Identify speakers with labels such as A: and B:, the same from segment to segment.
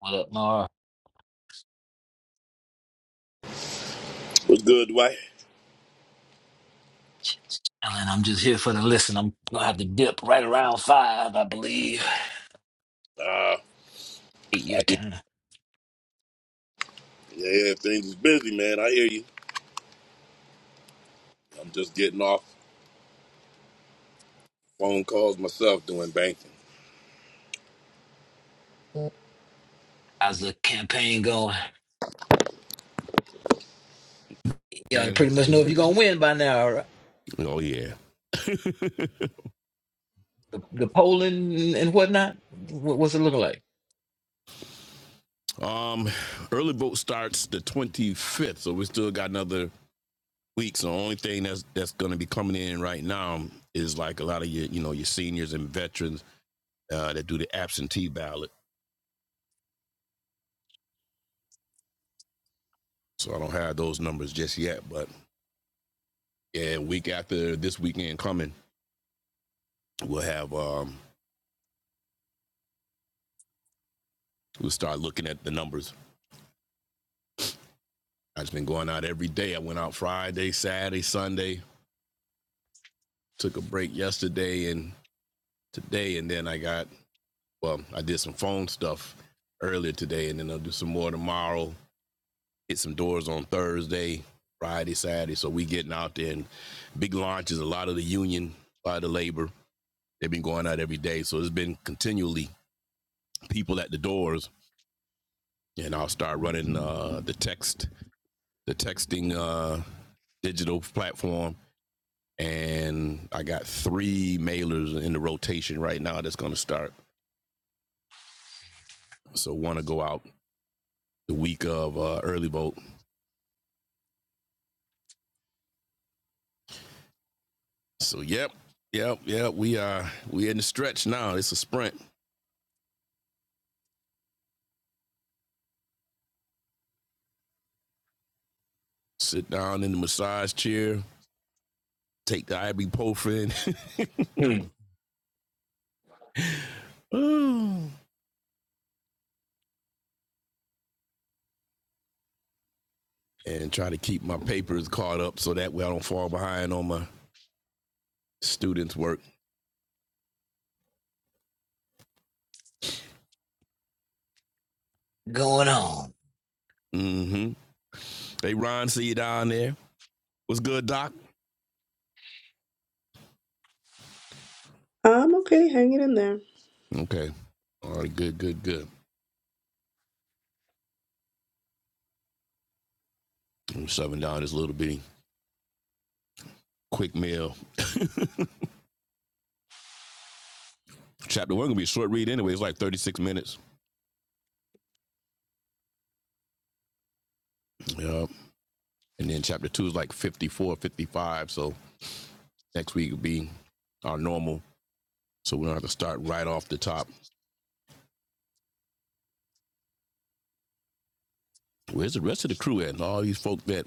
A: What up, Mar?
B: What's good, Dwight?
A: Alan, I'm just here for the listen. I'm gonna have to dip right around five, I believe.
B: Uh, I
A: Eight your
B: hear
A: time.
B: yeah, things is busy, man. I hear you. I'm just getting off phone calls myself doing banking.
A: How's the campaign going? Y'all
B: And
A: pretty much know
B: is
A: if you're gonna
B: it-
A: win by now, right?
B: oh yeah.
A: The, the polling and and whatnot. What, what's it looking like?
B: Um, early vote starts the 25th, so we still got another week. So the only thing that's that's going to be coming in right now is like a lot of your you know your seniors and veterans uh, that do the absentee ballot. So I don't have those numbers just yet, but yeah, week after this weekend coming, we'll have um we'll start looking at the numbers I've been going out every day. I went out Friday, Saturday, Sunday, took a break yesterday and today. And then I got, well, I did some phone stuff earlier today and then I'll do some more tomorrow. Hit some doors on Thursday, Friday, Saturday. So we getting out there and big launches, a lot of the union, a lot of the labor. They've been going out every day. So it's been continually people at the doors. And I'll start running uh, the text, the texting uh, digital platform and I got three mailers in the rotation right now that's going to start. So want to go out the week of uh, early vote. So yep, yep, yep. We are we in the stretch now. It's a sprint. Sit down in the massage chair, take the ibuprofen,
A: Hmm.
B: and try to keep my papers caught up so that way I don't fall behind on my students' work.
A: Going on.
B: Mm-hmm. Hey Ron, see you down there. What's good, Doc?
C: I'm okay. Hang it in there.
B: Okay. All right, good, good, good. I'm shoving down this little bitty quick meal. chapter one gonna be a short read anyway. It's like 36 minutes. Yep. And then chapter two is like 54, 55. So next week will be our normal. So we don't have to start right off the top. Where's the rest of the crew at? all these folk that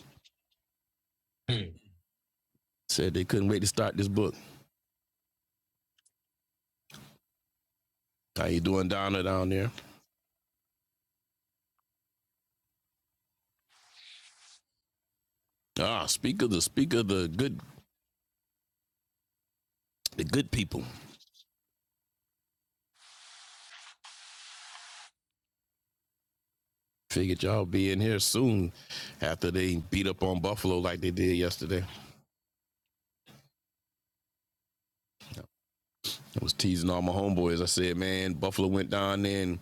A: Hmm.
B: said they couldn't wait to start this book. How you doing, Donna, down there? Ah, speak of the speak of the good the good people. Figured y'all be in here soon after they beat up on Buffalo like they did yesterday. I was teasing all my homeboys. I said, man, Buffalo went down there and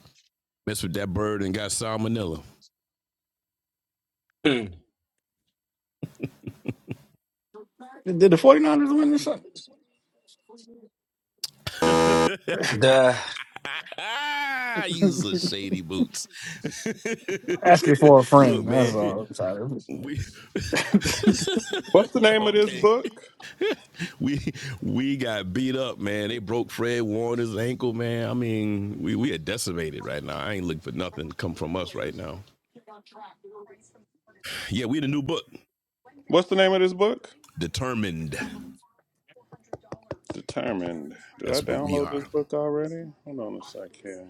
B: Messed with that bird and got salmonella.
A: Hmm.
D: Did the 49ers win this? Sunday?
A: The
B: you some shady boots.
D: Asking for a
B: Look,
D: friend. That's
B: man,
D: all. I'm sorry.
B: we
E: What's the
B: Yo,
E: name of this
B: okay.
E: book?
B: We we got beat up, man. They broke Fred Warner's ankle, man. I mean, we we are decimated right now. I ain't looking for nothing to come from us right now. Yeah, we the new book,
E: What's the name of this book?
B: determined.
E: Determined. Did I
B: That's what we
E: download this
B: are.
E: book already? Hold on a sec here.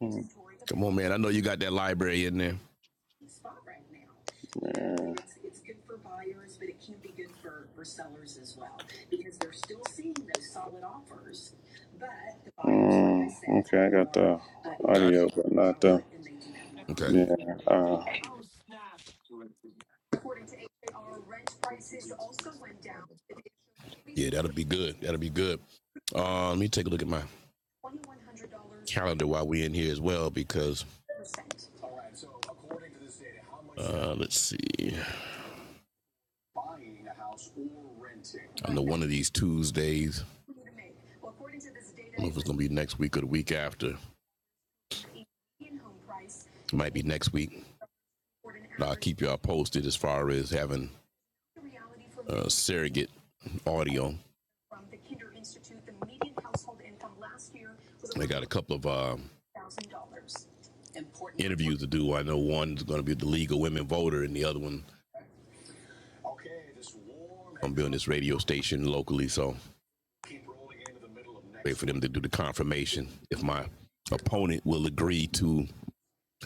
E: Hmm.
B: Come on, man. I know you got that library in there.
E: Yeah. Mm, okay, I got the
B: Got
E: audio, but not the.
B: it. Okay.
E: Yeah. Uh,
B: Yeah, that'll be good. That'll be good. Uh, let me take a look at my calendar while we're in here as well, because uh, let's see. I know one of these Tuesdays. I don't know if it's going to be next week or the week after. It might be next week, but I'll keep y'all posted as far as having uh, surrogate audio. I got a couple of uh, interviews to do. I know one's going to be the League of Women Voter, and the other one I'm building this radio station locally. So wait for them to do the confirmation if my opponent will agree to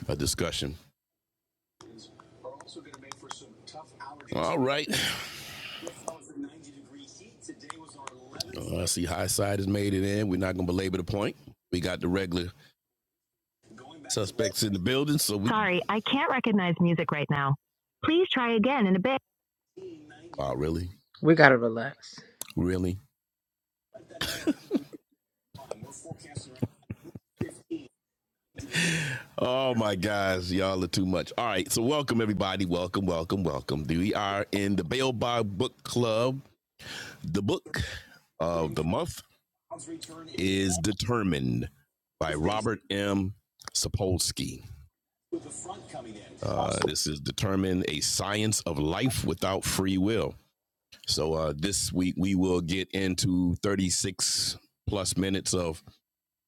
B: a discussion All right. Uh, I see High Side has made it in. We're not going to belabor the point. We got the regular suspects in the building, so we. Sorry, I can't recognize music right now. Please try again in a bit. Oh, really?
F: We gotta relax.
B: Really? Oh my gosh, y'all are too much. All right, so welcome everybody. Welcome, welcome, welcome. We are in the Bail Bob Book Club. The book of the month is Determined by Robert M. Sapolsky. Uh, this is determine a science of life without free will. So uh, this week we will get into 36 plus minutes of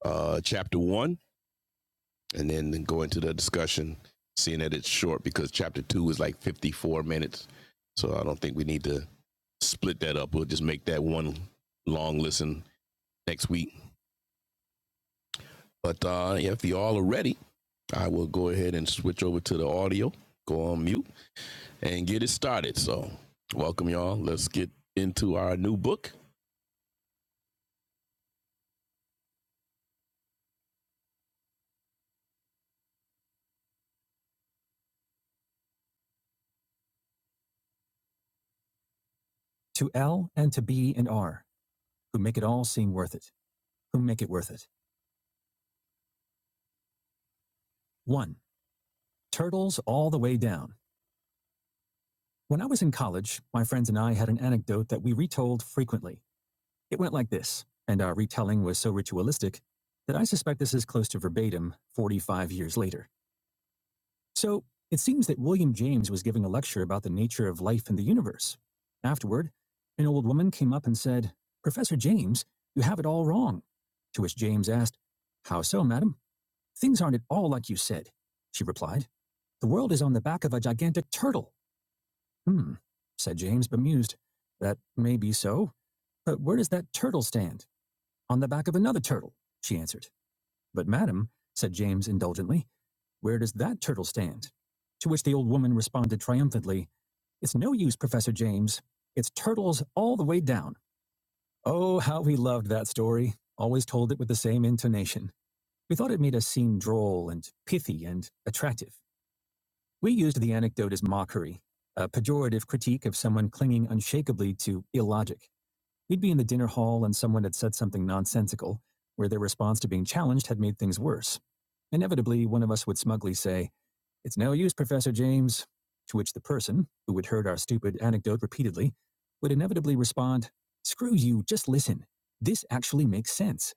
B: uh, chapter one, and then then go into the discussion. Seeing that it's short because chapter two is like 54 minutes, so I don't think we need to split that up. We'll just make that one long listen next week. But uh, if you all are ready, I will go ahead and switch over to the audio. Go on mute. and get it started. So, welcome, y'all. Let's get into our new book. To L and to B and R, who make it all seem worth it, who make it worth it. 1. Turtles all the way down. When I was in college, my friends and I had an anecdote that we retold frequently. It went like this, and our retelling was so ritualistic that I suspect this is close to verbatim 45 years later. So it seems that William James was giving a lecture about the nature of life in the universe. Afterward, an old woman came up and said, Professor James, you have it all wrong. To which James asked, How so, madam? Things aren't at all like you said. She replied, The world is on the back of a gigantic turtle. Hmm, said James, bemused. That may be so, but where does that turtle stand? On the back of another turtle, she answered. But, madam, said James indulgently, where does that turtle stand? To which the old woman responded triumphantly, It's no use, Professor James. It's turtles all the way down. Oh, how we loved that story. Always told it with the same intonation. We thought it made us seem droll and pithy and attractive. We used the anecdote as mockery, a pejorative critique of someone clinging unshakably to illogic. We'd be in the dinner hall and someone had said something nonsensical, where their response to being challenged had made things worse. Inevitably, one of us would smugly say, it's no use, Professor James. To which the person, who had heard our stupid anecdote repeatedly, would inevitably respond, Screw you, just listen. This actually makes sense.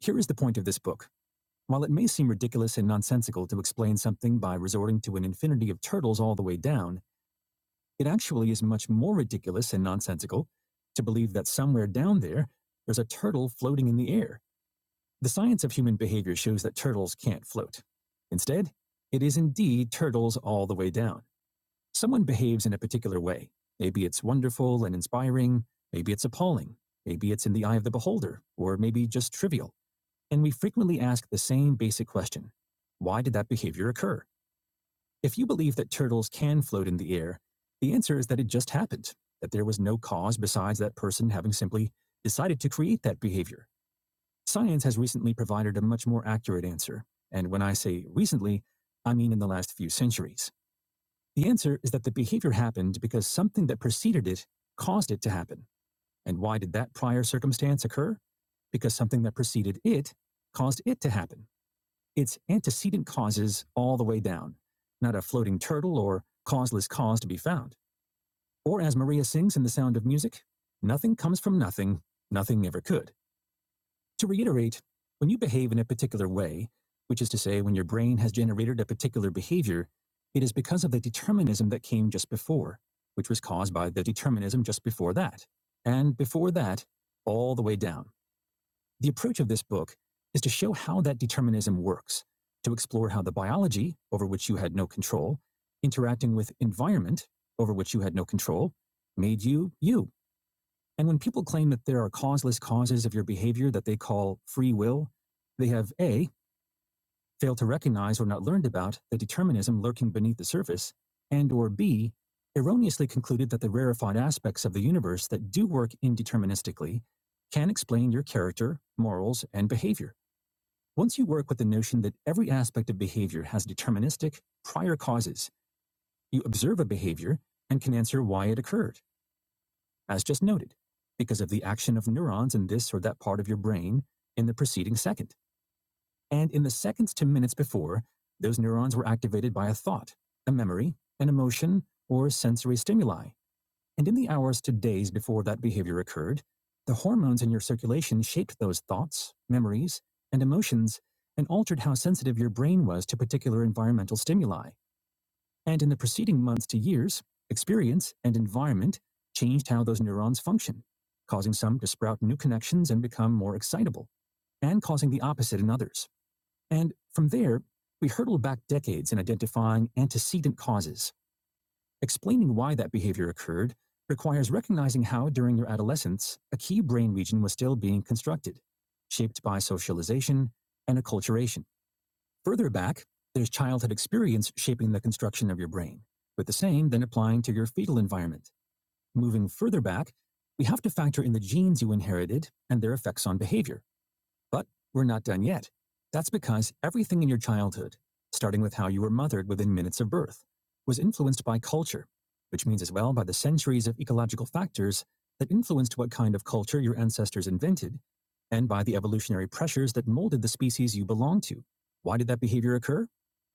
B: Here is the point of this book. While it may seem ridiculous and nonsensical to explain something by resorting to an infinity of turtles all the way down, it actually is much more ridiculous and nonsensical to believe that somewhere down there, there's a turtle floating in the air. The science of human behavior shows that turtles can't float. Instead, it is indeed turtles all the way down. Someone behaves in a particular way. Maybe it's wonderful and inspiring, maybe it's appalling, maybe it's in the eye of the beholder, or maybe just trivial. And we frequently ask the same basic question Why did that behavior occur? If you believe that turtles can float in the air, the answer is that it just happened, that there was no cause besides that person having simply decided to create that behavior. Science has recently provided a much more accurate answer. And when I say recently, I mean in the last few centuries. The answer is that the behavior happened because something that preceded it caused it to happen. And why did that prior circumstance occur? Because something that preceded it caused it to happen. It's antecedent causes all the way down, not a floating turtle or causeless cause to be found. Or as Maria sings in The Sound of Music, nothing comes from nothing, nothing ever could. To reiterate, when you behave in a particular way, which is to say, when your brain has generated a particular behavior, it is because of the determinism that came just before, which was caused by the determinism just before that, and before that, all the way down. The approach of this book is to show how that determinism works, to explore how the biology, over which you had no control, interacting with environment, over which you had no control, made you you. And when people claim that there are causeless causes of your behavior that they call free will, they have A, failed to recognize or not learned about the determinism lurking beneath the surface, and or B, erroneously concluded that the rarefied aspects of the universe that do work indeterministically can explain your character, morals, and behavior. Once you work with the notion that every aspect of behavior has deterministic, prior causes, you observe a behavior and can answer why it occurred as just noted, because of the action of neurons in this or that part of your brain in the preceding second. And in the seconds to minutes before, those neurons were activated by a thought, a memory, an emotion, or sensory stimuli. And in the hours to days before that behavior occurred, the hormones in your circulation shaped those thoughts, memories, and emotions and altered how sensitive your brain was to particular environmental stimuli and in the preceding months to years, experience and environment changed how those neurons function, causing some to sprout new connections and become more excitable, and causing the opposite in others. And from there, we hurtled back decades in identifying antecedent causes. Explaining why that behavior occurred requires recognizing how, during your adolescence, a key brain region was still being constructed, shaped by socialization and acculturation. Further back, there's childhood experience shaping the construction of your brain, with the same then applying to your fetal environment. Moving further back, we have to factor in the genes you inherited and their effects on behavior. But we're not done yet. That's because everything in your childhood, starting with how you were mothered within minutes of birth, was influenced by culture, which means as well by the centuries of ecological factors that influenced what kind of culture your ancestors invented, and by the evolutionary pressures that molded the species you belong to. Why did that behavior occur?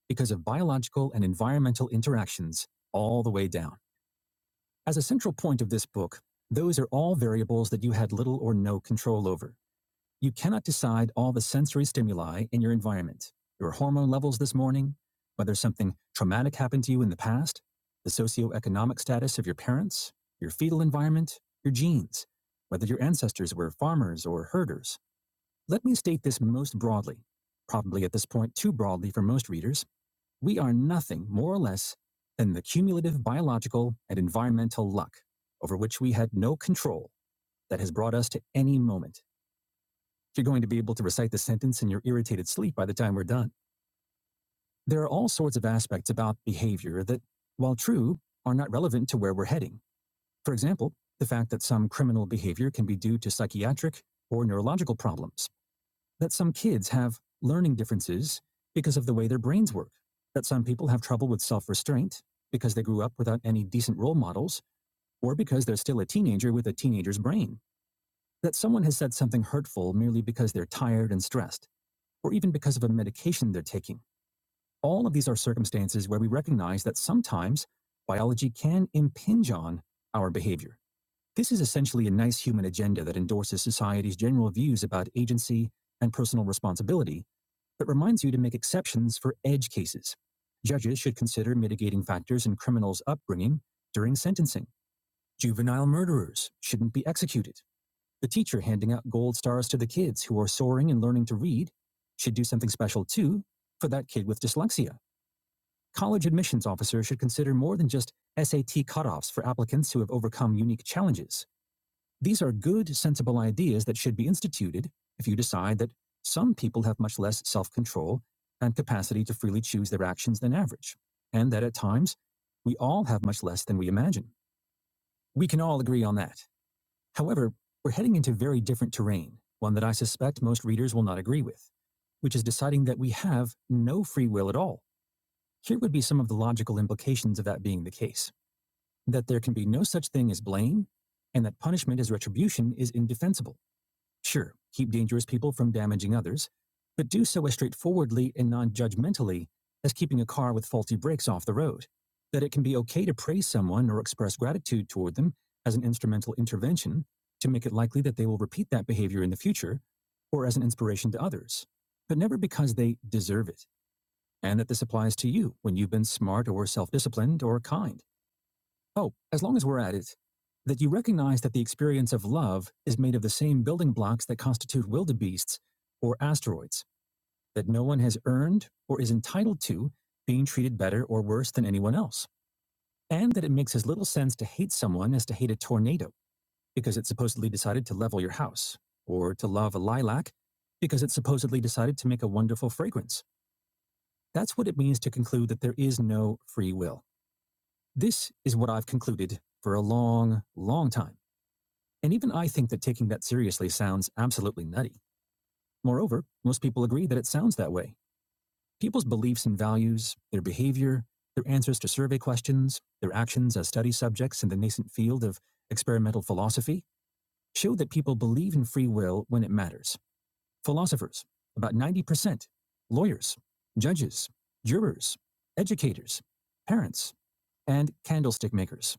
B: because of biological and environmental interactions all the way down. As a central point of this book, those are all variables that you had little or no control over. You cannot decide all the sensory stimuli in your environment, your hormone levels this morning, whether something traumatic happened to you in the past, the socioeconomic status of your parents, your fetal environment, your genes, whether your ancestors were farmers or herders. Let me state this most broadly, probably at this point too broadly for most readers we are nothing more or less than the cumulative biological and environmental luck over which we had no control that has brought us to any moment. You're going to be able to recite the sentence in your irritated sleep by the time we're done. There are all sorts of aspects about behavior that, while true, are not relevant to where we're heading. For example, the fact that some criminal behavior can be due to psychiatric or neurological problems that some kids have learning differences because of the way their brains work, that some people have trouble with self restraint because they grew up without any decent role models, or because they're still a teenager with a teenager's brain, that someone has said something hurtful merely because they're tired and stressed, or even because of a medication they're taking. All of these are circumstances where we recognize that sometimes biology can impinge on our behavior. This is essentially a nice human agenda that endorses society's general views about agency and personal responsibility that reminds you to make exceptions for edge cases. Judges should consider mitigating factors in criminals' upbringing during sentencing. Juvenile murderers shouldn't be executed. The teacher handing out gold stars to the kids who are soaring and learning to read should do something special too for that kid with dyslexia. College admissions officers should consider more than just SAT cutoffs for applicants who have overcome unique challenges. These are good, sensible ideas that should be instituted if you decide that some people have much less self control and capacity to freely choose their actions than average, and that at times we all have much less than we imagine. We can all agree on that. However, we're heading into very different terrain, one that I suspect most readers will not agree with, which is deciding that we have no free will at all. Here would be some of the logical implications of that being the case that there can be no such thing as blame, and that punishment as retribution is indefensible. Sure, keep dangerous people from damaging others, but do so as straightforwardly and non judgmentally as keeping a car with faulty brakes off the road. That it can be okay to praise someone or express gratitude toward them as an instrumental intervention to make it likely that they will repeat that behavior in the future or as an inspiration to others, but never because they deserve it, and that this applies to you when you've been smart or self disciplined or kind. Oh, as long as we're at it, that you recognize that the experience of love is made of the same building blocks that constitute wildebeests or asteroids, that no one has earned or is entitled to being treated better or worse than anyone else, and that it makes as little sense to hate someone as to hate a tornado because it supposedly decided to level your house, or to love a lilac because it supposedly decided to make a wonderful fragrance. That's what it means to conclude that there is no free will. This is what I've concluded for a long, long time. And even I think that taking that seriously sounds absolutely nutty. Moreover, most people agree that it sounds that way. People's beliefs and values, their behavior, their answers to survey questions, their actions as study subjects in the nascent field of experimental philosophy show that people believe in free will when it matters. Philosophers, about 90%, lawyers, judges, jurors, educators, parents, and candlestick makers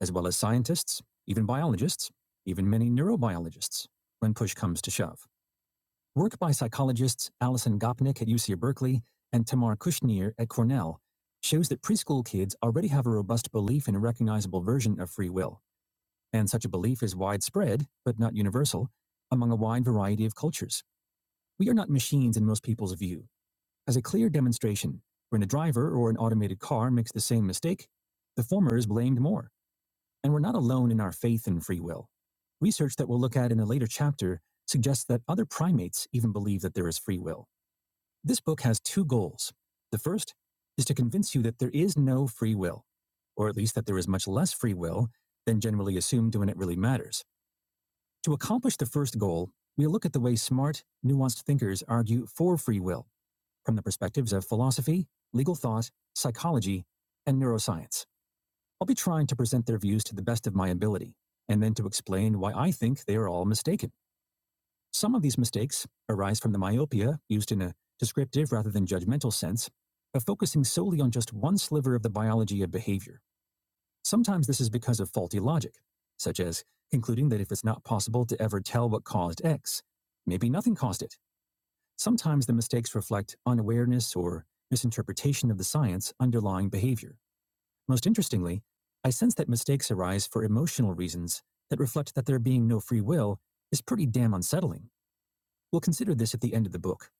B: as well as scientists, even biologists, even many neurobiologists, when push comes to shove. Work by psychologists Alison Gopnik at UC Berkeley and Tamar Kushner at Cornell shows that preschool kids already have a robust belief in a recognizable version of free will, and such a belief is widespread, but not universal, among a wide variety of cultures. We are not machines in most people's view. As a clear demonstration, when a driver or an automated car makes the same mistake, the former is blamed more. And we're not alone in our faith in free will. Research that we'll look at in a later chapter suggests that other primates even believe that there is free will. This book has two goals. The first is to convince you that there is no free will, or at least that there is much less free will than generally assumed when it really matters. To accomplish the first goal, we'll look at the way smart, nuanced thinkers argue for free will from the perspectives of philosophy, legal thought, psychology, and neuroscience. I'll be trying to present their views to the best of my ability, and then to explain why I think they are all mistaken. Some of these mistakes arise from the myopia used in a descriptive rather than judgmental sense of focusing solely on just one sliver of the biology of behavior. Sometimes this is because of faulty logic, such as concluding that if it's not possible to ever tell what caused X, maybe nothing caused it. Sometimes the mistakes reflect unawareness or misinterpretation of the science underlying behavior. Most interestingly, I sense that mistakes arise for emotional reasons that reflect that there being no free will is pretty damn unsettling. We'll consider this at the end of the book.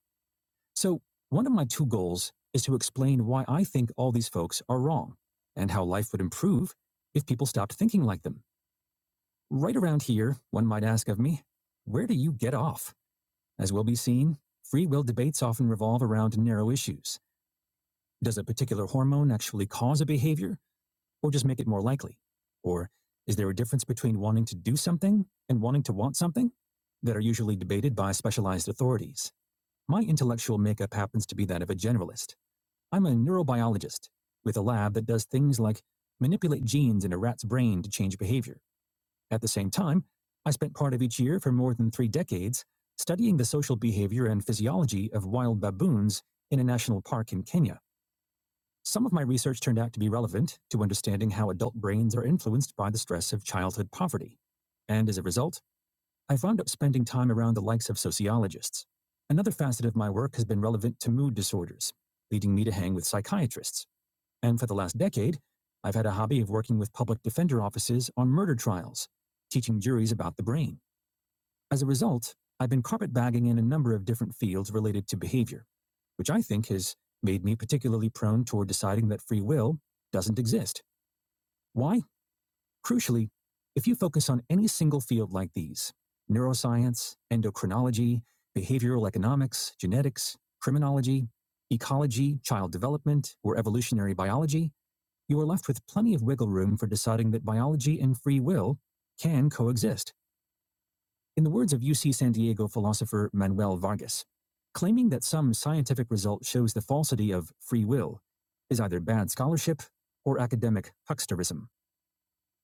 B: So, one of my two goals is to explain why I think all these folks are wrong and how life would improve if people stopped thinking like them. Right around here, one might ask of me, where do you get off? As will be seen, free will debates often revolve around narrow issues. Does a particular hormone actually cause a behavior? or just make it more likely? Or is there a difference between wanting to do something and wanting to want something that are usually debated by specialized authorities? My intellectual makeup happens to be that of a generalist. I'm a neurobiologist with a lab that does things like manipulate genes in a rat's brain to change behavior. At the same time, I spent part of each year for more than three decades studying the social behavior and physiology of wild baboons in a national park in Kenya. Some of my research turned out to be relevant to understanding how adult brains are influenced by the stress of childhood poverty. And as a result, I wound up spending time around the likes of sociologists. Another facet of my work has been relevant to mood disorders, leading me to hang with psychiatrists. And for the last decade, I've had a hobby of working with public defender offices on murder trials, teaching juries about the brain. As a result, I've been carpetbagging in a number of different fields related to behavior, which I think has made me particularly prone toward deciding that free will doesn't exist. Why? Crucially, if you focus on any single field like these neuroscience, endocrinology, behavioral economics, genetics, criminology, ecology, child development, or evolutionary biology, you are left with plenty of wiggle room for deciding that biology and free will can coexist. In the words of UC San Diego philosopher Manuel Vargas, claiming that some scientific result shows the falsity of free will is either bad scholarship or academic hucksterism.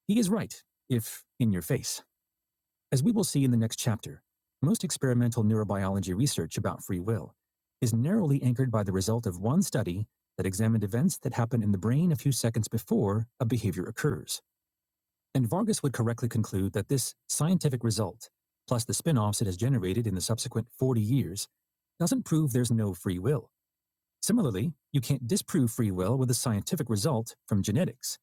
B: He is right, if in your face. As we will see in the next chapter, most experimental neurobiology research about free will is narrowly anchored by the result of one study that examined events that happen in the brain a few seconds before a behavior occurs. And Vargas would correctly conclude that this scientific result, plus the spin offs it has generated in the subsequent 40 years, doesn't prove there's no free will. Similarly, you can't disprove free will with a scientific result from genetics.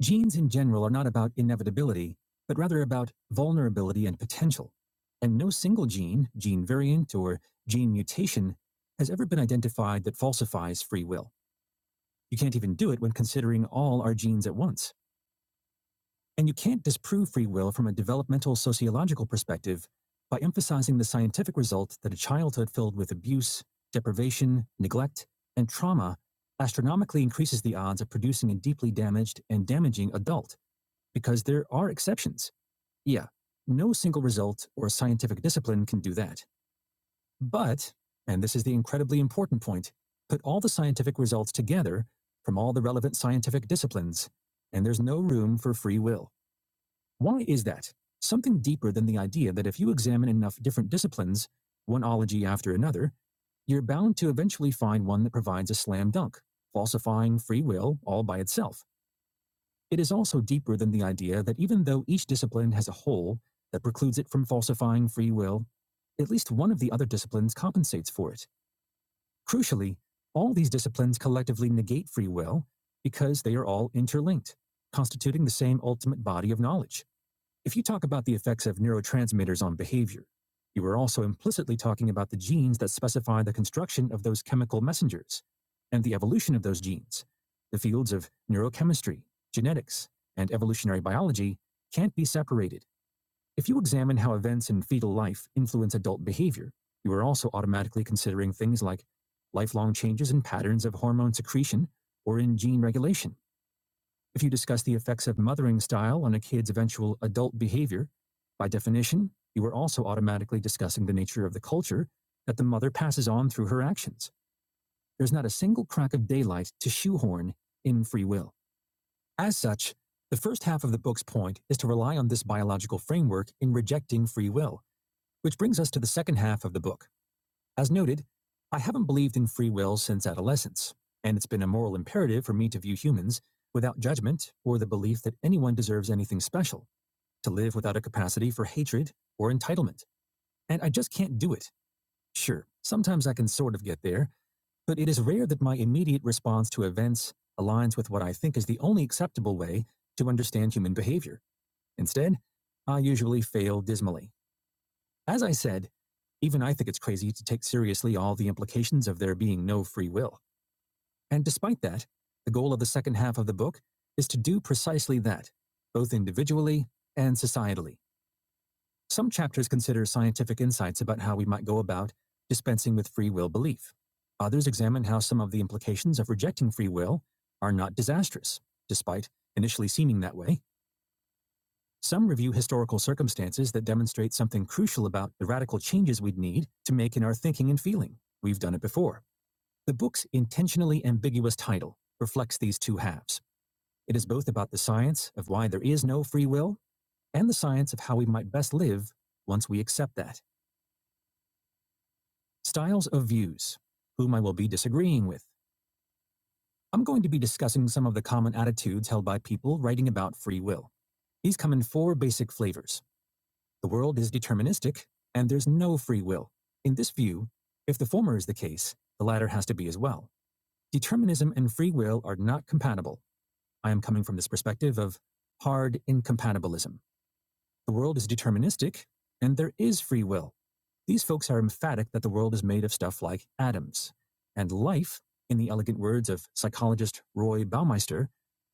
B: Genes in general are not about inevitability, but rather about vulnerability and potential. And no single gene, gene variant, or gene mutation has ever been identified that falsifies free will. You can't even do it when considering all our genes at once. And you can't disprove free will from a developmental sociological perspective by emphasizing the scientific result that a childhood filled with abuse, deprivation, neglect, and trauma astronomically increases the odds of producing a deeply damaged and damaging adult, because there are exceptions. Yeah, no single result or scientific discipline can do that. But, and this is the incredibly important point, put all the scientific results together from all the relevant scientific disciplines, and there's no room for free will. Why is that? Something deeper than the idea that if you examine enough different disciplines, one ology after another, you're bound to eventually find one that provides a slam dunk, falsifying free will all by itself. It is also deeper than the idea that even though each discipline has a hole that precludes it from falsifying free will, at least one of the other disciplines compensates for it. Crucially, all these disciplines collectively negate free will because they are all interlinked, constituting the same ultimate body of knowledge. If you talk about the effects of neurotransmitters on behavior, you are also implicitly talking about the genes that specify the construction of those chemical messengers and the evolution of those genes. The fields of neurochemistry, genetics, and evolutionary biology can't be separated. If you examine how events in fetal life influence adult behavior, you are also automatically considering things like lifelong changes in patterns of hormone secretion or in gene regulation. If you discuss the effects of mothering style on a kid's eventual adult behavior, by definition, you are also automatically discussing the nature of the culture that the mother passes on through her actions. There's not a single crack of daylight to shoehorn in free will. As such, the first half of the book's point is to rely on this biological framework in rejecting free will, which brings us to the second half of the book. As noted, I haven't believed in free will since adolescence, and it's been a moral imperative for me to view humans without judgment or the belief that anyone deserves anything special, to live without a capacity for hatred or entitlement. And I just can't do it. Sure, sometimes I can sort of get there, but it is rare that my immediate response to events aligns with what I think is the only acceptable way to understand human behavior. Instead, I usually fail dismally. As I said, even I think it's crazy to take seriously all the implications of there being no free will. And despite that, the goal of the second half of the book is to do precisely that, both individually and societally. Some chapters consider scientific insights about how we might go about dispensing with free will belief. Others examine how some of the implications of rejecting free will are not disastrous, despite initially seeming that way, some review historical circumstances that demonstrate something crucial about the radical changes we'd need to make in our thinking and feeling. We've done it before. The book's intentionally ambiguous title reflects these two halves. It is both about the science of why there is no free will and the science of how we might best live once we accept that. Styles of views, whom I will be disagreeing with. I'm going to be discussing some of the common attitudes held by people writing about free will. These come in four basic flavors The world is deterministic, and there's no free will. In this view, if the former is the case, the latter has to be as well. Determinism and free will are not compatible. I am coming from this perspective of hard incompatibilism. The world is deterministic, and there is free will. These folks are emphatic that the world is made of stuff like atoms. And life, in the elegant words of psychologist Roy Baumeister,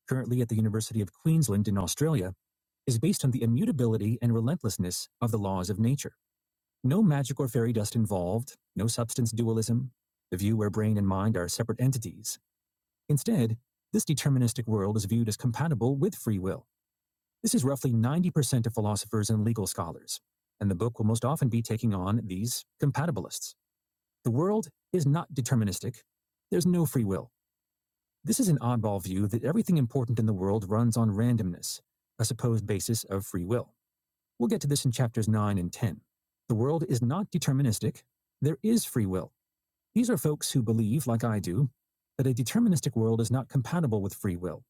B: currently at the University of Queensland in Australia, is based on the immutability and relentlessness of the laws of nature. No magic or fairy dust involved, no substance dualism, the view where brain and mind are separate entities. Instead, this deterministic world is viewed as compatible with free will. This is roughly 90% of philosophers and legal scholars, and the book will most often be taking on these compatibilists. The world is not deterministic, there's no free will. This is an oddball view that everything important in the world runs on randomness, a supposed basis of free will. We'll get to this in chapters 9 and 10. The world is not deterministic. There is free will. These are folks who believe, like I do, that a deterministic world is not compatible with free will.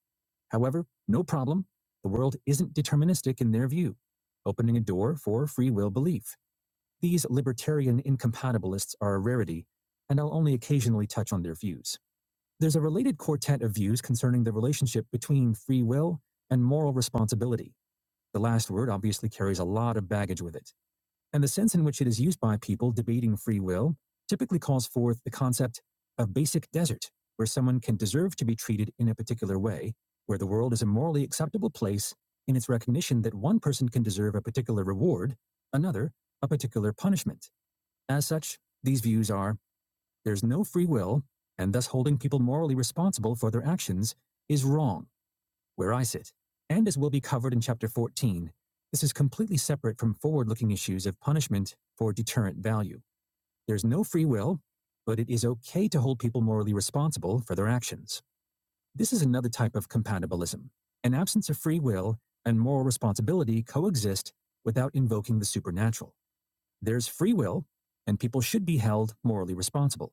B: However, no problem. The world isn't deterministic in their view, opening a door for free will belief. These libertarian incompatibilists are a rarity, and I'll only occasionally touch on their views. There's a related quartet of views concerning the relationship between free will and moral responsibility. The last word obviously carries a lot of baggage with it and the sense in which it is used by people debating free will typically calls forth the concept of basic desert, where someone can deserve to be treated in a particular way, where the world is a morally acceptable place in its recognition that one person can deserve a particular reward, another, a particular punishment. As such, these views are there's no free will, and thus holding people morally responsible for their actions is wrong where I sit, and as will be covered in Chapter 14, this is completely separate from forward looking issues of punishment for deterrent value. There's no free will, but it is okay to hold people morally responsible for their actions. This is another type of compatibilism. An absence of free will and moral responsibility coexist without invoking the supernatural. There's free will, and people should be held morally responsible.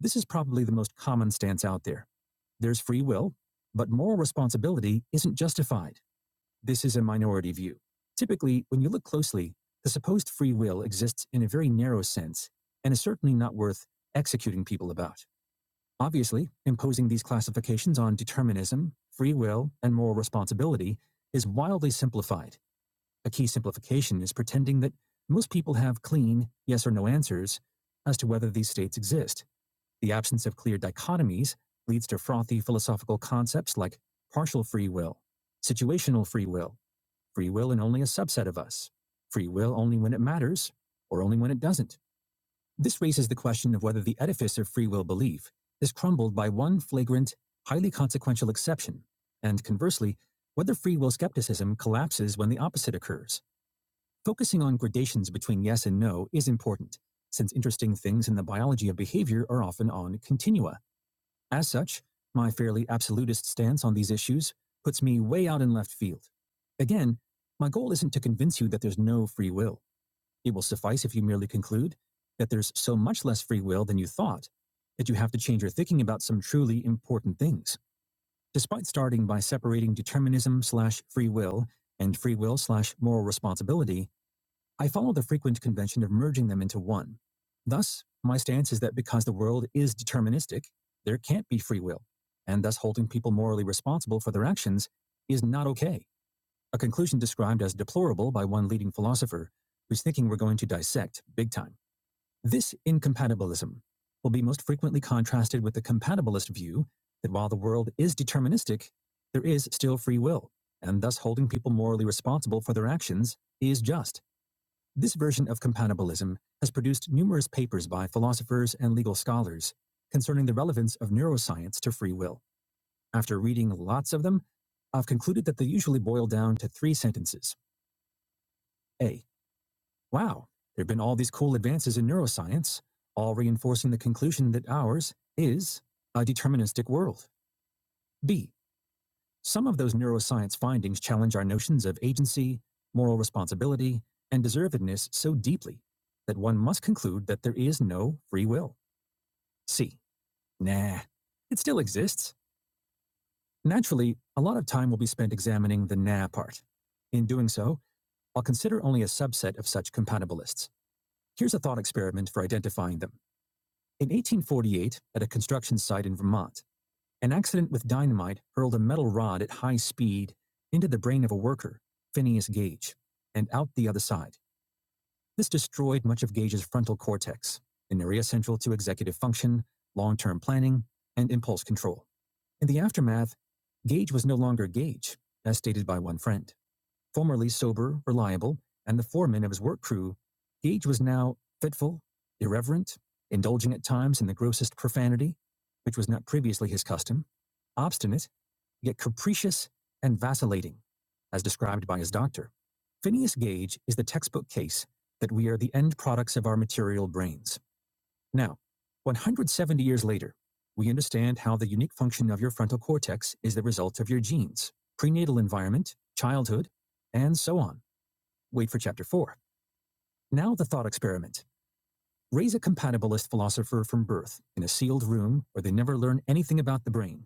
B: This is probably the most common stance out there. There's free will, but moral responsibility isn't justified this is a minority view. Typically, when you look closely, the supposed free will exists in a very narrow sense and is certainly not worth executing people about. Obviously, imposing these classifications on determinism, free will, and moral responsibility is wildly simplified. A key simplification is pretending that most people have clean, yes or no answers as to whether these states exist. The absence of clear dichotomies leads to frothy philosophical concepts like partial free will, situational free will, free will in only a subset of us, free will only when it matters, or only when it doesn't. This raises the question of whether the edifice of free will belief is crumbled by one flagrant, highly consequential exception, and conversely, whether free will skepticism collapses when the opposite occurs. Focusing on gradations between yes and no is important, since interesting things in the biology of behavior are often on continua. As such, my fairly absolutist stance on these issues puts me way out in left field. Again, my goal isn't to convince you that there's no free will. It will suffice if you merely conclude that there's so much less free will than you thought that you have to change your thinking about some truly important things. Despite starting by separating determinism slash free will and free will slash moral responsibility, I follow the frequent convention of merging them into one. Thus, my stance is that because the world is deterministic, there can't be free will, and thus holding people morally responsible for their actions is not okay. A conclusion described as deplorable by one leading philosopher whose thinking we're going to dissect big time. This incompatibilism will be most frequently contrasted with the compatibilist view that while the world is deterministic, there is still free will, and thus holding people morally responsible for their actions is just. This version of compatibilism has produced numerous papers by philosophers and legal scholars concerning the relevance of neuroscience to free will. After reading lots of them, I've concluded that they usually boil down to three sentences. A. Wow, there have been all these cool advances in neuroscience, all reinforcing the conclusion that ours is a deterministic world. B. Some of those neuroscience findings challenge our notions of agency, moral responsibility, and deservedness so deeply that one must conclude that there is no free will. See, Nah. It still exists. Naturally, a lot of time will be spent examining the nah part. In doing so, I'll consider only a subset of such compatibilists. Here's a thought experiment for identifying them. In 1848, at a construction site in Vermont, An accident with dynamite hurled a metal rod at high speed into the brain of a worker, Phineas Gage, and out the other side. This destroyed much of Gage's frontal cortex, an area central to executive function, long term planning, and impulse control. In the aftermath, Gage was no longer Gage, as stated by one friend. Formerly sober, reliable, and the foreman of his work crew, Gage was now fitful, irreverent, indulging at times in the grossest profanity, which was not previously his custom, obstinate, yet capricious and vacillating, as described by his doctor. Phineas Gage is the textbook case that we are the end products of our material brains. Now, 170 years later, we understand how the unique function of your frontal cortex is the result of your genes, prenatal environment, childhood, and so on. Wait for chapter 4. Now, the thought experiment. Raise a compatibilist philosopher from birth in a sealed room where they never learn anything about the brain.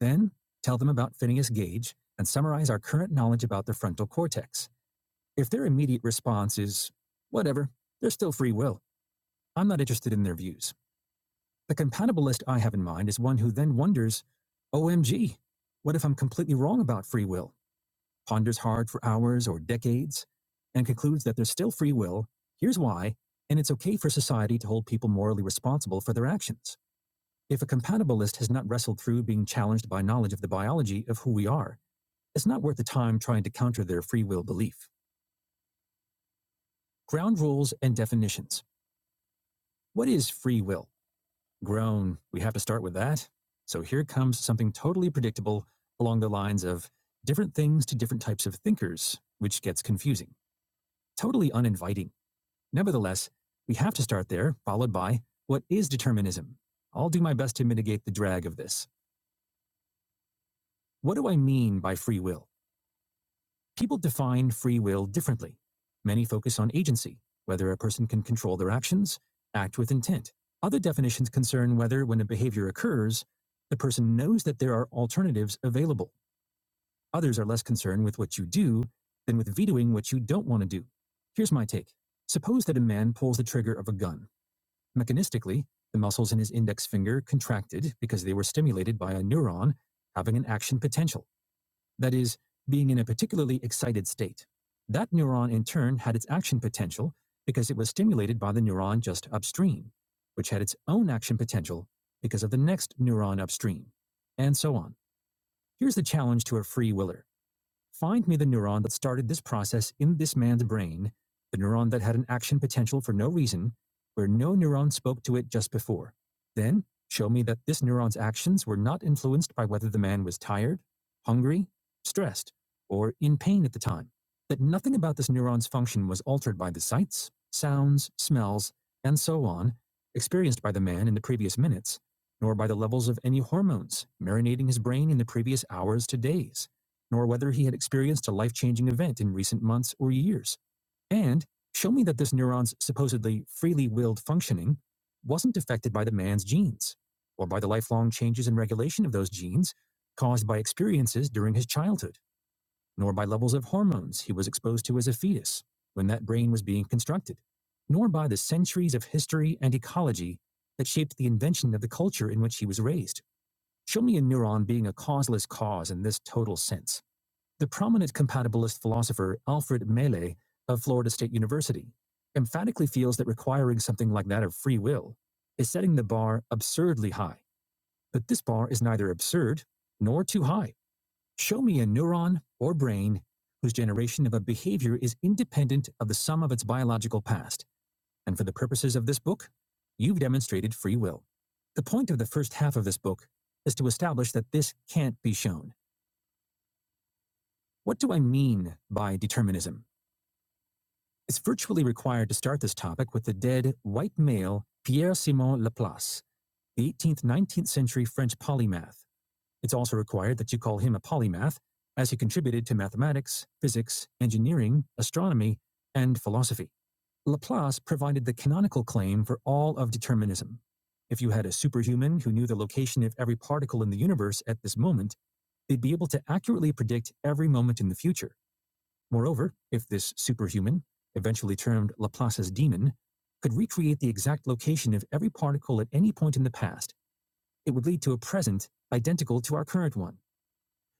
B: Then, tell them about Phineas Gage and summarize our current knowledge about the frontal cortex. If their immediate response is, whatever, they're still free will, I'm not interested in their views. The compatibilist I have in mind is one who then wonders, OMG, what if I'm completely wrong about free will? Ponders hard for hours or decades and concludes that there's still free will, here's why, and it's okay for society to hold people morally responsible for their actions. If a compatibilist has not wrestled through being challenged by knowledge of the biology of who we are, it's not worth the time trying to counter their free will belief. Ground rules and definitions. What is free will? Grown, We have to start with that. So here comes something totally predictable along the lines of different things to different types of thinkers, which gets confusing, totally uninviting. Nevertheless, we have to start there, followed by what is determinism? I'll do my best to mitigate the drag of this. What do I mean by free will? People define free will differently. Many focus on agency, whether a person can control their actions, act with intent. Other definitions concern whether, when a behavior occurs, the person knows that there are alternatives available. Others are less concerned with what you do than with vetoing what you don't want to do. Here's my take Suppose that a man pulls the trigger of a gun. Mechanistically, the muscles in his index finger contracted because they were stimulated by a neuron having an action potential that is, being in a particularly excited state. That neuron in turn had its action potential because it was stimulated by the neuron just upstream, which had its own action potential because of the next neuron upstream, and so on. Here's the challenge to a free willer. Find me the neuron that started this process in this man's brain, the neuron that had an action potential for no reason, where no neuron spoke to it just before. Then, show me that this neuron's actions were not influenced by whether the man was tired, hungry, stressed, or in pain at the time. That nothing about this neuron's function was altered by the sights, sounds, smells, and so on experienced by the man in the previous minutes, nor by the levels of any hormones marinating his brain in the previous hours to days nor whether he had experienced a life changing event in recent months or years. And show me that this neuron's supposedly freely willed functioning wasn't affected by the man's genes, or by the lifelong changes in regulation of those genes caused by experiences during his childhood, nor by levels of hormones he was exposed to as a fetus when that brain was being constructed, nor by the centuries of history and ecology that shaped the invention of the culture in which he was raised. Show me a neuron being a causeless cause in this total sense the prominent compatibilist philosopher Alfred Mehle of Florida State University emphatically feels that requiring something like that of free will is setting the bar absurdly high. But this bar is neither absurd nor too high. Show me a neuron or brain whose generation of a behavior is independent of the sum of its biological past. And for the purposes of this book, you've demonstrated free will. The point of the first half of this book is to establish that this can't be shown. What do I mean by determinism? is virtually required to start this topic with the dead white male Pierre Simon Laplace, the 18th 19th century French polymath. It's also required that you call him a polymath, as he contributed to mathematics, physics, engineering, astronomy, and philosophy. Laplace provided the canonical claim for all of determinism. If you had a superhuman who knew the location of every particle in the universe at this moment, they'd be able to accurately predict every moment in the future. Moreover, if this superhuman, eventually termed Laplace's demon, could recreate the exact location of every particle at any point in the past, it would lead to a present identical to our current one.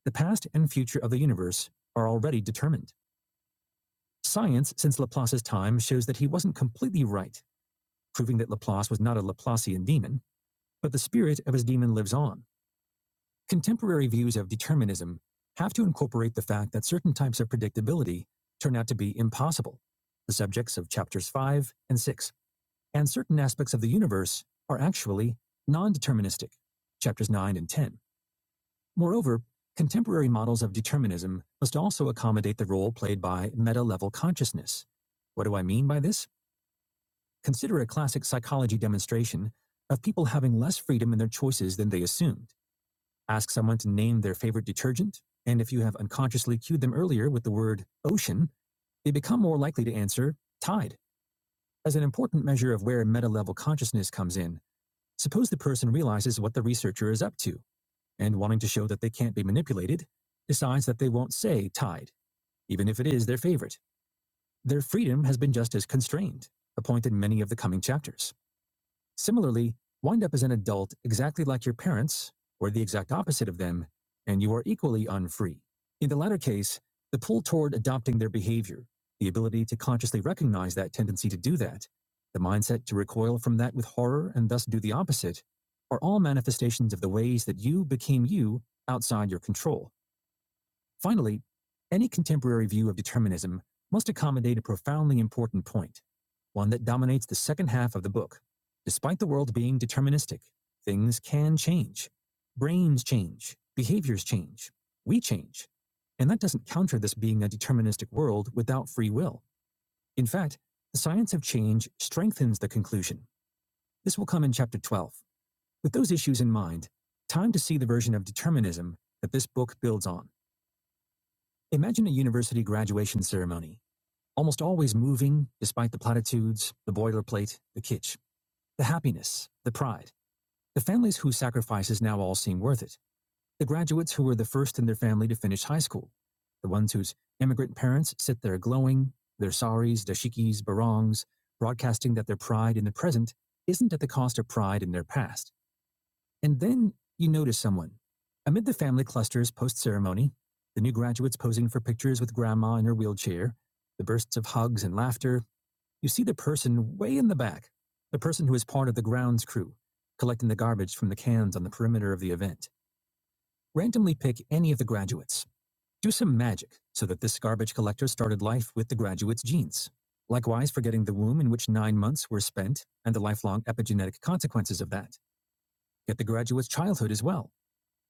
B: The past and future of the universe are already determined. Science, since Laplace's time, shows that he wasn't completely right, proving that Laplace was not a Laplacian demon, but the spirit of his demon lives on. Contemporary views of determinism have to incorporate the fact that certain types of predictability turn out to be impossible, the subjects of chapters 5 and 6, and certain aspects of the universe are actually non deterministic, chapters 9 and 10. Moreover, contemporary models of determinism must also accommodate the role played by meta level consciousness. What do I mean by this? Consider a classic psychology demonstration of people having less freedom in their choices than they assumed. Ask someone to name their favorite detergent, and if you have unconsciously cued them earlier with the word ocean, they become more likely to answer tide. As an important measure of where meta level consciousness comes in, suppose the person realizes what the researcher is up to, and wanting to show that they can't be manipulated, decides that they won't say tide, even if it is their favorite. Their freedom has been just as constrained, a point in many of the coming chapters. Similarly, wind up as an adult exactly like your parents, or the exact opposite of them, and you are equally unfree. In the latter case, the pull toward adopting their behavior, the ability to consciously recognize that tendency to do that, the mindset to recoil from that with horror and thus do the opposite, are all manifestations of the ways that you became you outside your control. Finally, any contemporary view of determinism must accommodate a profoundly important point, one that dominates the second half of the book. Despite the world being deterministic, things can change. Brains change, behaviors change, we change. And that doesn't counter this being a deterministic world without free will. In fact, the science of change strengthens the conclusion. This will come in Chapter 12. With those issues in mind, time to see the version of determinism that this book builds on. Imagine a university graduation ceremony, almost always moving despite the platitudes, the boilerplate, the kitsch, the happiness, the pride, the families whose sacrifices now all seem worth it, the graduates who were the first in their family to finish high school, the ones whose immigrant parents sit there glowing, their saris, dashikis, barongs, broadcasting that their pride in the present isn't at the cost of pride in their past. And then you notice someone. Amid the family clusters post ceremony, the new graduates posing for pictures with grandma in her wheelchair, the bursts of hugs and laughter, you see the person way in the back, the person who is part of the grounds crew, collecting the garbage from the cans on the perimeter of the event. Randomly pick any of the graduates. Do some magic so that this garbage collector started life with the graduate's genes. Likewise, forgetting the womb in which nine months were spent and the lifelong epigenetic consequences of that. Get the graduate's childhood as well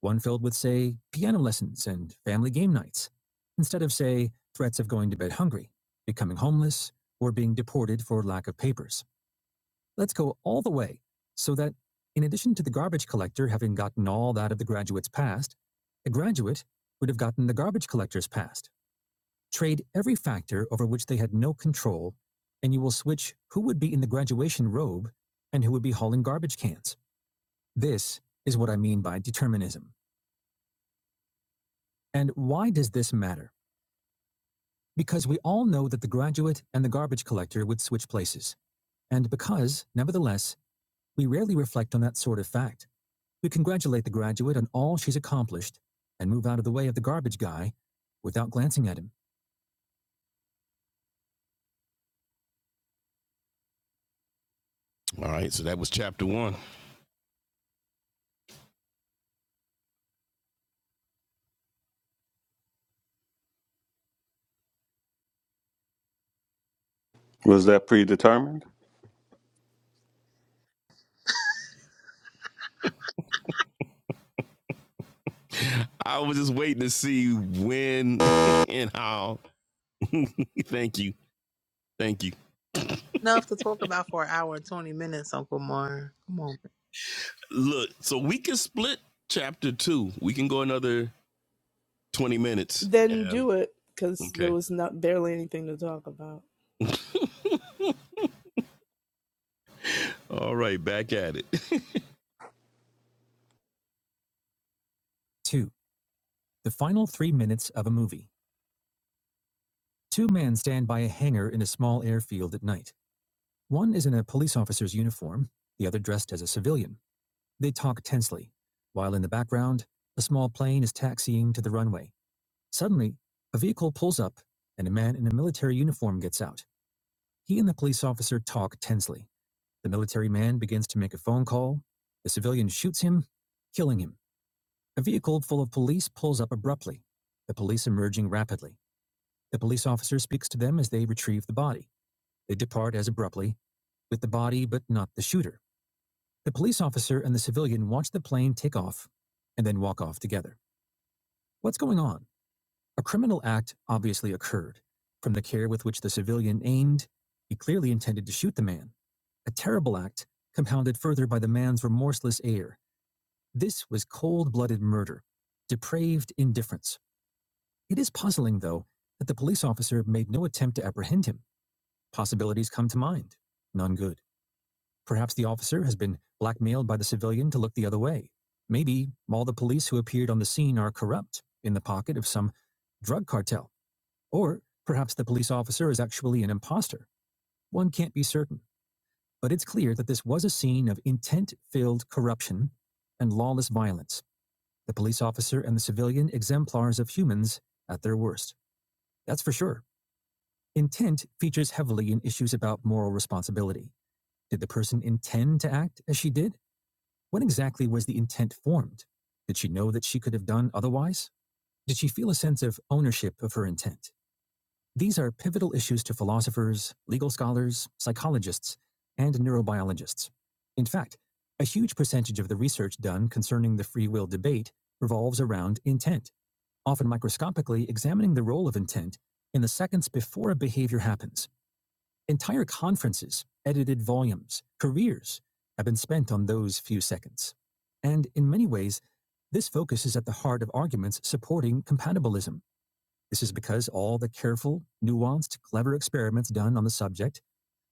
B: one filled with, say, piano lessons and family game nights, instead of, say, threats of going to bed hungry, becoming homeless, or being deported for lack of papers. Let's go all the way so that, in addition to the garbage collector having gotten all that of the graduate's past, a graduate would have gotten the garbage collector's past. Trade every factor over which they had no control, and you will switch who would be in the graduation robe and who would be hauling garbage cans. This is what I mean by determinism. And why does this matter? Because we all know that the graduate and the garbage collector would switch places. And because, nevertheless, we rarely reflect on that sort of fact. We congratulate the graduate on all she's accomplished and move out of the way of the garbage guy without glancing at him. All right, so that was chapter one.
E: was that predetermined?
B: I was just waiting to see when and how. thank you, thank you.
F: Enough to talk about for an hour and 20 minutes, Uncle Mar. Come on.
B: Look, so we can split chapter two. We can go another twenty minutes.
C: Then
B: And
C: do it, because there
B: okay,
C: was not barely anything to talk about.
B: all right, back at it. 2. The final three minutes of a movie. Two men stand by a hangar in a small airfield at night. One is in a police officer's uniform, the other dressed as a civilian. They talk tensely, while in the background, a small plane is taxiing to the runway. Suddenly, a vehicle pulls up, and a man in a military uniform gets out. He and the police officer talk tensely. The military man begins to make a phone call. The civilian shoots him, killing him. A vehicle full of police pulls up abruptly, the police emerging rapidly. The police officer speaks to them as they retrieve the body. They depart as abruptly, with the body but not the shooter. The police officer and the civilian watch the plane take off and then walk off together. What's going on? A criminal act obviously occurred. From the care with which the civilian aimed, he clearly intended to shoot the man. A terrible act, compounded further by the man's remorseless air. This was cold blooded murder, depraved indifference. It is puzzling, though, that the police officer made no attempt to apprehend him. Possibilities come to mind. None good. Perhaps the officer has been blackmailed by the civilian to look the other way. Maybe all the police who appeared on the scene are corrupt, in the pocket of some drug cartel. Or perhaps the police officer is actually an imposter. One can't be certain. But it's clear that this was a scene of intent filled corruption and lawless violence. The police officer and the civilian exemplars of humans at their worst. That's for sure. Intent features heavily in issues about moral responsibility. Did the person intend to act as she did? When exactly was the intent formed? Did she know that she could have done otherwise? Did she feel a sense of ownership of her intent? These are pivotal issues to philosophers, legal scholars, psychologists, and neurobiologists. In fact, a huge percentage of the research done concerning the free will debate revolves around intent, often microscopically examining the role of intent in the seconds before a behavior happens. Entire conferences, edited volumes, careers have been spent on those few seconds. And in many ways, this focus is at the heart of arguments supporting compatibilism. This is because all the careful, nuanced, clever experiments done on the subject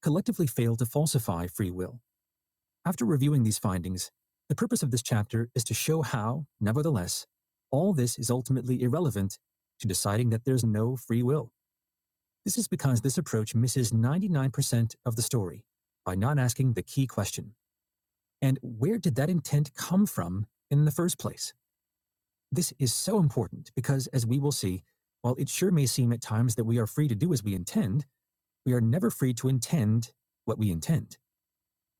B: collectively fail to falsify free will. After reviewing these findings, the purpose of this chapter is to show how, nevertheless, all this is ultimately irrelevant to deciding that there's no free will. This is because this approach misses 99% of the story by not asking the key question. And where did that intent come from in the first place? This is so important because, as we will see, while it sure may seem at times that we are free to do as we intend, we are never free to intend what we intend.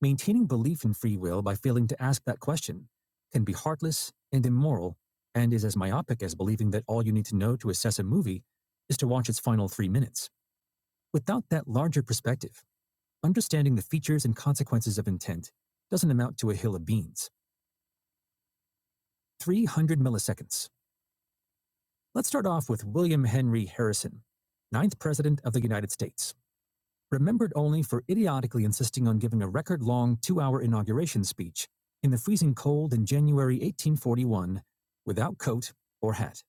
B: Maintaining belief in free will by failing to ask that question can be heartless and immoral and is as myopic as believing that all you need to know to assess a movie is to watch its final three minutes. Without that larger perspective, Understanding the features and consequences of intent doesn't amount to a hill of beans. 300 milliseconds. Let's start off with William Henry Harrison, ninth President of the United States, remembered only for idiotically insisting on giving a record long two hour inauguration speech in the freezing cold in January 1841 without coat or hat.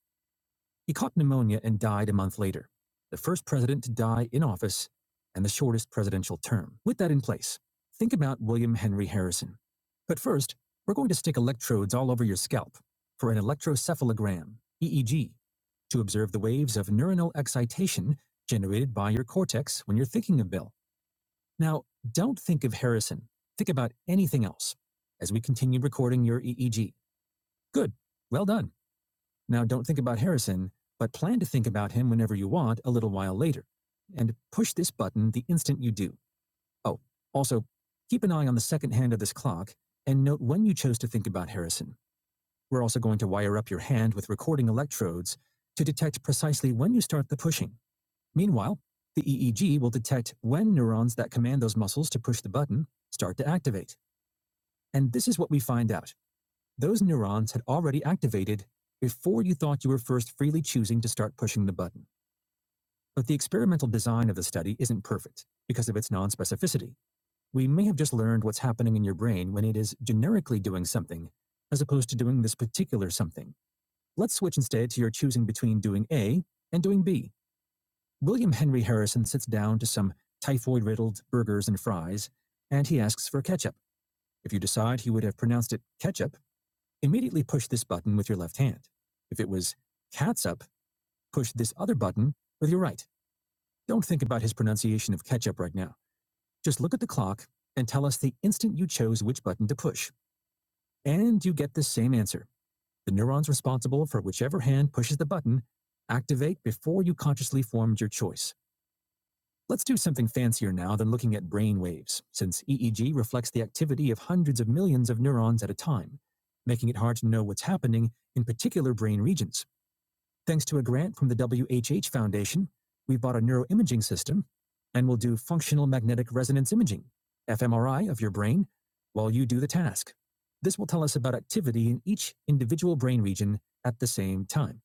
B: He caught pneumonia and died a month later, the first president to die in office and the shortest presidential term. With that in place, think about William Henry Harrison. But first, we're going to stick electrodes all over your scalp for an electrocephalogram, EEG, to observe the waves of neuronal excitation generated by your cortex when you're thinking of Bill. Now, don't think of Harrison. Think about anything else as we continue recording your EEG. Good. Well done. Now, don't think about Harrison, but plan to think about him whenever you want a little while later. And push this button the instant you do. Oh, also, keep an eye on the second hand of this clock and note when you chose to think about Harrison. We're also going to wire up your hand with recording electrodes to detect precisely when you start the pushing. Meanwhile, the EEG will detect when neurons that command those muscles to push the button start to activate. And this is what we find out. Those neurons had already activated before you thought you were first freely choosing to start pushing the button. But the experimental design of the study isn't perfect because of its non specificity. We may have just learned what's happening in your brain when it is generically doing something, as opposed to doing this particular something. Let's switch instead to your choosing between doing A and doing B. William Henry Harrison sits down to some typhoid riddled burgers and fries, and he asks for ketchup. If you decide he would have pronounced it ketchup, Immediately push this button with your left hand. If it was catsup, push this other button with your right. Don't think about his pronunciation of ketchup right now. Just look at the clock and tell us the instant you chose which button to push. And you get the same answer. The neurons responsible for whichever hand pushes the button activate before you consciously formed your choice. Let's do something fancier now than looking at brain waves, since EEG reflects the activity of hundreds of millions of neurons at a time, making it hard to know what's happening in particular brain regions. Thanks to a grant from the WHH Foundation, we bought a neuroimaging system and will do functional magnetic resonance imaging, fMRI, of your brain while you do the task. This will tell us about activity in each individual brain region at the same time.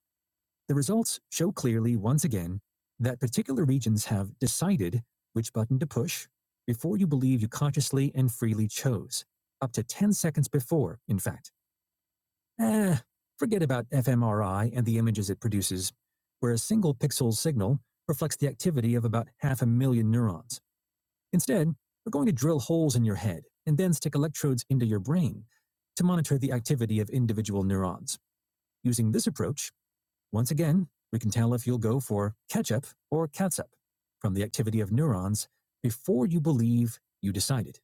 B: The results show clearly, once again, that particular regions have decided which button to push before you believe you consciously and freely chose, up to 10 seconds before, in fact. Eh, forget about fMRI and the images it produces, where a single pixel signal reflects the activity of about half a million neurons. Instead, we're going to drill holes in your head and then stick electrodes into your brain to monitor the activity of individual neurons. Using this approach, once again, we can tell if you'll go for ketchup or catsup from the activity of neurons before you believe you decided.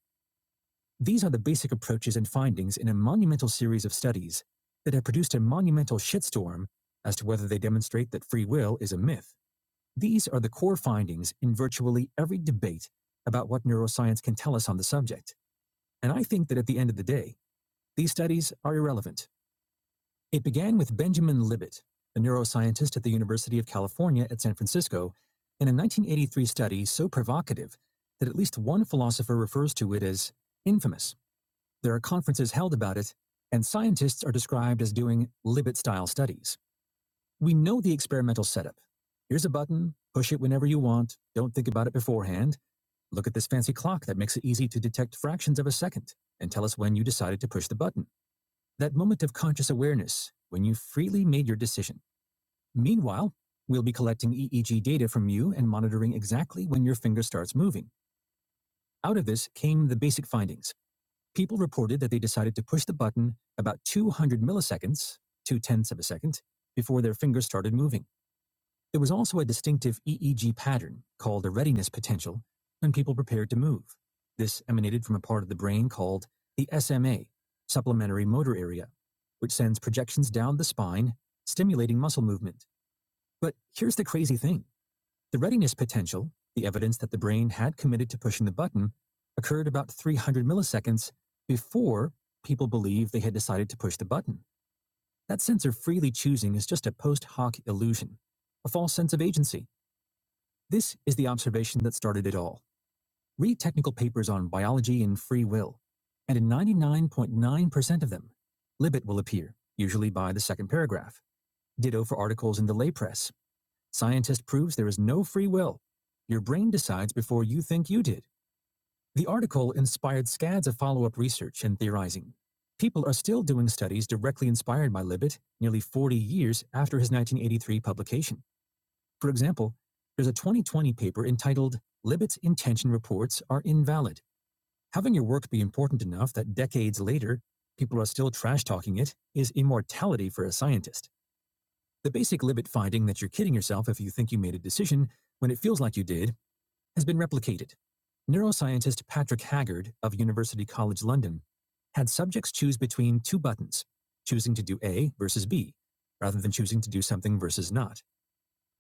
B: These are the basic approaches and findings in a monumental series of studies that have produced a monumental shitstorm as to whether they demonstrate that free will is a myth. These are the core findings in virtually every debate about what neuroscience can tell us on the subject. And I think that at the end of the day, these studies are irrelevant. It began with Benjamin Libet, a neuroscientist at the University of California at San Francisco, in a 1983 study so provocative that at least one philosopher refers to it as infamous. There are conferences held about it, and scientists are described as doing Libet style studies. We know the experimental setup. Here's a button, push it whenever you want, don't think about it beforehand. Look at this fancy clock that makes it easy to detect fractions of a second and tell us when you decided to push the button. That moment of conscious awareness when you freely made your decision. Meanwhile, we'll be collecting EEG data from you and monitoring exactly when your finger starts moving. Out of this came the basic findings. People reported that they decided to push the button about 200 milliseconds, two tenths of a second, before their fingers started moving. There was also a distinctive EEG pattern called a readiness potential when people prepared to move. This emanated from a part of the brain called the SMA, supplementary motor area, which sends projections down the spine, stimulating muscle movement. But here's the crazy thing the readiness potential, the evidence that the brain had committed to pushing the button, occurred about 300 milliseconds before people believed they had decided to push the button. That sense of freely choosing is just a post hoc illusion, a false sense of agency. This is the observation that started it all. Read technical papers on biology and free will, and in 99.9% of them, Libet will appear, usually by the second paragraph. Ditto for articles in the lay press Scientist proves there is no free will. Your brain decides before you think you did. The article inspired scads of follow up research and theorizing. People are still doing studies directly inspired by Libet nearly 40 years after his 1983 publication. For example, there's a 2020 paper entitled Libet's Intention Reports Are Invalid. Having your work be important enough that decades later, people are still trash talking it is immortality for a scientist. The basic limit finding that you're kidding yourself if you think you made a decision when it feels like you did has been replicated. Neuroscientist Patrick Haggard of University College London had subjects choose between two buttons, choosing to do A versus B, rather than choosing to do something versus not.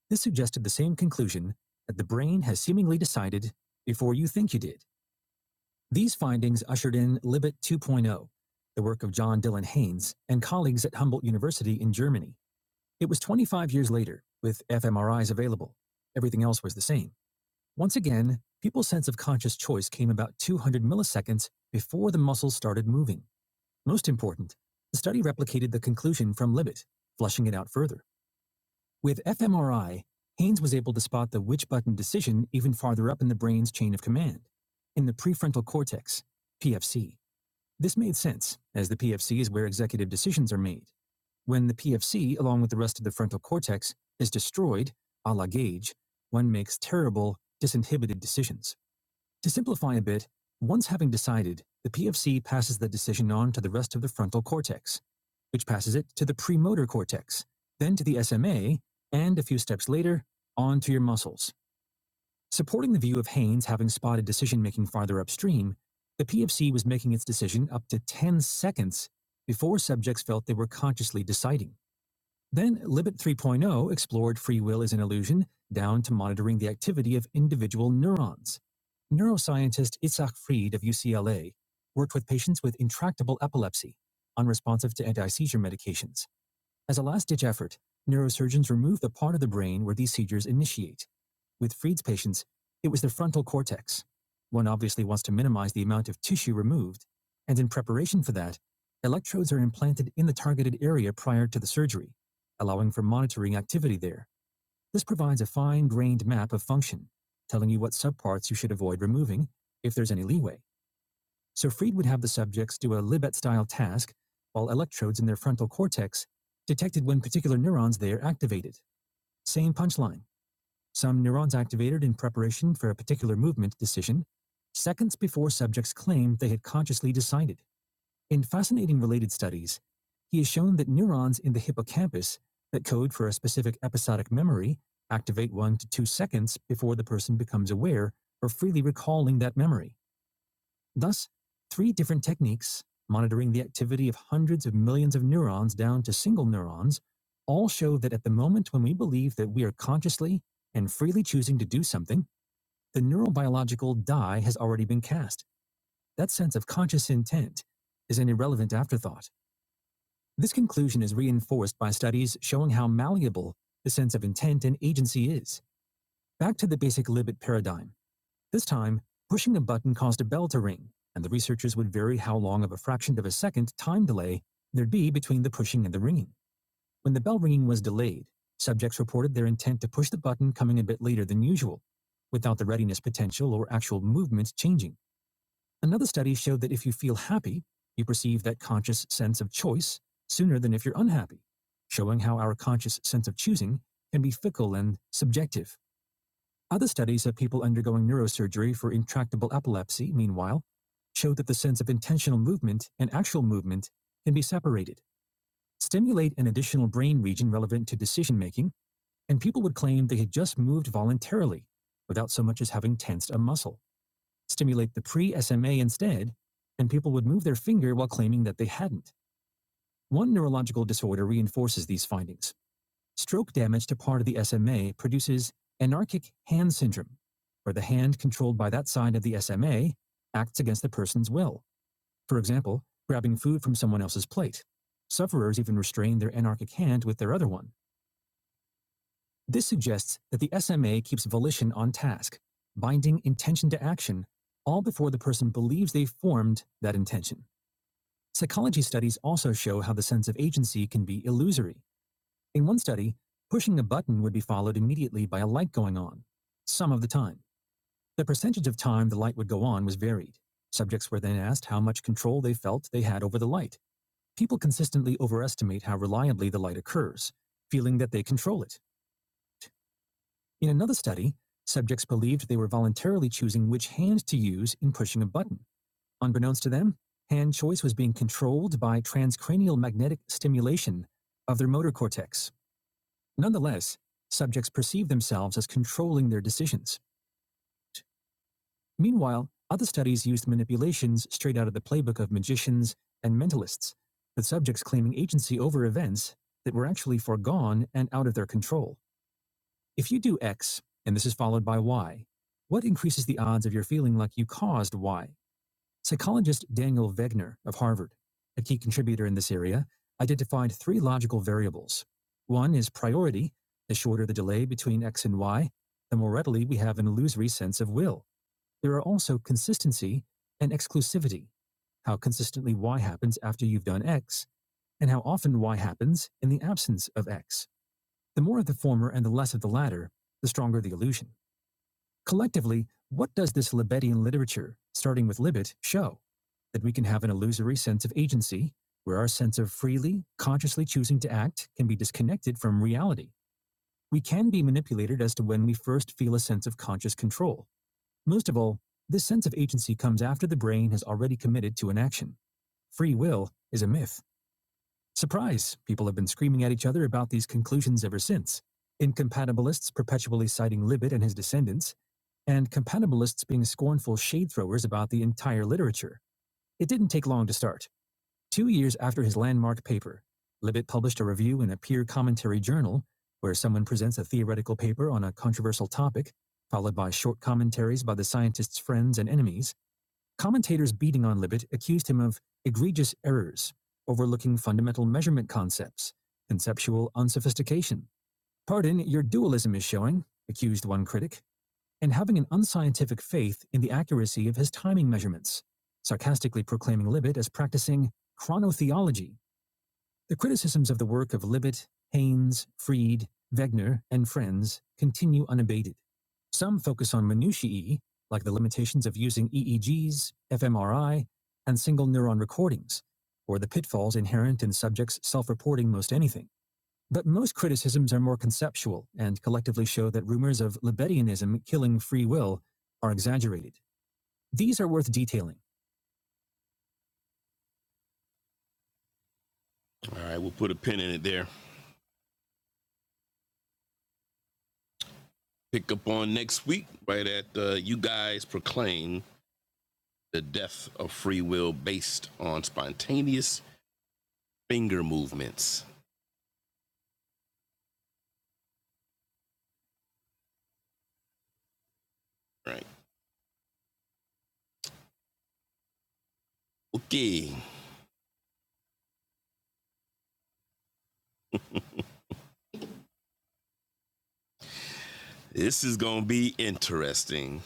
B: This suggested the same conclusion that the brain has seemingly decided before you think you did. These findings ushered in Libet 2.0, the work of John Dylan Haynes and colleagues at Humboldt University in Germany. It was 25 years later, with fMRIs available. Everything else was the same. Once again, people's sense of conscious choice came about 200 milliseconds before the muscles started moving. Most important, the study replicated the conclusion from Libet, flushing it out further. With fMRI, Haynes was able to spot the which button decision even farther up in the brain's chain of command, in the prefrontal cortex, PFC. This made sense, as the PFC is where executive decisions are made. When the PFC, along with the rest of the frontal cortex, is destroyed, a la Gage, one makes terrible, disinhibited decisions. To simplify a bit, once having decided, the PFC passes the decision on to the rest of the frontal cortex, which passes it to the premotor cortex, then to the SMA, and a few steps later, on to your muscles. Supporting the view of Haynes having spotted decision making farther upstream, the PFC was making its decision up to 10 seconds before subjects felt they were consciously deciding. Then, Libet 3.0 explored free will as an illusion down to monitoring the activity of individual neurons. Neuroscientist Itzhak Fried of UCLA worked with patients with intractable epilepsy, unresponsive to anti seizure medications. As a last ditch effort, neurosurgeons removed the part of the brain where these seizures initiate. With Fried's patients, it was their frontal cortex. One obviously wants to minimize the amount of tissue removed, and in preparation for that, electrodes are implanted in the targeted area prior to the surgery, allowing for monitoring activity there. This provides a fine grained map of function, telling you what subparts you should avoid removing, if there's any leeway. So Fried would have the subjects do a Libet style task while electrodes in their frontal cortex detected when particular neurons there activated. Same punchline. Some neurons activated in preparation for a particular movement decision seconds before subjects claimed they had consciously decided. In fascinating related studies, he has shown that neurons in the hippocampus that code for a specific episodic memory activate one to two seconds before the person becomes aware or freely recalling that memory. Thus, three different techniques, monitoring the activity of hundreds of millions of neurons down to single neurons, all show that at the moment when we believe that we are consciously and freely choosing to do something, the neurobiological die has already been cast. That sense of conscious intent is an irrelevant afterthought. This conclusion is reinforced by studies showing how malleable the sense of intent and agency is. Back to the basic Libet paradigm. This time, pushing a button caused a bell to ring, and the researchers would vary how long of a fraction of a second time delay there'd be between the pushing and the ringing. When the bell ringing was delayed, subjects reported their intent to push the button coming a bit later than usual, without the readiness potential or actual movements changing. Another study showed that if you feel happy, you perceive that conscious sense of choice sooner than if you're unhappy, showing how our conscious sense of choosing can be fickle and subjective. Other studies of people undergoing neurosurgery for intractable epilepsy, meanwhile, show that the sense of intentional movement and actual movement can be separated. Stimulate an additional brain region relevant to decision making, and people would claim they had just moved voluntarily without so much as having tensed a muscle. Stimulate the pre SMA instead, and people would move their finger while claiming that they hadn't. One neurological disorder reinforces these findings. Stroke damage to part of the SMA produces anarchic hand syndrome, where the hand controlled by that side of the SMA acts against the person's will, for example, grabbing food from someone else's plate. Sufferers even restrain their anarchic hand with their other one. This suggests that the SMA keeps volition on task, binding intention to action, all before the person believes they've formed that intention. Psychology studies also show how the sense of agency can be illusory In one study, pushing a button would be followed immediately by a light going on, some of the time. The percentage of time the light would go on was varied. Subjects were then asked how much control they felt they had over the light. People consistently overestimate how reliably the light occurs, feeling that they control it. In another study, subjects believed they were voluntarily choosing which hand to use in pushing a button. Unbeknownst to them, hand choice was being controlled by transcranial magnetic stimulation of their motor cortex. Nonetheless, subjects perceive themselves as controlling their decisions. Meanwhile, other studies used manipulations straight out of the playbook of magicians and mentalists, with subjects claiming agency over events that were actually foregone and out of their control. If you do X, and this is followed by Y, what increases the odds of your feeling like you caused Y? Psychologist Daniel Wegner of Harvard, a key contributor in this area, identified three logical variables. One is priority. The shorter the delay between X and Y, the more readily we have an illusory sense of will. There are also consistency and exclusivity. How consistently Y happens after you've done X, and how often Y happens in the absence of X. The more of the former and the less of the latter, the stronger the illusion. Collectively, what does this Libetian literature, starting with Libet, show? That we can have an illusory sense of agency, where our sense of freely, consciously choosing to act can be disconnected from reality. We can be manipulated as to when we first feel a sense of conscious control. Most of all, this sense of agency comes after the brain has already committed to an action. Free will is a myth. Surprise! People have been screaming at each other about these conclusions ever since. Incompatibilists perpetually citing Libet and his descendants, and compatibilists being scornful shade throwers about the entire literature. It didn't take long to start. Two years after his landmark paper, Libet published a review in a peer commentary journal where someone presents a theoretical paper on a controversial topic, followed by short commentaries by the scientist's friends and enemies, Commentators beating on Libet accused him of egregious errors, overlooking fundamental measurement concepts, conceptual unsophistication. Pardon, your dualism is showing, accused one critic, and having an unscientific faith in the accuracy of his timing measurements, sarcastically proclaiming Libet as practicing chronotheology the criticisms of the work of Libet, Haynes, Fried, Wegner, and friends continue unabated. Some focus on minutiae, like the limitations of using EEGs, fMRI, and single neuron recordings, or the pitfalls inherent in subjects self reporting most anything. But most criticisms are more conceptual and collectively show that rumors of Libetianism killing free will are exaggerated. These are worth detailing. All right, we'll put a pin in it there. pick up on next week, right at uh, you guys proclaim the death of free will based on spontaneous finger movements. Right. Okay. This is going to be interesting.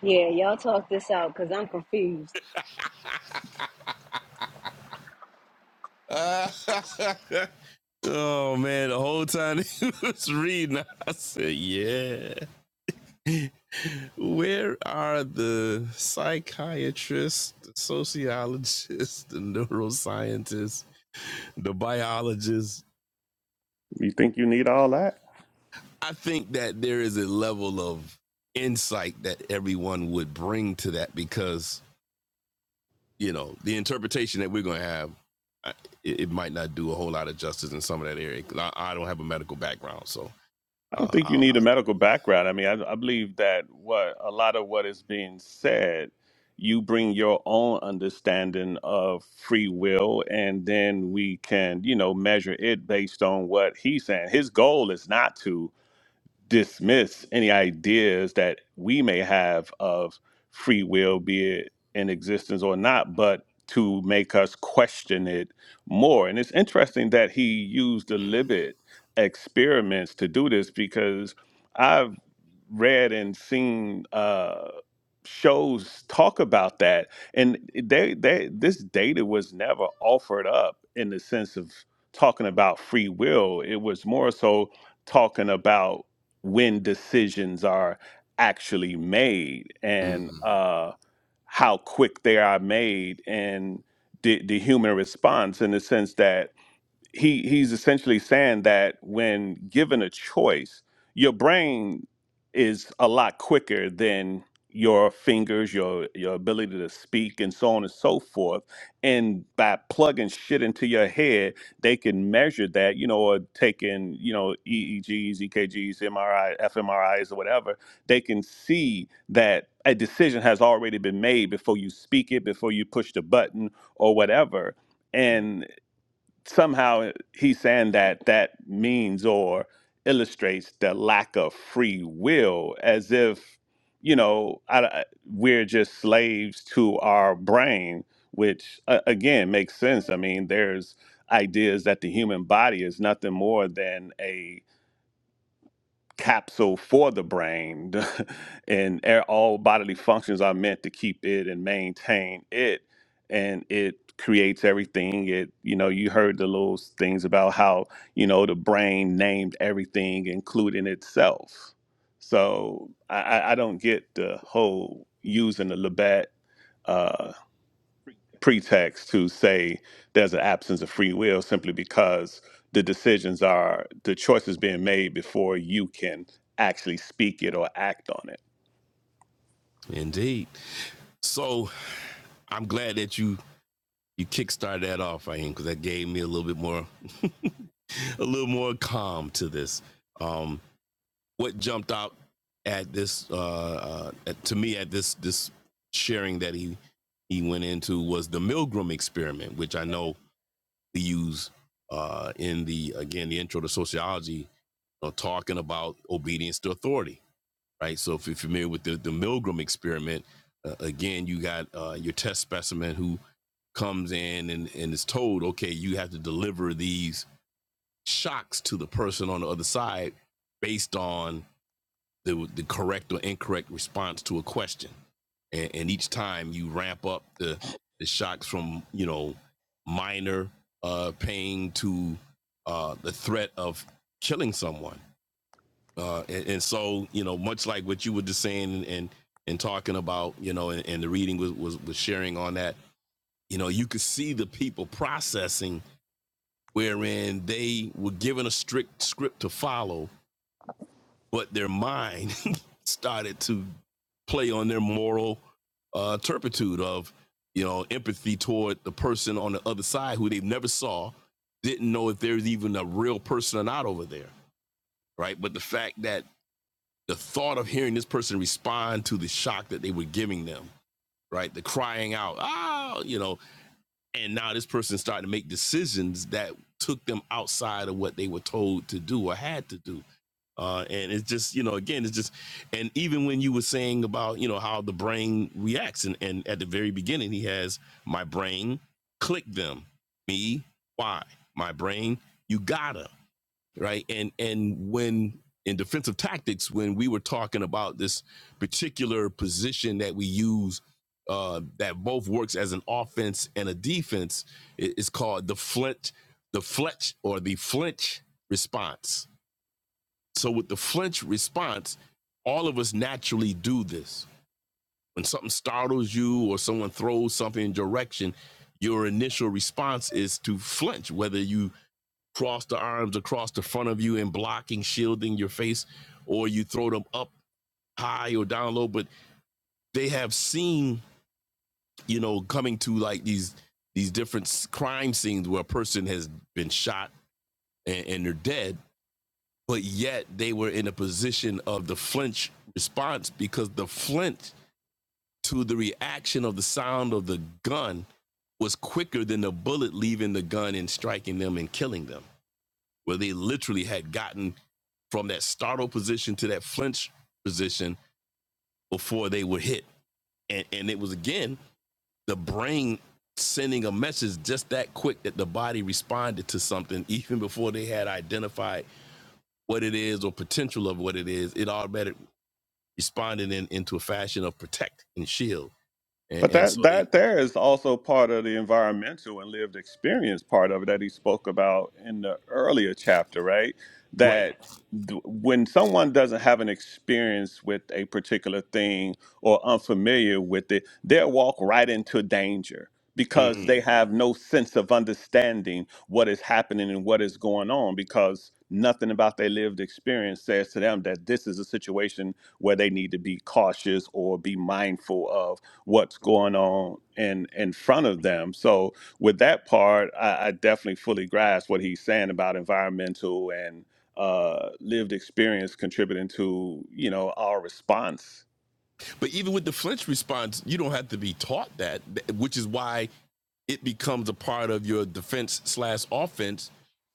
G: Yeah, y'all talk this out because I'm confused.
B: Uh, oh, man. The whole time he was reading, I said, yeah. Where are the psychiatrists, the sociologists, the neuroscientists, the biologists,
E: You think you need all that?
B: I think that there is a level of insight that everyone would bring to that because you know the interpretation that we're going to have, I- it, it might not do a whole lot of justice in some of that area. 'cause I, I don't have a medical background, so
E: I don't
B: uh,
E: think
B: I,
E: you need a medical background. I mean, I, I believe that what a lot of what is being said, you bring your own understanding of free will, and then we can, you know, measure it based on what he's saying. His goal is not to dismiss any ideas that we may have of free will, be it in existence or not, but to make us question it more. And it's interesting that he used the Libet experiments to do this because I've read and seen uh, shows talk about that, and they, they this data was never offered up in the sense of talking about free will. It was more so talking about when decisions are actually made and
B: Mhm.
E: uh, how quick they are made and the, the human response in the sense that he he's essentially saying that when given a choice, your brain is a lot quicker than your fingers, your your ability to speak, and so on and so forth. And by plugging shit into your head, they can measure that, you know, or taking you know EEGs, EKGs, MRI, fMRIs, or whatever. They can see that a decision has already been made before you speak it, before you push the button, or whatever somehow he's saying that that means or illustrates the lack of free will as if you know I, I- we're just slaves to our brain which uh, again makes sense i mean there's ideas that the human body is nothing more than a capsule for the brain and e- all bodily functions are meant to keep it and maintain it and it creates everything it you know you heard the little things about how you know the brain named everything including itself so i i I don't get the whole using the labette pretext to say there's an absence of free will simply because the decisions are the choices being made before you can actually speak it or act on it.
B: indeed. So I'm glad that you you kickstart that off, Ian, because that gave me a little bit more, a little more calm to this. Um, what jumped out at this, uh, uh, to me, at this this sharing that he he went into was the Milgram experiment, which I know we use uh, in the again the intro to sociology, you know, talking about obedience to authority right? So if you're familiar with the, the Milgram experiment, uh, again, you got uh, your test specimen who comes in and, and is told, okay, you have to deliver these shocks to the person on the other side based on the, the correct or incorrect response to a question. And, and each time you ramp up the, the shocks from, you know, minor uh, pain to uh, the threat of killing someone uh, and, and so you know, much like what you were just saying and and, talking about, you know, and, and the reading was, was was sharing on that, you know, you could see the people processing wherein they were given a strict script to follow, but their mind started to play on their moral uh, turpitude of you know empathy toward the person on the other side who they never saw, didn't know if there's even a real person or not over there, right? But the fact that the thought of hearing this person respond to the shock that they were giving them, right? The crying out, ah, you know, and now this person started to make decisions that took them outside of what they were told to do or had to do. Uh, and it's just, you know, again, it's just, and even when you were saying about, you know, how the brain reacts, and, and at the very beginning, he has my brain, click them, me, why? My brain, you gotta right? And and when in defensive tactics, when we were talking about this particular position that we use uh, that both works as an offense and a defense, it- it's called the flinch, the fletch or the flinch response. So with the flinch response, all of us naturally do this. When something startles you or someone throws something in your direction, your initial response is to flinch, whether you cross the arms across the front of you and blocking, shielding your face, or you throw them up high or down low. But they have seen, you know, coming to like these these different crime scenes where a person has been shot and, and they're dead, but yet they were in a position of the flinch response because the flinch to the reaction of the sound of the gun was quicker than the bullet leaving the gun and striking them and killing them where they literally had gotten from that startle position to that flinch position before they were hit. And, and it was again the brain sending a message just that quick that the body responded to something even before they had identified what it is or potential of what it is. It automatically responded in, into a fashion of protect and shield. And,
E: But
B: and so
E: that
B: they,
E: that there is also part of the environmental and lived experience part of it that he spoke about in the earlier chapter, right?
B: right.
E: That th- when someone doesn't have an experience with a particular thing or unfamiliar with it, they'll walk right into danger because they
B: Mhm.
E: have no sense of understanding what is happening and what is going on because nothing about their lived experience says to them that this is a situation where they need to be cautious or be mindful of what's going on in in front of them. So with that part, I, I definitely fully grasp what he's saying about environmental and uh, lived experience contributing to you know our response.
B: But even with the flinch response, you don't have to be taught that, which is why it becomes a part of your defense slash offense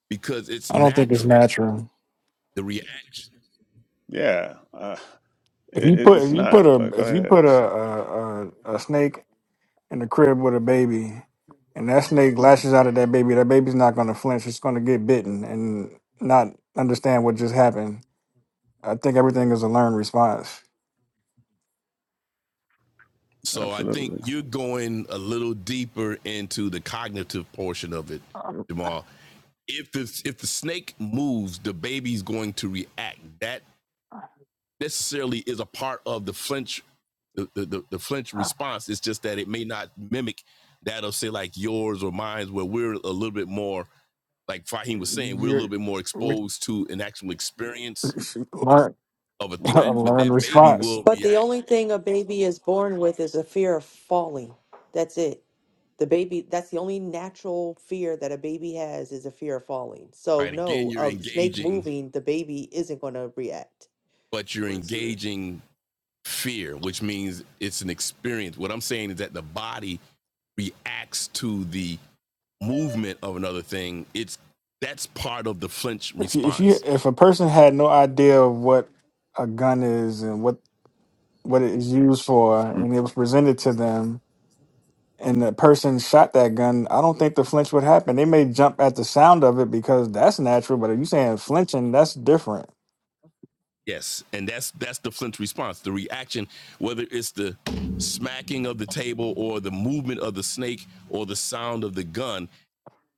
B: because it's
D: I don't think it's
B: natural,
D: natural.
B: the reaction.
E: Yeah, uh,
D: If
E: it,
D: you
E: it-
D: put
E: it's
D: if you put
E: not.
D: a
E: But go
D: if you
E: ahead.
D: put a a, a, a snake in the crib with a baby, and that snake lashes out at that baby, that baby's not going to flinch. It's going to get bitten and not understand what just happened. I think everything is a learned response.
B: So I think
E: Absolutely.
B: you're going a little deeper into the cognitive portion of it, Jamal. If the if the snake moves, the baby's going to react. That necessarily is a part of the flinch the, the, the, the flinch response. It's just that it may not mimic that of say like yours or mine, where we're a little bit more, like Fahim was saying, we're a little
D: You're
B: bit more
D: which,
B: exposed to an actual experience
D: learn,
B: of a
D: a
B: threat, but that
D: learned
B: baby
D: response.
B: will
H: But the
B: react.
H: only thing a baby is born with is a fear of falling. That's it. The baby, that's the only natural fear that a baby has is a fear of falling. So,
B: Right. Again,
H: no,
B: you're
H: a snake
B: engaging,
H: moving, the baby isn't going to react.
B: but you're engaging fear, which means it's an experience. What I'm saying is that the body reacts to the movement of another thing. It's that's part of the flinch
D: If you, if
B: response
D: you if a person had no idea of what a gun is and what what it is used for
E: Mm.
D: and it was presented to them and the person shot that gun, I don't think the flinch would happen. They may jump at the sound of it because that's natural, but if you're saying flinching, that's different.
B: Yes, and that's that's the Flint's response. The reaction, whether it's the smacking of the table or the movement of the snake or the sound of the gun,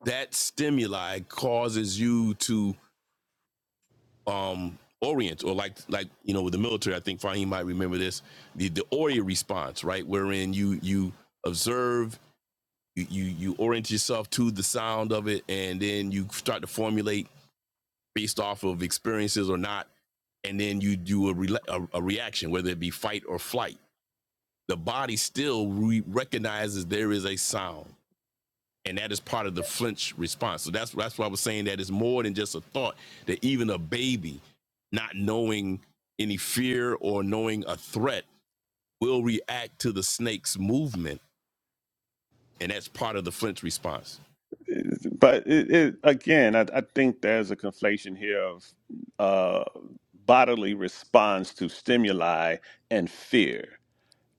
B: that stimuli causes you to um orient or like like you know with the military, I think Fahim might remember this, the the Ori response, right? Wherein you you observe, you you, you orient yourself to the sound of it, and then you start to formulate based off of experiences or not, and then you do a, rela a, a reaction, whether it be fight or flight. The body still re- recognizes there is a sound, and that is part of the flinch response. So that's that's why I was saying that it's more than just a thought. That even a baby, not knowing any fear or knowing a threat, will react to the snake's movement, and that's part of the flinch response.
E: But it, it, again, I, I think there's a conflation here of uh, bodily response to stimuli and fear.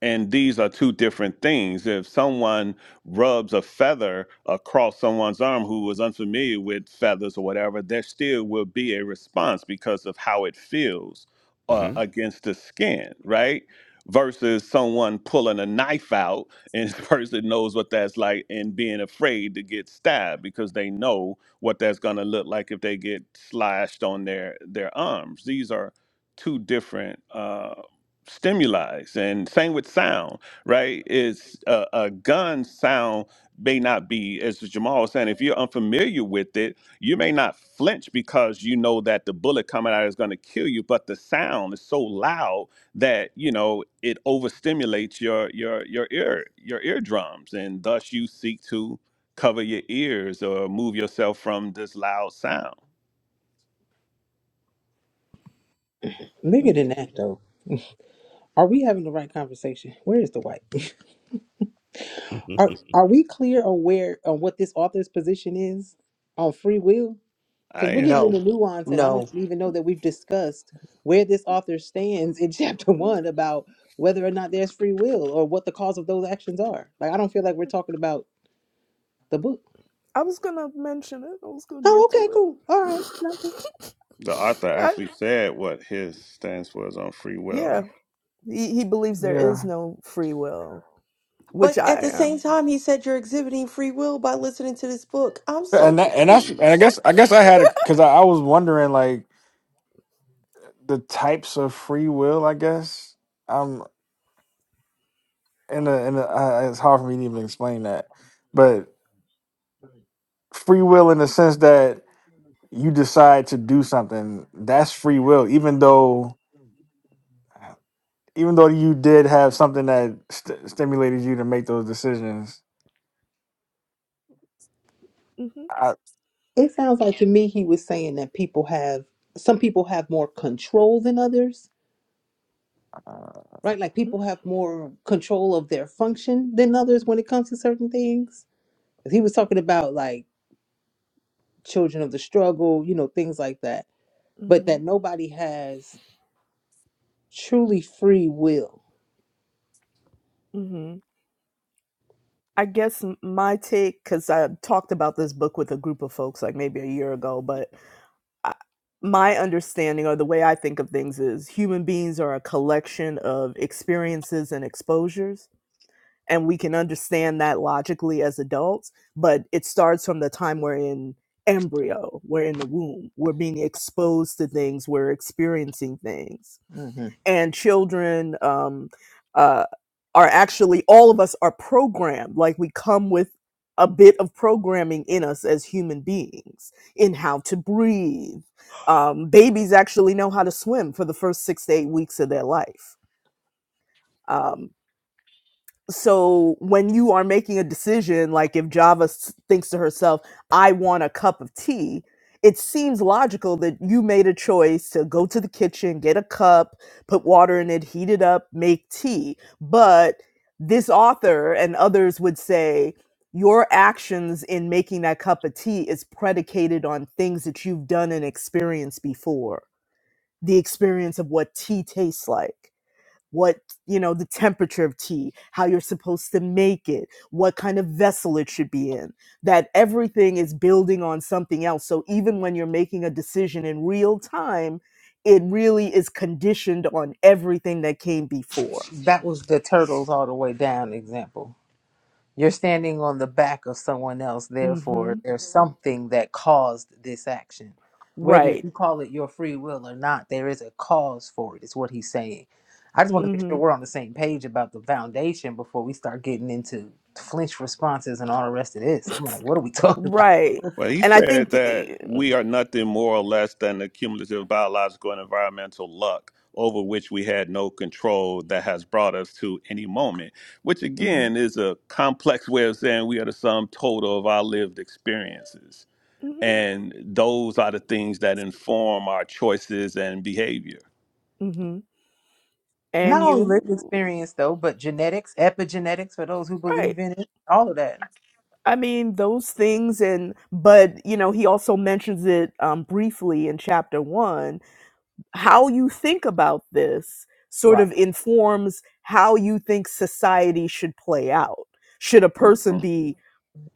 E: And these are two different things. If someone rubs a feather across someone's arm who was unfamiliar with feathers or whatever, there still will be a response because of how it feels uh,
B: hmm
E: against the skin, right? Versus someone pulling a knife out and the person knows what that's like and being afraid to get stabbed because they know what that's going to look like if they get slashed on their their arms. These are two different. uh, stimuli and same with sound right is uh, a gun sound may not be as jamal was saying if you're unfamiliar with it you may not flinch because you know that the bullet coming out is going to kill you but the sound is so loud that you know it overstimulates your your your ear your eardrums and thus you seek to cover your ears or move yourself from this loud sound
F: Bigger than that though. Are we having the right conversation? Where is the white? Are are we clear on where on what this author's position is on free will?
E: i
F: Because we're getting
E: am
H: No,
F: into nuance and I don't
H: no.
F: even know that we've discussed where this author stands in chapter
C: hmm
F: one about whether or not there's free will or what the cause of those actions are. Like I don't feel like we're talking about the book.
C: I was gonna mention it. I was gonna
F: Oh,
C: get
F: okay,
C: to it.
F: cool. All right. No.
E: the author
C: I,
E: actually said what his stance was on free will
C: yeah, he, he believes there is
D: Yeah.
C: no free will, which
H: But at
C: I
H: the same
C: am.
H: time, he said you're exhibiting free will by listening to this book. I'm so
D: And that, and that's and I
H: confused.
D: guess I guess I had because I, I was wondering like the types of free will. I guess and a, and a, uh, it's hard for me to even explain that. But free will, in the sense that you decide to do something, that's free will. Even though, even though you did have something that st- stimulated you to make those decisions.
C: hmm
D: I,
F: It sounds like to me he was saying that people have some people have more control than others, right? Like people have more control of their function than others when it comes to certain things. 'Cause He was talking about like children of the struggle, you know, things like that, but that
C: hmm
F: nobody has truly free will.
C: hmm I guess m- my take, because I talked about this book with a group of folks like maybe a year ago, but I, my understanding or the way I think of things is human beings are a collection of experiences and exposures. And we can understand that logically as adults, but it starts from the time we're in embryo, we're in the womb, we're being exposed to things, we're experiencing things
F: hmm
C: and children um, uh, are actually all of us are programmed like we come with a bit of programming in us as human beings in how to breathe um, babies actually know how to swim for the first six to eight weeks of their life Um, so when you are making a decision like if java s- thinks to herself i want a cup of tea it seems logical that you made a choice to go to the kitchen get a cup put water in it heat it up make tea but this author and others would say your actions in making that cup of tea is predicated on things that you've done and experienced before the experience of what tea tastes like what you know the temperature of tea how you're supposed to make it what kind of vessel it should be in that everything is building on something else so even when you're making a decision in real time it really is conditioned on everything that came before
F: That was the turtles all the way down example. You're standing on the back of someone else, therefore,
C: mhm
F: there's something that caused this action. Whether
C: right
F: you call it your free will or not, there is a cause for it, is what he's saying. I just want to make sure
C: mhm
F: we're on the same page about the foundation before we start getting into flinch responses and all the rest of this. I'm like, what are we talking about?
C: right
E: Well, he
C: and i
E: said
C: think
E: that we are nothing more or less than the cumulative biological and environmental luck over which we had no control that has brought us to any moment, which
C: mhm
E: again is a complex way of saying we are the sum total of our lived experiences.
C: mhm
E: And those are the things that inform our choices and behavior.
C: mhm
F: Not
C: and
F: only
C: you
F: lived experience, though, but genetics, epigenetics for those who
C: right
F: believe in it, all of that.
C: I mean, those things, and but you know, he also mentions it um, briefly in chapter one. How you think about this sort
F: Right.
C: of informs how you think society should play out. Should a person
E: Mhm.
C: be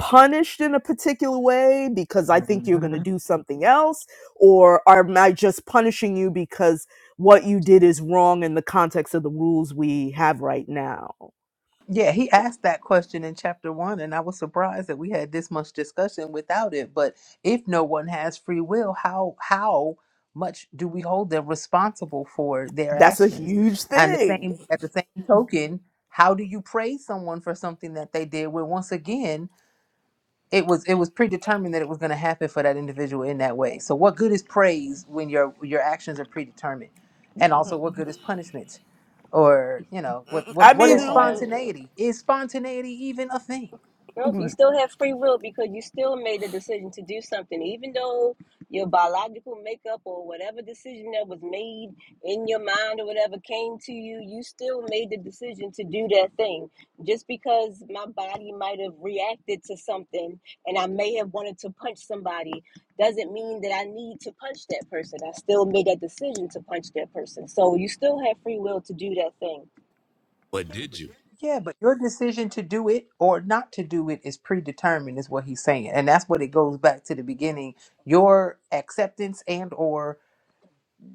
C: punished in a particular way because I think you're going to
F: hmm
C: do something else, or are- am I just punishing you because what you did is wrong in the context of the rules we have right now?
F: Yeah, he asked that question in chapter one, and I was surprised that we had this much discussion without it. But if no one has free will, how how much do we hold them responsible for their
C: That's a
F: actions?
C: huge
F: And the
C: thing.
F: same at the same token, how do you praise someone for something that they did? When once again, it was it was predetermined that it was going to happen for that individual in that way so what good is praise when your your actions are predetermined and also what good is punishment or
G: You
F: you know what what
G: you
C: I
F: what is
G: still have,
C: mean.
F: spontaneity is spontaneity even a thing
G: nope, you still have free will because you still made the decision to do something, even though your biological makeup or whatever decision that was made in your mind or whatever came to you, you still made the decision to do that thing. Just because my body might have reacted to something and I may have wanted to punch somebody doesn't mean that I need to punch that person. I still made that decision to punch that person. So you still have free will to do that thing
B: but did you?
F: yeah but your decision to do it or not to do it is predetermined is what he's saying and that's what it goes back to the beginning your acceptance and or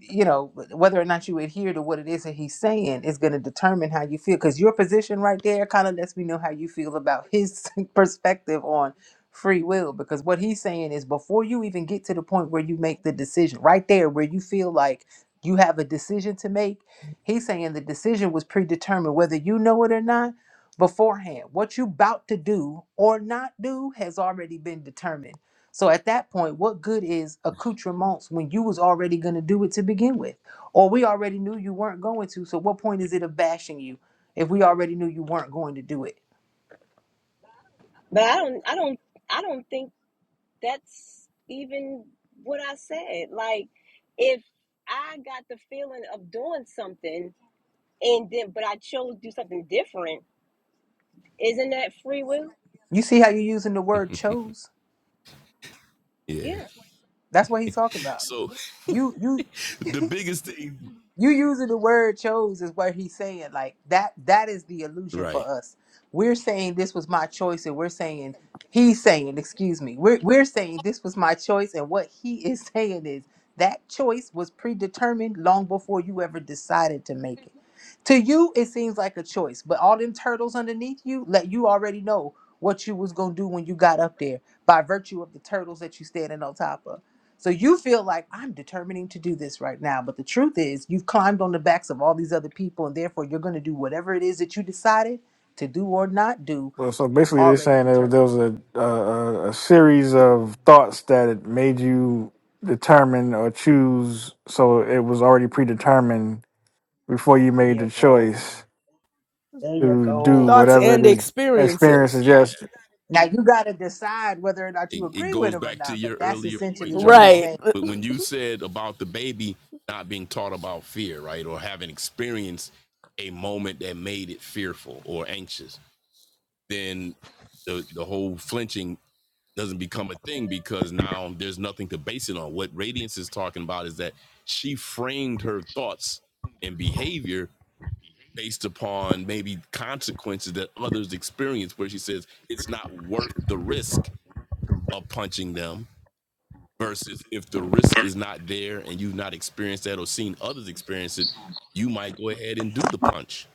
F: you know whether or not you adhere to what it is that he's saying is going to determine how you feel because your position right there kind of lets me know how you feel about his perspective on free will because what he's saying is before you even get to the point where you make the decision right there where you feel like you have a decision to make he's saying the decision was predetermined whether you know it or not beforehand what you about to do or not do has already been determined so at that point, what good is accoutrements when you was already going to do it to begin with? Or we already knew you weren't going to. So what point is it of bashing you if we already knew you weren't going to do it?
G: But I don't I don't I don't think that's even what I said. Like if I got the feeling of doing something and then but I chose to do something different, isn't that free will?
F: You see how you're using the word chose?
B: Yeah.
G: Yeah.
F: That's what he's talking about.
B: So
F: You you
B: the biggest thing
F: you using the word chose is what he's saying like that that is the illusion
B: Right.
F: for us we're saying this was my choice and we're saying he's saying excuse me we're, we're saying this was my choice and what he is saying is that choice was predetermined long before you ever decided to make it to you it seems like a choice but all them turtles underneath you let you already know what you was gonna do when you got up there by virtue of the turtles that you standing on top of so you feel like I'm determining to do this right now. But the truth is, you've climbed on the backs of all these other people, and therefore you're going to do whatever it is that you decided to do or not do
D: well, so basically, they're
F: already
D: saying that
F: determined.
D: there was a, a a a series of thoughts that made you determine or choose. So it was already predetermined before you
F: There
D: made
F: you
D: the
F: go.
D: choice
F: There you
D: to do
B: Or
F: go.
B: the,
C: thoughts
D: whatever it
C: and
D: is
C: experiences.
D: experiences
B: yeah.
D: yes
F: Now you got to decide whether or not
B: It,
F: you
B: it
F: agree with
B: goes
F: him or
B: back to
F: not. But
B: your
F: that's
B: earlier
F: essentially
B: point,
F: what he's
B: Jamal.
C: Right.
F: saying.
B: But when you said about the baby not being taught about fear, right, or having experienced a moment that made it fearful or anxious, then the the whole flinching doesn't become a thing because now there's nothing to base it on. What Radiance is talking about is that she framed her thoughts and behavior based upon maybe consequences that others experience, where she says it's not worth the risk of punching them versus if the risk is not there and you've not experienced that or seen others experience it, you might go ahead and do the punch.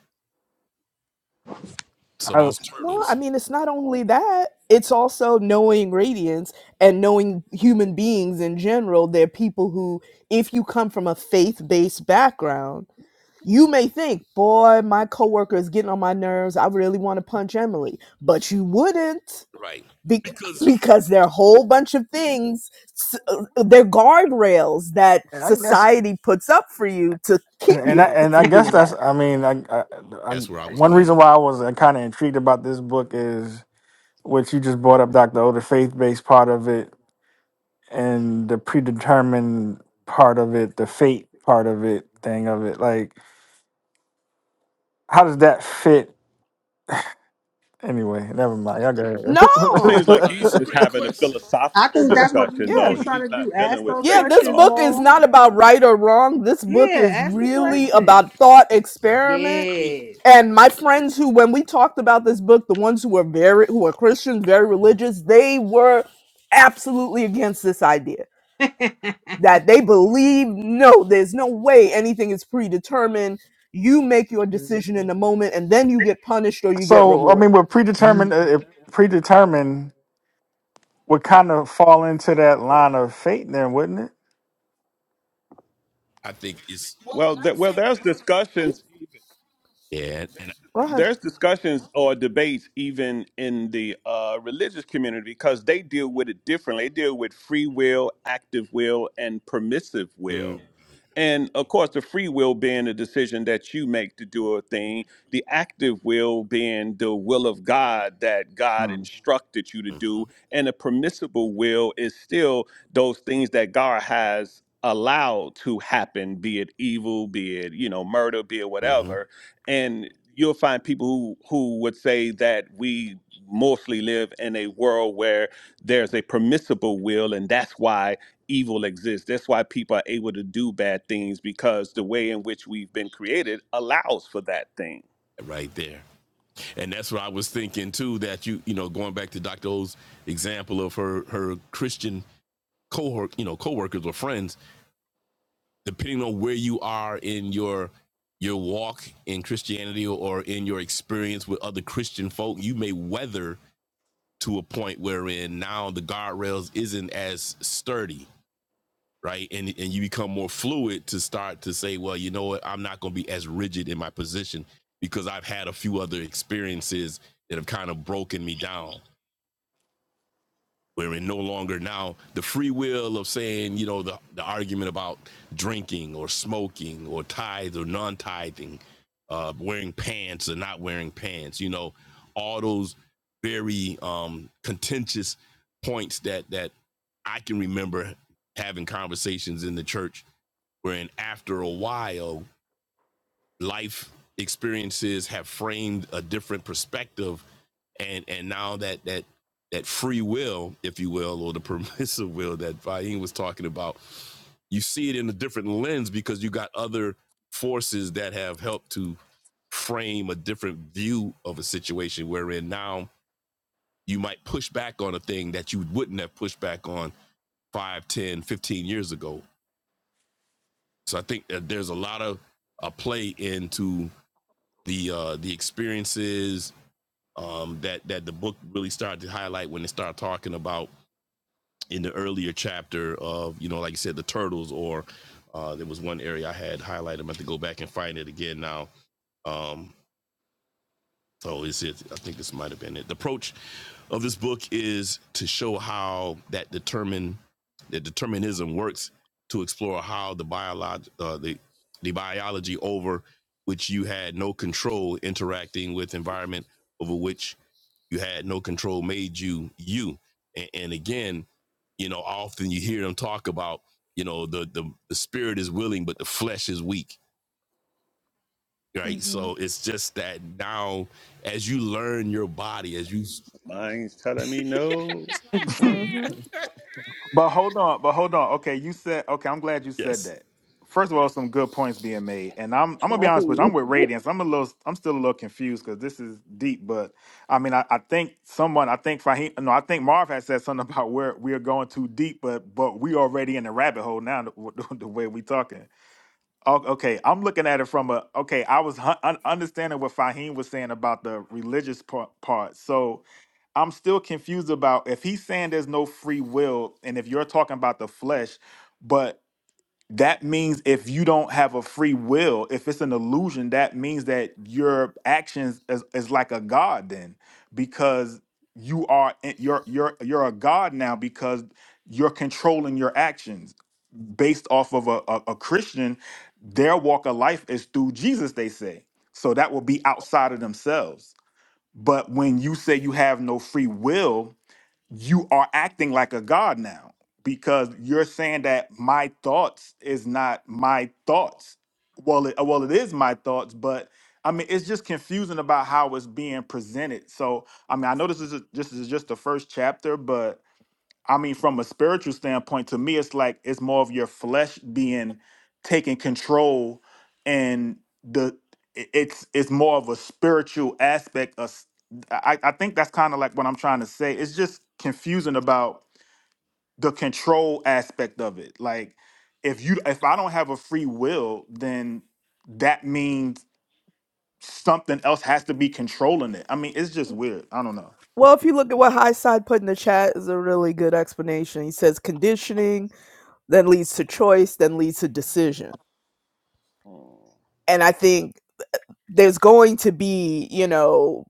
B: So
D: I,
B: those
C: Well, I
B: turtles,
C: mean, it's not only that, it's also knowing radiance and knowing human beings in general. They're people who, if you come from a faith based background, you may think, boy, my coworker is getting on my nerves. I really want to punch Emily. But you wouldn't
B: right?
C: be-
B: Because
C: because there are a whole bunch of things, s- uh, they're guardrails that
D: and I guess,
C: society puts up for you to
D: and
C: keep
D: and I,
C: you
D: and I
C: from
D: guess
C: doing that
D: that's. I mean, I, I,
B: that's where I
D: I
B: was
D: one
B: going
D: reason
B: with. It.
D: why I was kind of intrigued about this book is what you just brought up, Doctor O, the faith-based part of it and the predetermined part of it, the fate part of it, thing of it. Like, how does that fit? Anyway, never mind. Y'all go
E: It seems
C: No.
E: like
B: No,
E: he's
B: that's a
D: ahead.
E: just
B: great
E: having a
B: question.
F: I
E: philosophical
F: think that's what this
E: discussion,
F: book
E: though.
C: Yeah.
F: is trying to
E: He's not
F: do.
E: dealing
F: Ask
E: with
F: those
C: Yeah,
E: faith at
C: this
F: questions,
E: all.
C: book is
F: more.
C: not about right or wrong. This book
F: Yeah,
C: is
F: ask the
C: really
F: questions.
C: about thought experiment.
B: I mean,
F: Yes.
C: And my friends who when we talked about this book, the ones who were very who are Christians, very religious, they were absolutely against this idea. That they believe no, there's no way anything is predetermined. You make your decision in the moment and then you get punished or you get
D: so, I mean,
C: rewarded.
D: we're predetermined. Uh, if predetermined would kind of fall into that line of fate, then, wouldn't it?
B: I think it's
E: Well, th- well, there's discussions.
B: yeah, and
C: Go ahead.
E: there's discussions or debates even in the uh, religious community because they deal with it differently. They deal with free will, active will, and permissive
B: mm,
E: will. And of course, the free will being the decision that you make to do a thing, the active will being the will of God that God
I: Mm.
E: instructed you to
B: mhm,
E: do, and the permissible will is still those things that God has allowed to happen, be it evil, be it, you know, murder, be it
B: mm mhm,
E: whatever and you'll find people who who would say that we mostly live in a world where there's a permissible will and that's why evil exists that's why people are able to do bad things because the way in which we've been created allows for that thing
B: right there, and that's what I was thinking too. That you, you know, going back to Doctor O's example of her her Christian cohort, you know, coworkers or friends depending on where you are in your your walk in Christianity or in your experience with other Christian folk, you may weather to a point wherein now the guardrails isn't as sturdy, right? And and you become more fluid to start to say, well, you know what, I'm not going to be as rigid in my position because I've had a few other experiences that have kind of broken me down. wherein no longer now the free will of saying, you know, the, the argument about drinking or smoking or tithe or non tithing, uh, wearing pants or not wearing pants, you know, all those very um, contentious points that that I can remember having conversations in the church wherein after a while life experiences have framed a different perspective and and now that that that free will if you will or the permissive will that Fahim was talking about you see it in a different lens because you got other forces that have helped to frame a different view of a situation wherein now you might push back on a thing that you wouldn't have pushed back on 5, 10, 15 years ago so i think that there's a lot of a play into the uh, the experiences um, that that the book really started to highlight when they started talking about in the earlier chapter of you know like you said the turtles or uh, there was one area I had highlighted. I'm have to go back and find it again now. Um, so is it? I think this might have been it. The approach of this book is to show how that determine that determinism works to explore how the biolog uh, the the biology over which you had no control interacting with environment over which you had no control made you you. And, and again, you know, often you hear them talk about, you know, the, the the spirit is willing, but the flesh is weak, right?
C: Mm-hmm.
B: So it's just that now, as you learn your body, as you
E: mine's telling me no
C: hmm
I: But hold on, but hold on. Okay, you said okay. I'm glad you said
B: yes,
I: that. First of all, some good points being made, and I'm I'm gonna be
G: I hear
I: honest with you. I'm
G: you.
I: with Radiance. I'm a little, I'm still a little confused because this is deep. But I mean, I, I think someone, I think Fahim, no, I think Marv had said something about where we are going too deep, but but we already in the rabbit hole now. The, way we talking. O- Okay, I'm looking at it from a okay. I was hun- un- understanding what Fahim was saying about the religious part. part. So I'm still confused about if he's saying there's no free will, and if you're talking about the flesh, but that means if you don't have a free will, if it's an illusion, that means that your actions is, is like a god then, because you are in- you're you're you're a god now because you're controlling your actions based off of a, a, a Christian. Their walk of life is through Jesus, they say. So that will be outside of themselves. But when you say you have no free will, you are acting like a god now because you're saying that my thoughts is not my thoughts. Well, it, well, it is my thoughts, but I mean, it's just confusing about how it's being presented. So, I mean, I know this is a, this is just the first chapter, but I mean, from a spiritual standpoint, to me, it's like it's more of your flesh being taking control, and the i- it's it's more of a spiritual aspect. Of, s- I I think that's kind of like what I'm trying to say. It's just confusing about the control aspect of it. Like if you if I don't have a free will, then that means something else has to be controlling it. I mean, it's just weird. I don't know.
C: Well, if you look at what Highside put in the chat, is a really good explanation. He says conditioning then leads to choice, then leads to decision.
E: Oh.
C: And I think there's going to be, you know,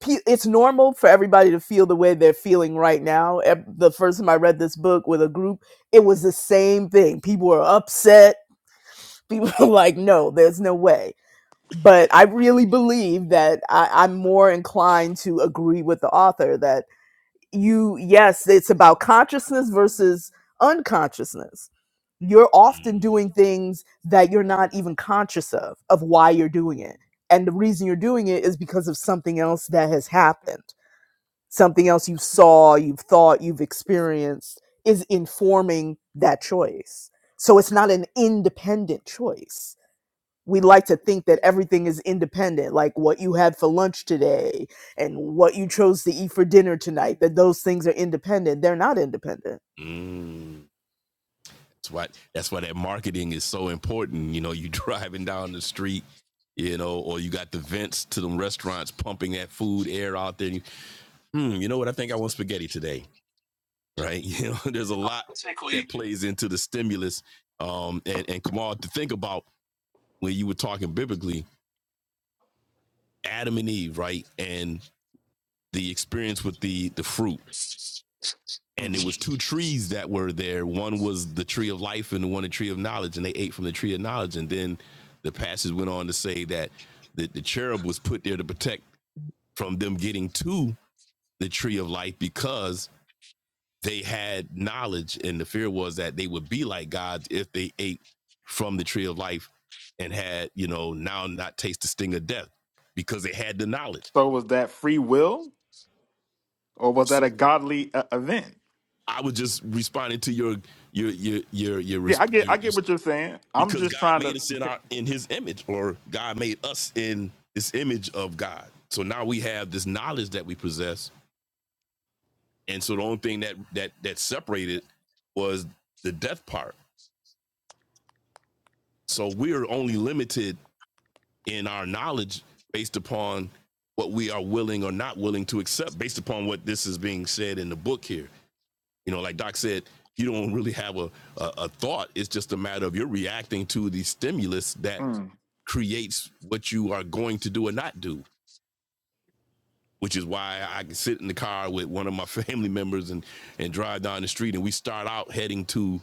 C: pe- it's normal for everybody to feel the way they're feeling right now. Ev- The first time I read this book with a group, it was the same thing. People were upset. People were like, no, there's no way. But I really believe that I, I'm more inclined to agree with the author that you yes it's about consciousness versus unconsciousness you're often doing things that you're not even conscious of of why you're doing it and the reason you're doing it is because of something else that has happened something else you saw you've thought you've experienced is informing that choice so it's not an independent choice we like to think that everything is independent, like what you had for lunch today and what you chose to eat for dinner tonight, that those things are independent. They're not independent.
B: mm, that's why that's why that marketing is so important. You know, you driving down the street, you know, or you got the vents to them restaurants pumping that food air out there. And you, hmm, you know what? I think I want spaghetti today. right? You know, there's a lot that
A: Basically,
B: plays into the stimulus. Um, and, and Kamal, to think about when you were talking biblically, Adam and Eve, right? And the experience with the the fruit. And it
I: hmm
B: was two trees that were there. One was the tree of life and the one the tree of knowledge. And they ate from the tree of knowledge. And then the passage went on to say that the, the cherub was put there to protect from them getting to the tree of life because they had knowledge, and the fear was that they would be like gods if they ate from the tree of life and had, you know, now not taste the sting of death because they had the knowledge.
I: So was that free will or was that
B: So
I: a godly uh, event?
B: I was just responding to your your your your your,
I: Yeah, I get
B: your,
I: I
B: your
I: get what you're saying. I'm
B: because
I: just
B: God
I: trying
B: made
I: to,
B: us in our in His image, or God made us in this image of God. So now we have this knowledge that we possess, and so the only thing that that that separated was the death part. So we're only limited in our knowledge based upon what we are willing or not willing to accept based upon what this is being said in the book here. You know, like Doc said, you don't really have a, a, a thought. It's just a matter of you're reacting to the stimulus that
I: mm,
B: creates what you are going to do or not do, which is why I can sit in the car with one of my family members and, and drive down the street and we start out heading to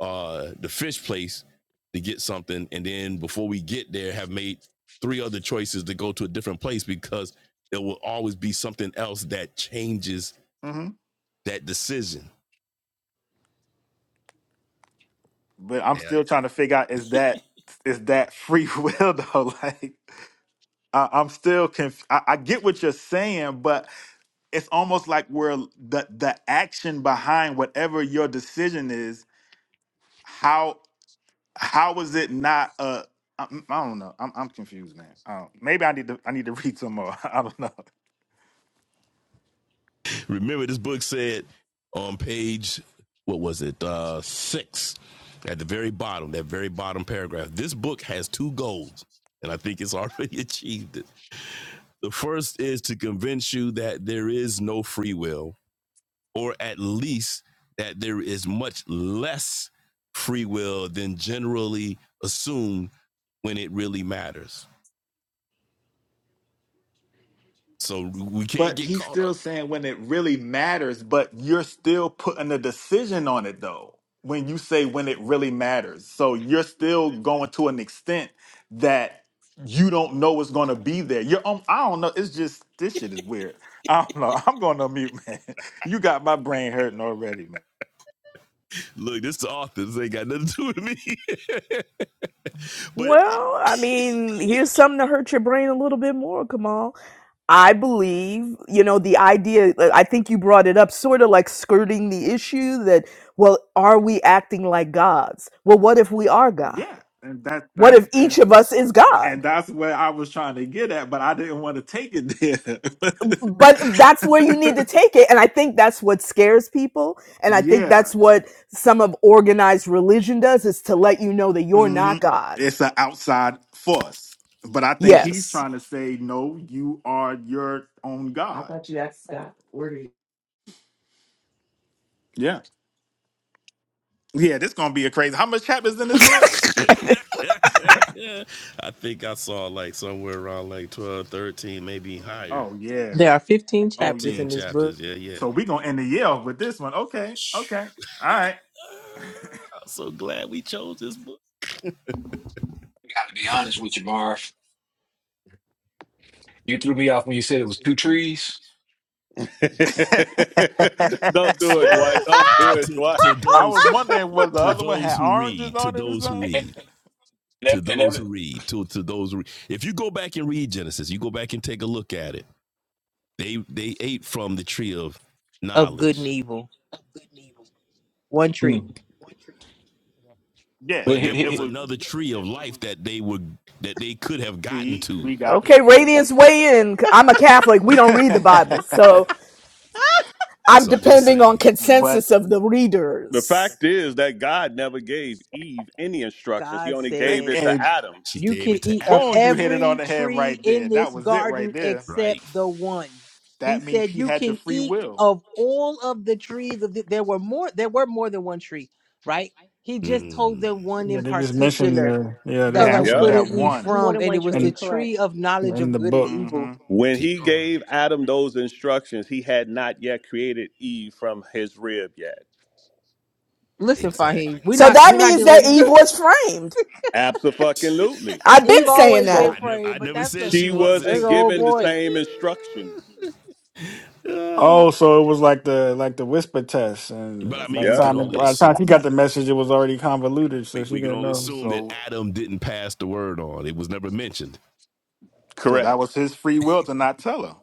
B: uh the fish place to get something and then before we get there have made three other choices to go to a different place because there will always be something else that changes
I: hmm
B: that decision
I: but I'm still trying to figure out is that is that free will though? Like, I, I'm still conf- I, I get what you're saying, but it's almost like where the the action behind whatever your decision is. How how is it not a I, I don't know. I'm I'm confused, man. Um, maybe I need to I need to read some more. I don't know.
B: remember this book said on page what was it uh six at the very bottom that very bottom paragraph this book has two goals and i think it's already achieved it the first is to convince you that there is no free will or at least that there is much less free will than generally assumed when it really matters. So we can't
I: But
B: get
I: he's
B: caught up.
I: still saying when it really matters, but you're still putting a decision on it though. When you say when it really matters. So you're still going to an extent that you don't know what's going to be there. You're um, I don't know. It's just this shit is weird. I don't know. I'm going to mute, man. You got my brain hurting already, man.
B: Look, this is the author. This ain't got nothing to do with me. but
C: Well, I mean, here's something to hurt your brain a little bit more, Kamal. I believe, you know, the idea, uh, I think you brought it up, sort of like skirting the issue that, well, are we acting like gods? Well, what if we are God?
I: Yeah. And that
C: What
I: that's
C: if
I: and
C: each of us is God?
I: and that's where I was trying to get at, but I didn't want to take it
C: but that's where you need to
I: there.
C: take it and i think that's what scares people and i think
I: yeah.
C: that's what some of organized religion does is to let you know that you're
I: hmm
C: not god
I: It's an outside force. But I think he's
C: yes
I: trying to say, no, you are your own God. Yeah. Yeah, this gonna be a crazy. How much chapters in this book?
B: I think I saw like somewhere around like 12, 13, maybe higher.
I: Oh yeah.
F: there are 15
I: Oh
F: chapters in
I: yeah.
F: this book.
B: just, yeah, yeah.
I: So we gonna end the year off with this one. Okay. Okay. All right.
B: I'm so glad we chose this book.
A: Mar. you
E: don't do it
B: So
E: dwight don't do it
B: to,
E: dwight
B: to
I: I
B: those
I: was wondering whether the
B: to
I: other one
B: those
I: had
B: who
I: oranges
B: read, to
I: on it or
B: those who
I: something.
B: read. to
A: and,
B: those
A: every,
B: who read to to those who read. if you go back and read genesis you go back and take a look at it they they ate from the tree of
F: of good and
B: knowledge
F: evil. One
A: hmm.
F: tree.
I: Yeah,
A: But
B: but
A: he-
B: there
I: it,
A: he-
I: it
B: was
A: he-
I: was
B: another tree of life that they would that they could have gotten
I: see,
B: to
I: we got
C: okay radiance weigh in i'm a catholic we don't read the bible so i'm
B: so i'm just
C: depending on
B: saying
I: but
C: consensus of the
E: the
C: readers
E: fact is that god never gave eve any instructions he
F: God
E: only gave
F: said,
E: it to
I: and, yeah.
E: adam
B: she
F: You
B: gave
F: can
B: it to
F: eat of
B: adam
I: Boom, you hit it on
F: every
I: the head
F: tree
I: right there.
F: in
I: That
F: this
I: was it right
F: garden
I: there.
F: except
B: right
F: the one. He
I: That means
F: said,
I: she
F: You
I: had the
F: can
I: free
F: eat
I: will.
F: of all of the trees of the, there were more there were more than one tree, right? He just told
B: Mm,
F: them one
D: Yeah,
F: in
D: they just mentioned
F: particular
D: the yeah, they just
F: that
I: That
F: you
G: Correct.
D: mentioned
E: Yep.
D: that
F: couldn't
I: that
F: eat
G: It
D: man.
G: was
I: one.
G: more
F: from,
G: than
F: and it
G: one
F: was the
G: tree,
D: And
G: correct.
F: tree of
D: in
F: knowledge
D: in
F: of
D: the
F: good and
D: book.
F: evil.
I: hmm
E: When
B: keep
E: he
B: going
E: gave Adam those instructions, he had not yet created Eve from his rib yet.
F: Listen, Fahim,
B: exactly
F: we're
C: so
F: not
C: that
F: we're not
C: means
F: getting
C: that
F: ready to do it.
C: evil is framed
E: Absolutely.
C: i've been
F: Eve
C: saying
F: always been
C: that
B: i
I: So
B: never
F: praying,
B: i
F: but
B: never
F: that's
B: said
F: the
B: she
E: She
B: wasn't
F: that's the
E: wasn't
F: whole
E: given the
F: point.
E: same instructions.
B: but i
D: Oh, so it was like the like the whisper test, and by
B: mean
D: the
B: we
E: Yeah,
B: could
D: time
B: only
D: by the time she
B: assume
D: got the message, it was already convoluted, so
B: we,
D: she
B: we can
D: didn't
B: only
D: know.
B: assume that
I: so
B: Adam didn't pass the word on. It was never mentioned,
I: so that
E: correct.
I: was his free will to not tell her.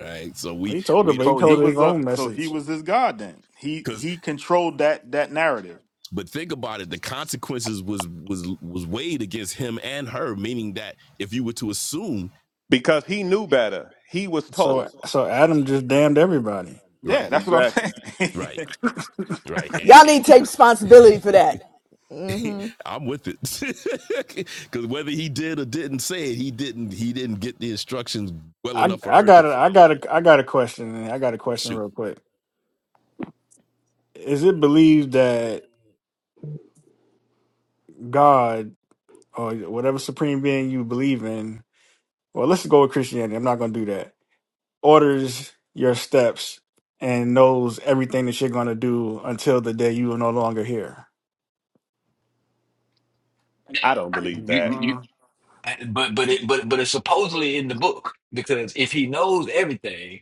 B: right? So we
D: He told her,
B: we
D: but he
I: So
B: don't
I: he
D: told her
B: know it.
D: his
I: was a
D: own
I: so he
D: message.
I: was his god then. He
B: because
I: he controlled that that narrative.
B: but think about it. The consequences was was was weighed against him and her, meaning that if you were to assume,
E: Because he knew better. He was
D: So
E: told.
D: so Adam just damned everybody.
I: Yeah,
B: right,
I: that's what I'm
E: Exactly.
I: saying.
B: right. Right, and,
C: y'all
B: and,
C: need to take responsibility for that
B: and
C: mm
B: I'm with it because whether he did or didn't say it, he didn't. He didn't get the instructions well
D: I
B: enough for
D: I
B: her to
D: got a I
B: follow.
D: got a I got a question. I got a question
B: Shoot,
D: real quick. Is it believed that God or whatever supreme being you believe in. Well, let's go with Christianity. I'm not going to do that. Orders your steps and knows everything that you're going to do until the day you are no longer here.
E: I don't
A: you,
E: believe
A: you,
E: that.
A: you,
I: Mm.
A: but but it but but it's supposedly in the book because if he knows everything.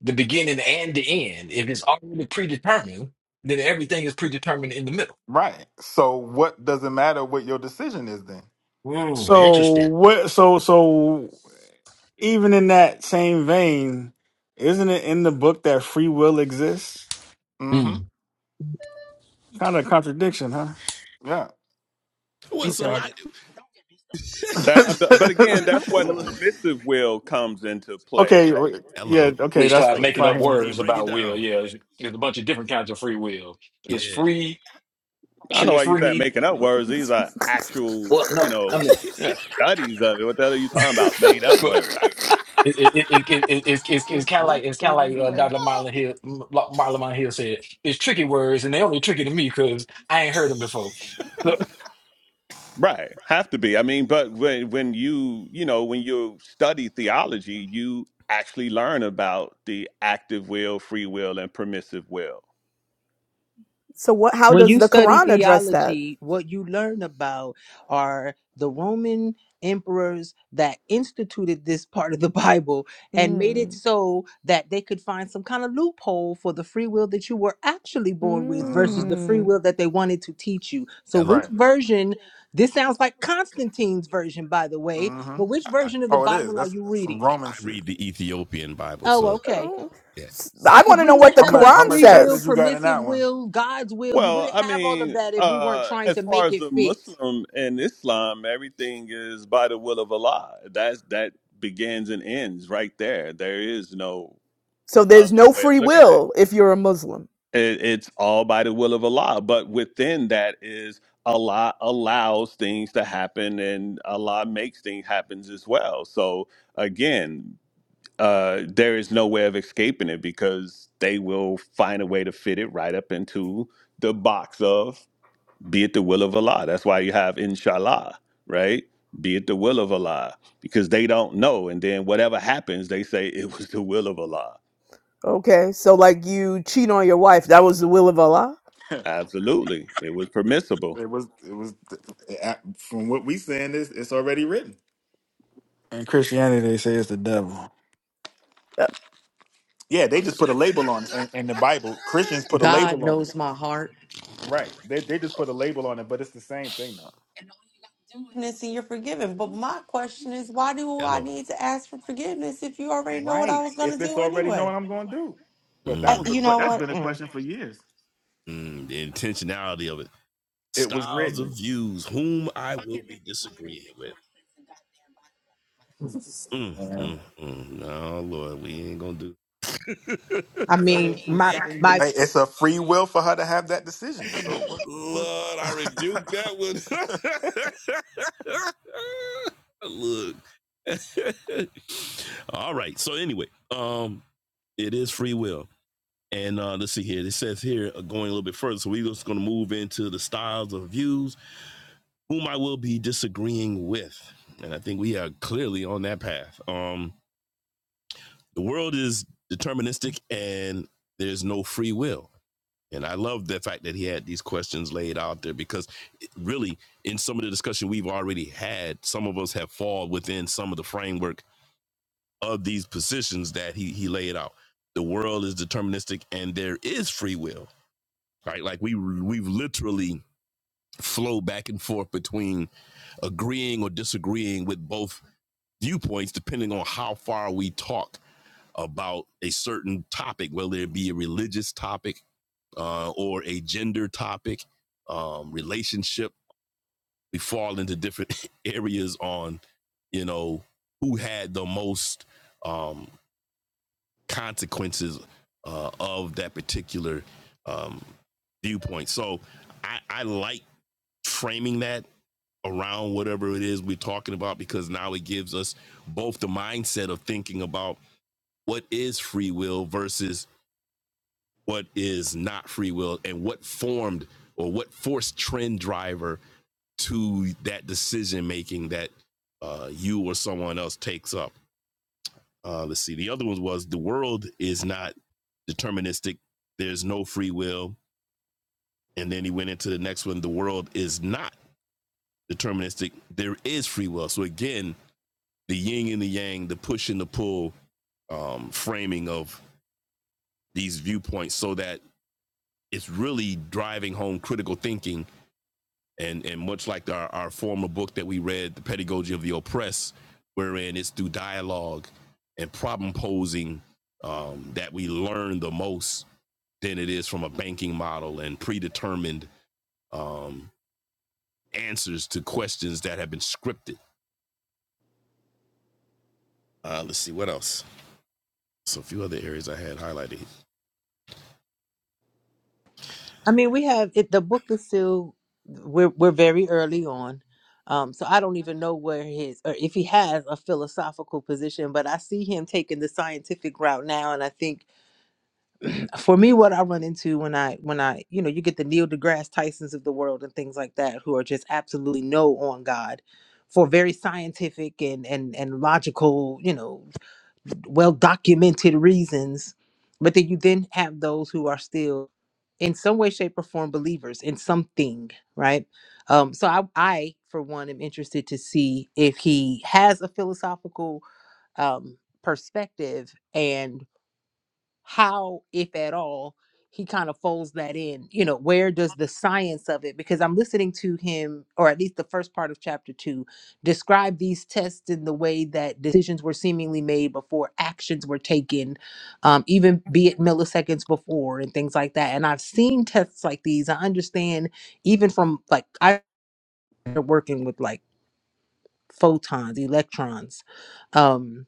A: the beginning and the end. If it's already predetermined, then everything is predetermined in the middle.
I: Right. So what does it matter what your decision is then?
A: Mm,
D: So
A: interesting.
D: what? So so even in that same vein, isn't it in the book that free will exists?
I: hmm
A: Mm.
D: Kind of a contradiction, huh?
I: Yeah.
B: well,
F: Be
B: it's a lot.
F: started.
E: That, uh, but but again,
D: Okay.
E: that's where the
C: hmm
E: permissive will comes into play,
D: okay.
E: right?
D: Yeah.
B: hello,
A: We
D: Okay. That's
A: start making up
D: fine.
A: words about will. Yeah, there's there's a bunch of different kinds of free will.
B: yeah,
A: It's free,
E: I don't know
A: actually
E: why you start
A: free.
E: making up words. These are actual,
A: Well,
E: you
A: no, I
E: know,
A: mean, yeah,
E: studies of it. What the hell are you talking about? Made up
A: but
E: words.
A: it it it, it, it it's it's, it's kind of like it's kind of like uh, Dr. Marlon Hill M- Lo- Marlon Marlon Hill said. It's tricky words, and they only tricky to me because I ain't heard them before. So,
E: Right, have to be. I mean, but when when you you know when you study theology, you actually learn about the active will, free will, and permissive will.
C: So what? How
F: When
C: does
F: you
C: the
F: study
C: Quran address that?
F: theology, what you learn about are the Roman emperors that instituted this part of the Bible and made it
C: Mm.
F: so that they could find some kind of loophole for the free will that you were actually born with versus
I: hmm
F: the free
C: Mm.
F: will that they wanted to teach you. So, which
I: Right.
F: version, this sounds like Constantine's version, by the way,
I: hmm
F: but which version of the
I: Oh, it is.
F: Bible are
I: That's
F: you
I: some
F: reading?
I: Roman
B: I
I: shit.
B: read the Ethiopian Bible,
F: Oh,
B: so
F: okay.
C: Oh.
B: yeah.
C: S- I
F: Because
C: want to
F: we
C: know what
F: wouldn't
C: the
I: How
F: have
I: much
F: the
I: how
C: Quran
I: much
F: free will,
I: chapters
C: says.
I: you got in
F: permissive
I: that one?
F: will, God's will. We
E: Well,
F: wouldn't
E: I
F: have all of
E: mean,
F: that if we weren't
E: uh,
F: trying
E: as
F: to
E: far
F: make
E: as
F: it
E: the
F: fit.
E: Muslim and Islam, everything is by the will of Allah. That's that begins and ends right there. There is no
C: So
E: other
C: there's no
E: way of
C: free
E: looking at. it.
C: will if you're a Muslim.
E: It, it's all by the will of Allah. But within that is Allah allows things to happen and Allah makes things happen as well. So again, uh, there is no way of escaping it because they will find a way to fit it right up into the box of be it the will of Allah. That's why you have inshallah, right? Be it the will of Allah because they don't know. And then whatever happens, they say it was the will of Allah.
C: Okay, so like you cheat on your wife, that was the will of Allah.
E: Absolutely. It was permissible.
I: It was it was I- from what we saying this it's already written.
D: In Christianity, they say it's the devil.
I: Yeah, they just put a label on it, and, and the Bible Christians put a
H: God
I: label on it.
H: knows my heart.
I: Right. They they just put a label on it, but it's the same thing now.
H: Forgiveness And you're forgiven. But my question is, why do I
B: Hello.
H: need to ask for forgiveness if you already know what I
I: Right.
H: was going to
I: If it's
H: do
I: already know
H: anyway?
I: I'm going to do, but that
H: Uh,
I: was the
H: you
B: Mm,
I: que-
H: know
I: that's
H: what?
I: been a
H: Mm.
I: question for years.
B: mm, the intentionality of it.
I: It was
B: Styles
I: written.
B: of views, whom I will be disagreeing with. Mm, mm, mm. No, Lord, we ain't gonna do.
F: I
B: that.
F: mean, my my
I: Hey, it's a free will for her to have that decision. So what what?
B: Lord, I rebuke that one. Look. All right. So anyway, um, it is free will. And uh, let's see here. It says here, uh, going a little bit further. So we're just going to move into the styles of views whom I will be disagreeing with. And I think we are clearly on that path. Um, the world is deterministic and there's no free will. And I love the fact that he had these questions laid out there because really, in some of the discussion we've already had, some of us have fallen within some of the framework of these positions that he, he laid out. The world is deterministic and there is free will, right? Like we we've literally flow back and forth between agreeing or disagreeing with both viewpoints depending on how far we talk about a certain topic, whether it be a religious topic uh, or a gender topic, um, relationship. We fall into different areas on, you know, who had the most um, consequences uh, of that particular um, viewpoint. So I, I like framing that around whatever it is we're talking about because now it gives us both the mindset of thinking about what is free will versus what is not free will and what formed or what forced trend driver to that decision making that uh, you or someone else takes up. Uh, let's see. The other one was the world is not deterministic. There's no free will. And then he went into the next one. The world is not deterministic. There is free will. So again, the yin and the yang, the push and the pull um, framing of these viewpoints, so that it's really driving home critical thinking and and much like our, our former book that we read, The Pedagogy of the Oppressed, wherein it's through dialogue and problem posing um, that we learn the most than it is from a banking model and predetermined um, answers to questions that have been scripted. Uh, let's see what else. So a few other areas I had highlighted.
F: I mean, we have it. The book is still we're we're very early on, um, so I don't even know where his or if he has a philosophical position. But I see him taking the scientific route now, and I think for me what i run into when i when i you know you get the neil degrasse tysons of the world and things like that who are just absolutely no on god for very scientific and and and logical you know well documented reasons but then you then have those who are still in some way shape or form believers in something right um so i i for one am interested to see if he has a philosophical um perspective and how, if at all, he kind of folds that in. You know, where does the science of it? Because I'm listening to him, or at least the first part of chapter two, describe these tests in the way that decisions were seemingly made before actions were taken, um, even be it milliseconds before and things like that. And I've seen tests like these. I understand even from like I working with like photons, electrons. um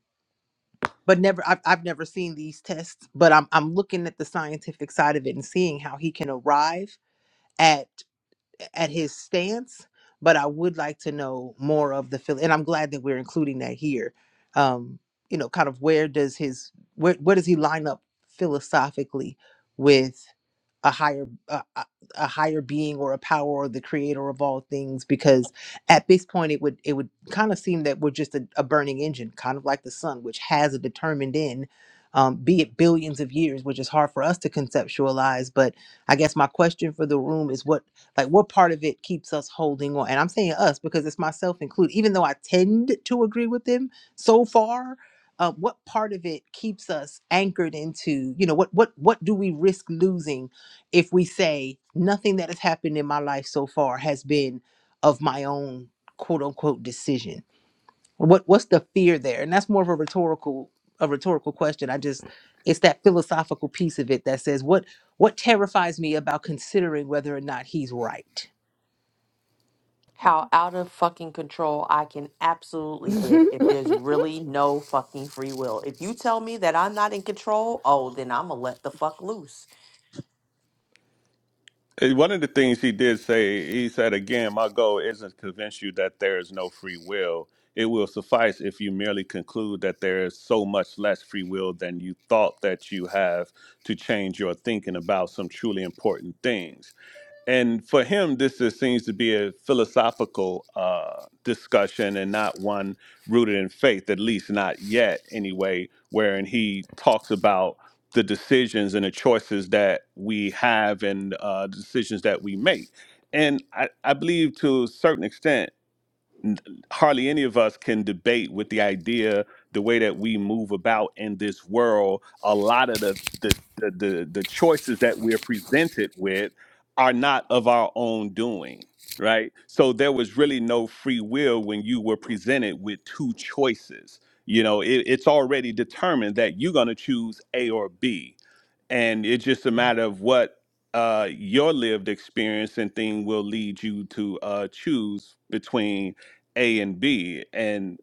F: but never I've, I've never seen these tests but I'm, I'm looking at the scientific side of it and seeing how he can arrive at at his stance but i would like to know more of the phil and i'm glad that we're including that here um you know kind of where does his where, where does he line up philosophically with? a higher a, a a higher being or a power or the creator of all things because at this point it would it would kind of seem that we're just a, a burning engine kind of like the sun which has a determined end um, be it billions of years which is hard for us to conceptualize but i guess my question for the room is what like what part of it keeps us holding on and i'm saying us because it's myself included even though i tend to agree with them so far uh, what part of it keeps us anchored into you know what what what do we risk losing if we say nothing that has happened in my life so far has been of my own quote unquote decision what what's the fear there and that's more of a rhetorical a rhetorical question i just it's that philosophical piece of it that says what what terrifies me about considering whether or not he's right
H: how out of fucking control I can absolutely
C: Uh,
H: get if there's really no fucking free will. If you tell me that I'm not in control, oh, then I'm gonna let the fuck loose.
E: Eh, One of the things he did say, he said, again, my goal isn't to convince you that there is no free will. It will suffice if you merely conclude that there is so much less free will than you thought that you have to change your thinking about some truly important things and for him, this just seems to be a philosophical uh, discussion and not one rooted in faith, at least not yet, anyway, wherein he talks about the decisions and the choices that we have and uh, decisions that we make. And I, I believe to a certain extent, hardly any of us can debate with the idea the way that we move about in this world a lot of the the the, the, the choices that we're presented with are not of our own doing right so there was really no free will when you were presented with two choices you know it, it's already determined that you're going to choose a or b and it's just a matter of what uh, your lived experience and thing will lead you to uh, choose between A and B. And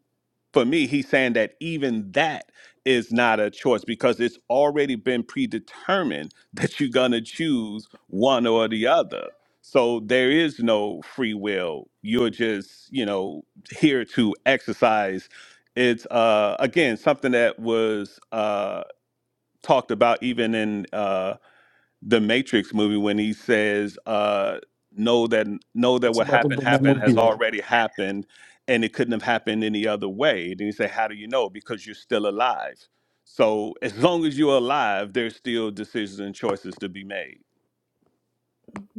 E: for me, he's saying that even that is not a choice because it's already been predetermined that you're gonna choose one or the other. So there is no free will. You're just, you know, here to exercise. It's uh, again something that was uh, talked about even in uh, the Matrix movie when he says, uh, "Know that know that what happened happened has already happened, and it couldn't have happened any other way." Then he say, "How do you know? Because you're still alive. So as long as you're alive, there's still decisions and choices to be made."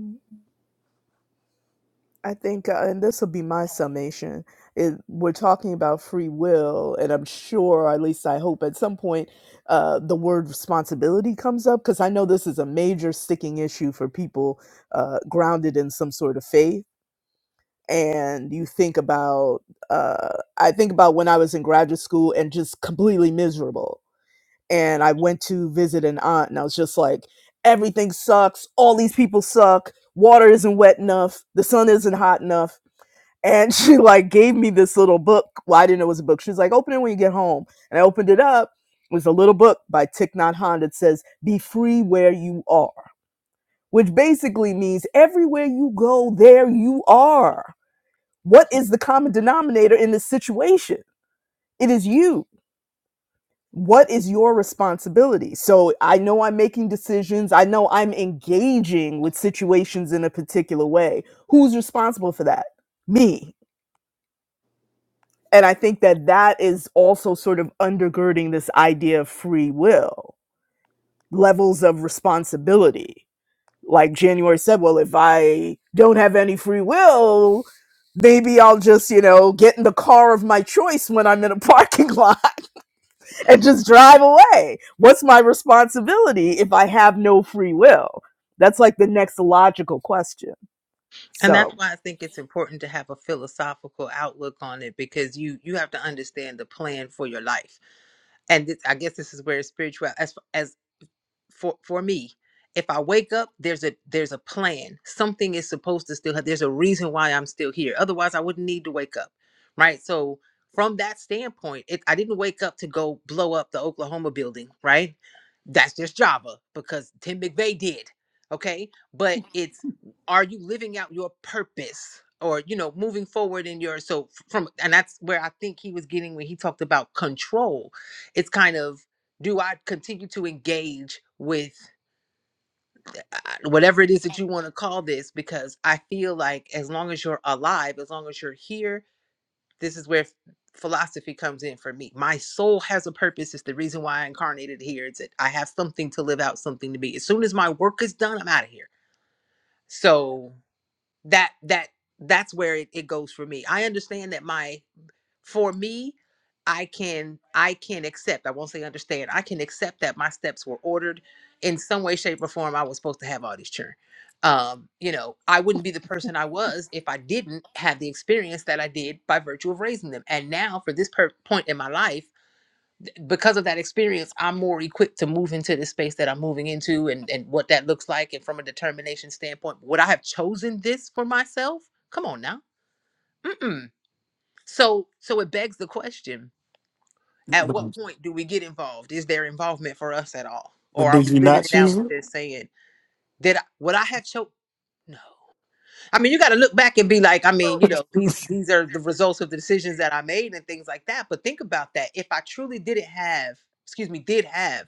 C: I think, uh, and this will be my summation. Is we're talking about free will, and I'm sure, or at least I hope, at some point, uh, the word responsibility comes up because I know this is a major sticking issue for people uh, grounded in some sort of faith. And you think about, uh, I think about when I was in graduate school and just completely miserable. And I went to visit an aunt, and I was just like, everything sucks. All these people suck. Water isn't wet enough. The sun isn't hot enough and she like gave me this little book. Well, I didn't know it was a book. She was like, open it when you get home. And I opened it up. It was a little book by Thich Nhat Hanh that says, Be free where you are, which basically means everywhere you go, there you are. What is the common denominator in this situation? It is you. What is your responsibility? So I know I'm making decisions. I know I'm engaging with situations in a particular way. Who's responsible for that? Me And I think that that is also sort of undergirding this idea of free will, levels of responsibility. Like January said, well, if I don't have any free will, maybe I'll just, you know, get in the car of my choice when I'm in a parking lot and just drive away. What's my responsibility if I have no free will? That's like the next logical question.
F: And that's
C: So,
F: why I think it's important to have a philosophical outlook on it because you you have to understand the plan for your life. And this, I guess this is where spiritual as as for for me if i wake up there's a there's a plan something is supposed to still have there's a reason why i'm still here otherwise i wouldn't need to wake up right so from that standpoint it, i didn't wake up to go blow up the oklahoma building right that's just java because tim mcveigh did okay but it's are you living out your purpose or you know moving forward in your so f- from and that's where i think he was getting when he talked about control it's kind of do I continue to engage with uh, whatever it is that you want to call this? Because I feel like as long as you're alive, as long as you're here, this is where philosophy comes in for me. My soul has a purpose. It's the reason why I incarnated here. It's that I have something to live out, something to be. As soon as my work is done, I'm out of here. So that that that's where it, it goes for me. I understand that my for me i can i can accept i won't say understand i can accept that my steps were ordered in some way shape or form i was supposed to have all these children um you know i wouldn't be the person i was if i didn't have the experience that i did by virtue of raising them and now for this per- point in my life th- because of that experience i'm more equipped to move into the space that i'm moving into and and what that looks like and from a determination standpoint would i have chosen this for myself come on now Mm-mm. so so it begs the question at
D: But,
F: what point do we get involved? Is there involvement for us at all?
D: but
F: Or are
D: did
F: we
D: you
F: living
D: not
F: it out
D: choose
F: and just saying, did I, would I have choked? No. I mean, you got to look back and be like, I mean, you know, these these are the results of the decisions that I made and things like that. But think about that. If I truly didn't have, excuse me, did have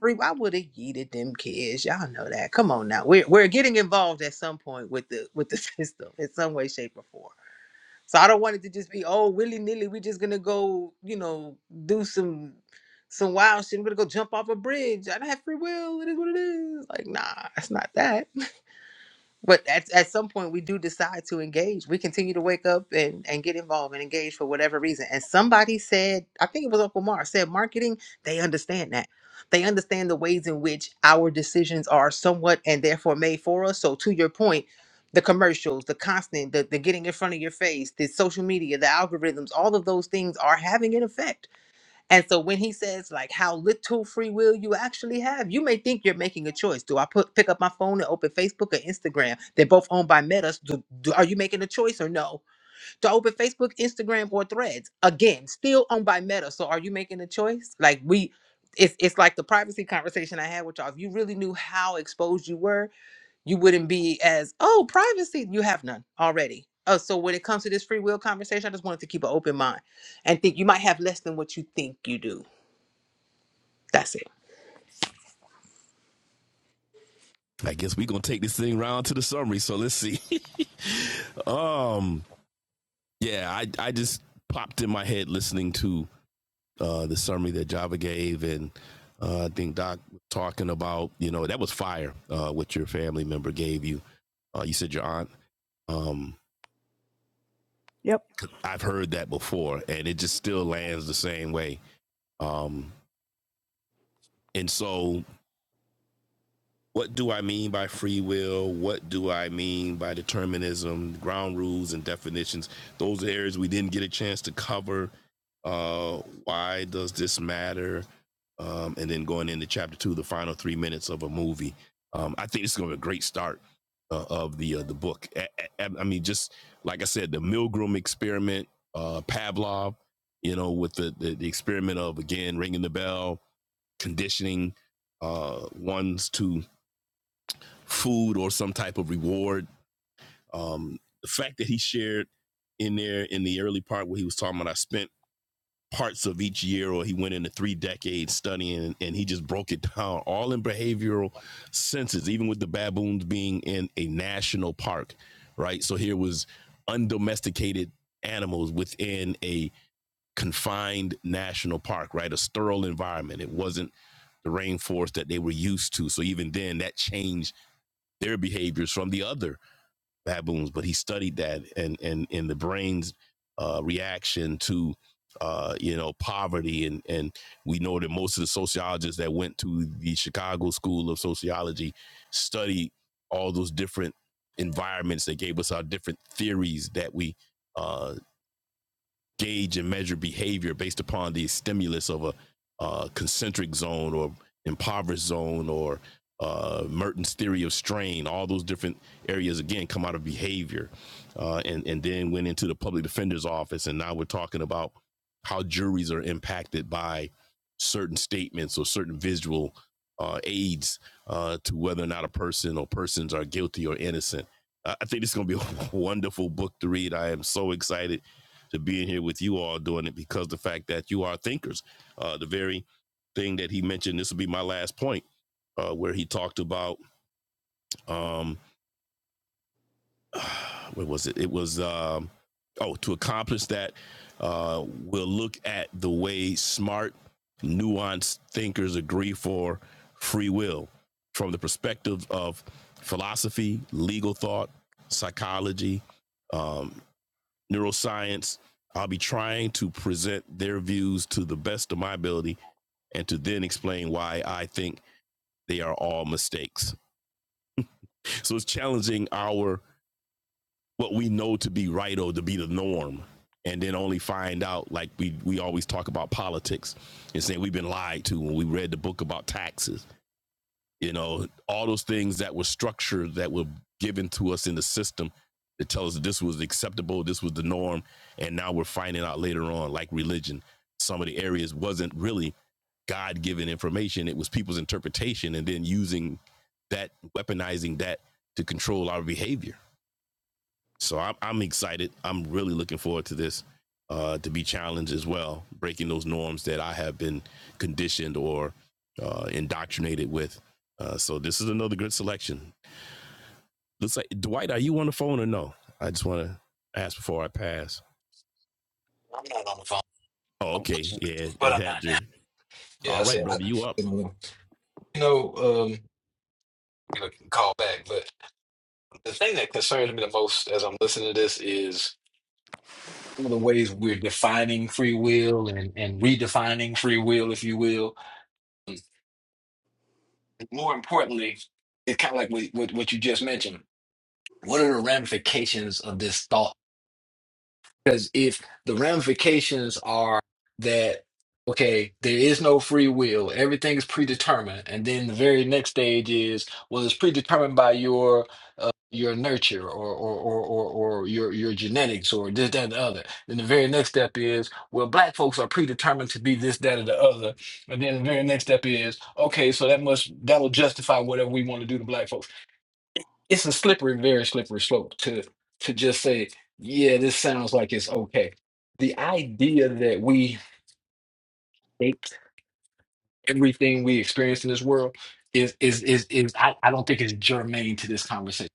F: free, I would have yeeted them kids. Y'all know that. Come on now. We're we're getting involved at some point with the with the system in some way, shape, or form. So I don't want it to just be oh willy nilly. We just gonna go, you know, do some some wild shit. I'm gonna go jump off a bridge. I don't have free will. It is what it is. Like nah, it's not that but at, at some point we do decide to engage we continue to wake up and, and get involved and engage for whatever reason and somebody said i think it was uncle mar said marketing they understand that they understand the ways in which our decisions are somewhat and therefore made for us so to your point the commercials the constant the, the getting in front of your face the social media the algorithms all of those things are having an effect and so when he says like how little free will you actually have, you may think you're making a choice. Do I put pick up my phone and open Facebook or Instagram? They're both owned by Meta. so Do, do- are you making a choice or no? Do I open Facebook, Instagram, or Threads? Again, still owned by Meta. So are you making a choice? Like we, it's it's like the privacy conversation I had with y'all. If you really knew how exposed you were, you wouldn't be as oh privacy. You have none already. Oh, so when it comes to this free will conversation, I just wanted to keep an open mind and think you might have less than what you think you do that's it.
B: I guess we're gonna take this thing round to the summary. So let's see. um, yeah, I I just popped in my head listening to uh, the summary that Java gave, and uh, I think Doc was talking about you know that was fire. Uh, what your family member gave you, uh, you said your aunt. Um,
C: yep,
B: 'cause I've heard that before, and it just still lands the same way. Um, and so what do I mean by free will? What do I mean by determinism? Ground rules and definitions. Those are areas we didn't get a chance to cover. Uh, why does this matter? Um, and then going into chapter two, the final three minutes of a movie. Um, I think it's going to be a great start uh, of the uh, the book. I I, I mean, just like I said, the Milgram experiment, uh, Pavlov. You know, with the, the the experiment of again ringing the bell, conditioning uh, ones to food or some type of reward. Um, the fact that he shared in there in the early part where he was talking about I spent parts of each year or he went into three decades studying and, and he just broke it down all in behavioral senses, even with the baboons being in a national park, right? So here was undomesticated animals within a confined national park, right? A sterile environment. It wasn't the rainforest that they were used to. So even then that changed their behaviors from the other baboons, but he studied that and and in the brain's uh, reaction to uh, you know poverty and and we know that most of the sociologists that went to the Chicago School of Sociology studied all those different environments that gave us our different theories that we uh, gauge and measure behavior based upon the stimulus of a uh, concentric zone or impoverished zone or uh, Merton's theory of strain. All those different areas again come out of behavior, uh, and and then went into the public defender's office, and now we're talking about how juries are impacted by certain statements or certain visual uh, aids uh, to whether or not a person or persons are guilty or innocent. I I think it's going to be a wonderful book to read. I am so excited to being here with you all doing it because the fact that you are thinkers. Uh, the very thing that he mentioned, this will be my last point, uh, where he talked about um, what was it? It was um, oh, to accomplish that, uh, we'll look at the way smart, nuanced thinkers agree for free will from the perspective of philosophy, legal thought, psychology, um, neuroscience. I'll be trying to present their views to the best of my ability and to then explain why I think they are all mistakes. So it's challenging our what we know to be right or to be the norm and then only find out like we we always talk about politics and saying we've been lied to when we read the book about taxes you know all those things that were structured that were given to us in the system to tell us that this was acceptable this was the norm and now we're finding out later on like religion some of the areas wasn't really god-given information it was people's interpretation and then using that weaponizing that to control our behavior so I'm, I'm excited. I'm really looking forward to this uh, to be challenged as well, breaking those norms that I have been conditioned or uh, indoctrinated with. Uh, so this is another good selection. Looks like Dwight, are you on the phone or no? I just want to ask before I pass.
A: I'm not on the phone,
B: Oh, okay. Yeah,
A: but
B: it
A: I'm not
B: had
A: now.
B: your.
A: Yeah, I
B: All right,
A: said, I,
B: brother, you up?
A: I don't know. you know. um, you know, can call back. But the thing that concerns me the most as I'm listening to this is some of the ways we're defining free will and, and redefining free will, if you will. More importantly, it's kind of like what, what, what you just mentioned. What are the ramifications of this thought? Because if the ramifications are that, okay, there is no free will, everything is predetermined, and then the very next stage is, well, it's predetermined by your uh, your nurture or or or or, or your your genetics or this, that, and the other. Then the very next step is, well, black folks are predetermined to be this, that, or the other. And then the very next step is, okay, so that must that'll justify whatever we want to do to black folks it's a slippery, very slippery slope to to just say, yeah, this sounds like it's okay. The idea that we take everything we experience in this world is is is is I, I don't think it's germane to this conversation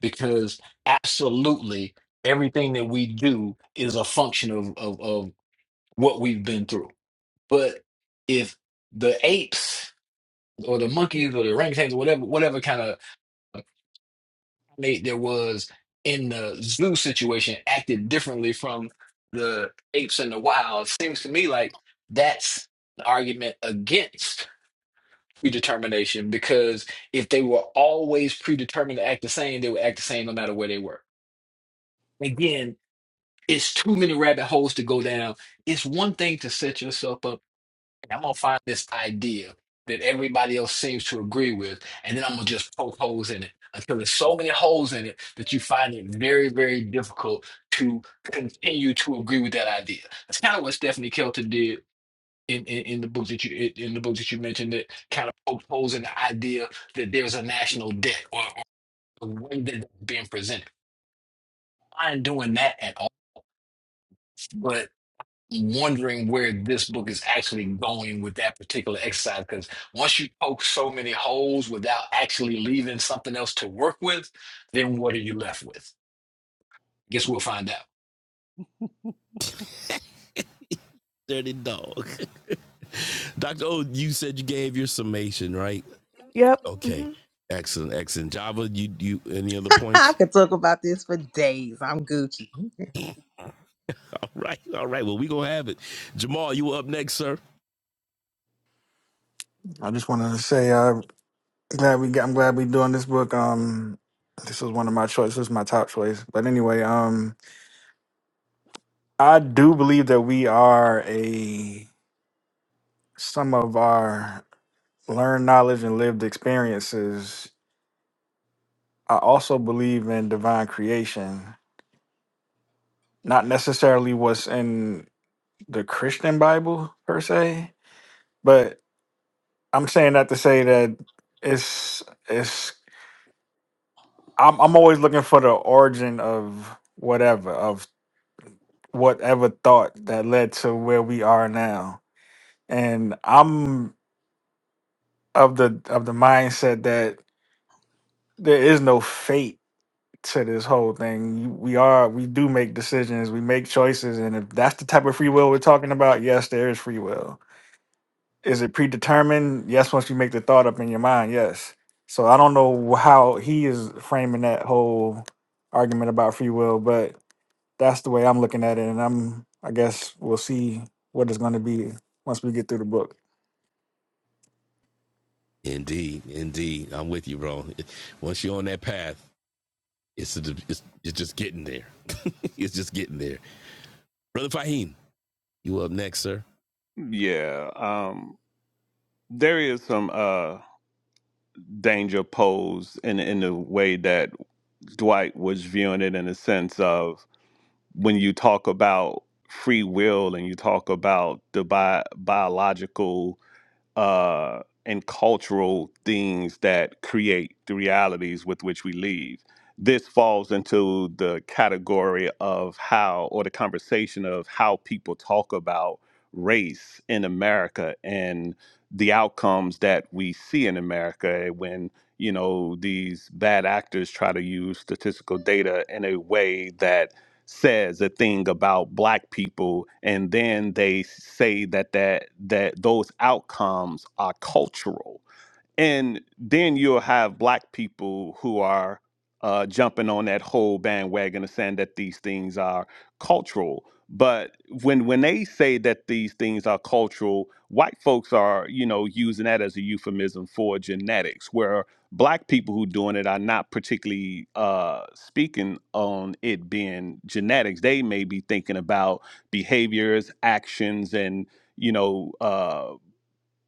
A: because absolutely everything that we do is a function of of, of what we've been through. But if the apes or the monkeys or the orangutans or whatever whatever kind of primate there was in the zoo situation acted differently from the apes in the wild. Seems to me like that's the argument against predetermination because if they were always predetermined to act the same, they would act the same no matter where they were. Again, it's too many rabbit holes to go down. It's one thing to set yourself up I'm gonna find this idea that everybody else seems to agree with, and then I'm gonna just poke holes in it until there's so many holes in it that you find it very, very difficult to continue to agree with that idea. That's kind of what Stephanie Kelton did in, in, in the book that you in in the book that you mentioned that kind of poked holes in the idea that there's a national debt or, or the way that it's being presented. I ain't doing that at all, but wondering where this book is actually going with that particular exercise because once you poke so many holes without actually leaving something else to work with, then what are you left with? Guess we'll find out.
B: Dirty dog. Doctor O, you said you gave your summation, right?
C: yep.
B: Okay,
C: mhm.
B: excellent, excellent. Java, you you any other points?
F: I could talk about this for days. I'm Gucci.
B: All right, all right. Well, we gonna have it. Jamal, you up next, sir.
D: I just wanted to say, uh, glad we got, I'm glad we're doing this book. Um, this was one of my choices, this is my top choice. But anyway, um, I do believe that we are a some of our learned knowledge and lived experiences. I also believe in divine creation, not necessarily what's in the Christian Bible per se, but I'm saying that to say that it's it's I'm I'm always looking for the origin of whatever whatever thought that led to where we are now. And I'm of the of the mindset that there is no fate to this whole thing. You- We are we do make decisions, we make choices, and if that's the type of free will we're talking about, yes, there is free will is it predetermined? Yes, once you make the thought up in your mind, yes. So I don't know how he is framing that whole argument about free will, but that's the way I'm looking at it, and I'm I guess we'll see what it's going to be once we get through the book.
B: Indeed, indeed. I'm with you, bro. Once you're on that path, it's it's, it's just getting there. it's just getting there. Brother Fahim, you up next, sir.
E: Yeah, um, there is some uh, danger posed in in the way that Dwight was viewing it, in a sense of when you talk about free will and you talk about the bi- biological uh, and cultural things that create the realities with which we live. This falls into the category of how, or the conversation of how people talk about race in America and the outcomes that we see in America when, you know, these bad actors try to use statistical data in a way that says a thing about black people and then they say that that that those outcomes are cultural and then you'll have black people who are uh, jumping on that whole bandwagon and saying that these things are cultural. But when when they say that these things are cultural, white folks are you know using that as a euphemism for genetics, where black people who doing it are not particularly uh, speaking on it being genetics. They may be thinking about behaviors, actions, and you know. uh,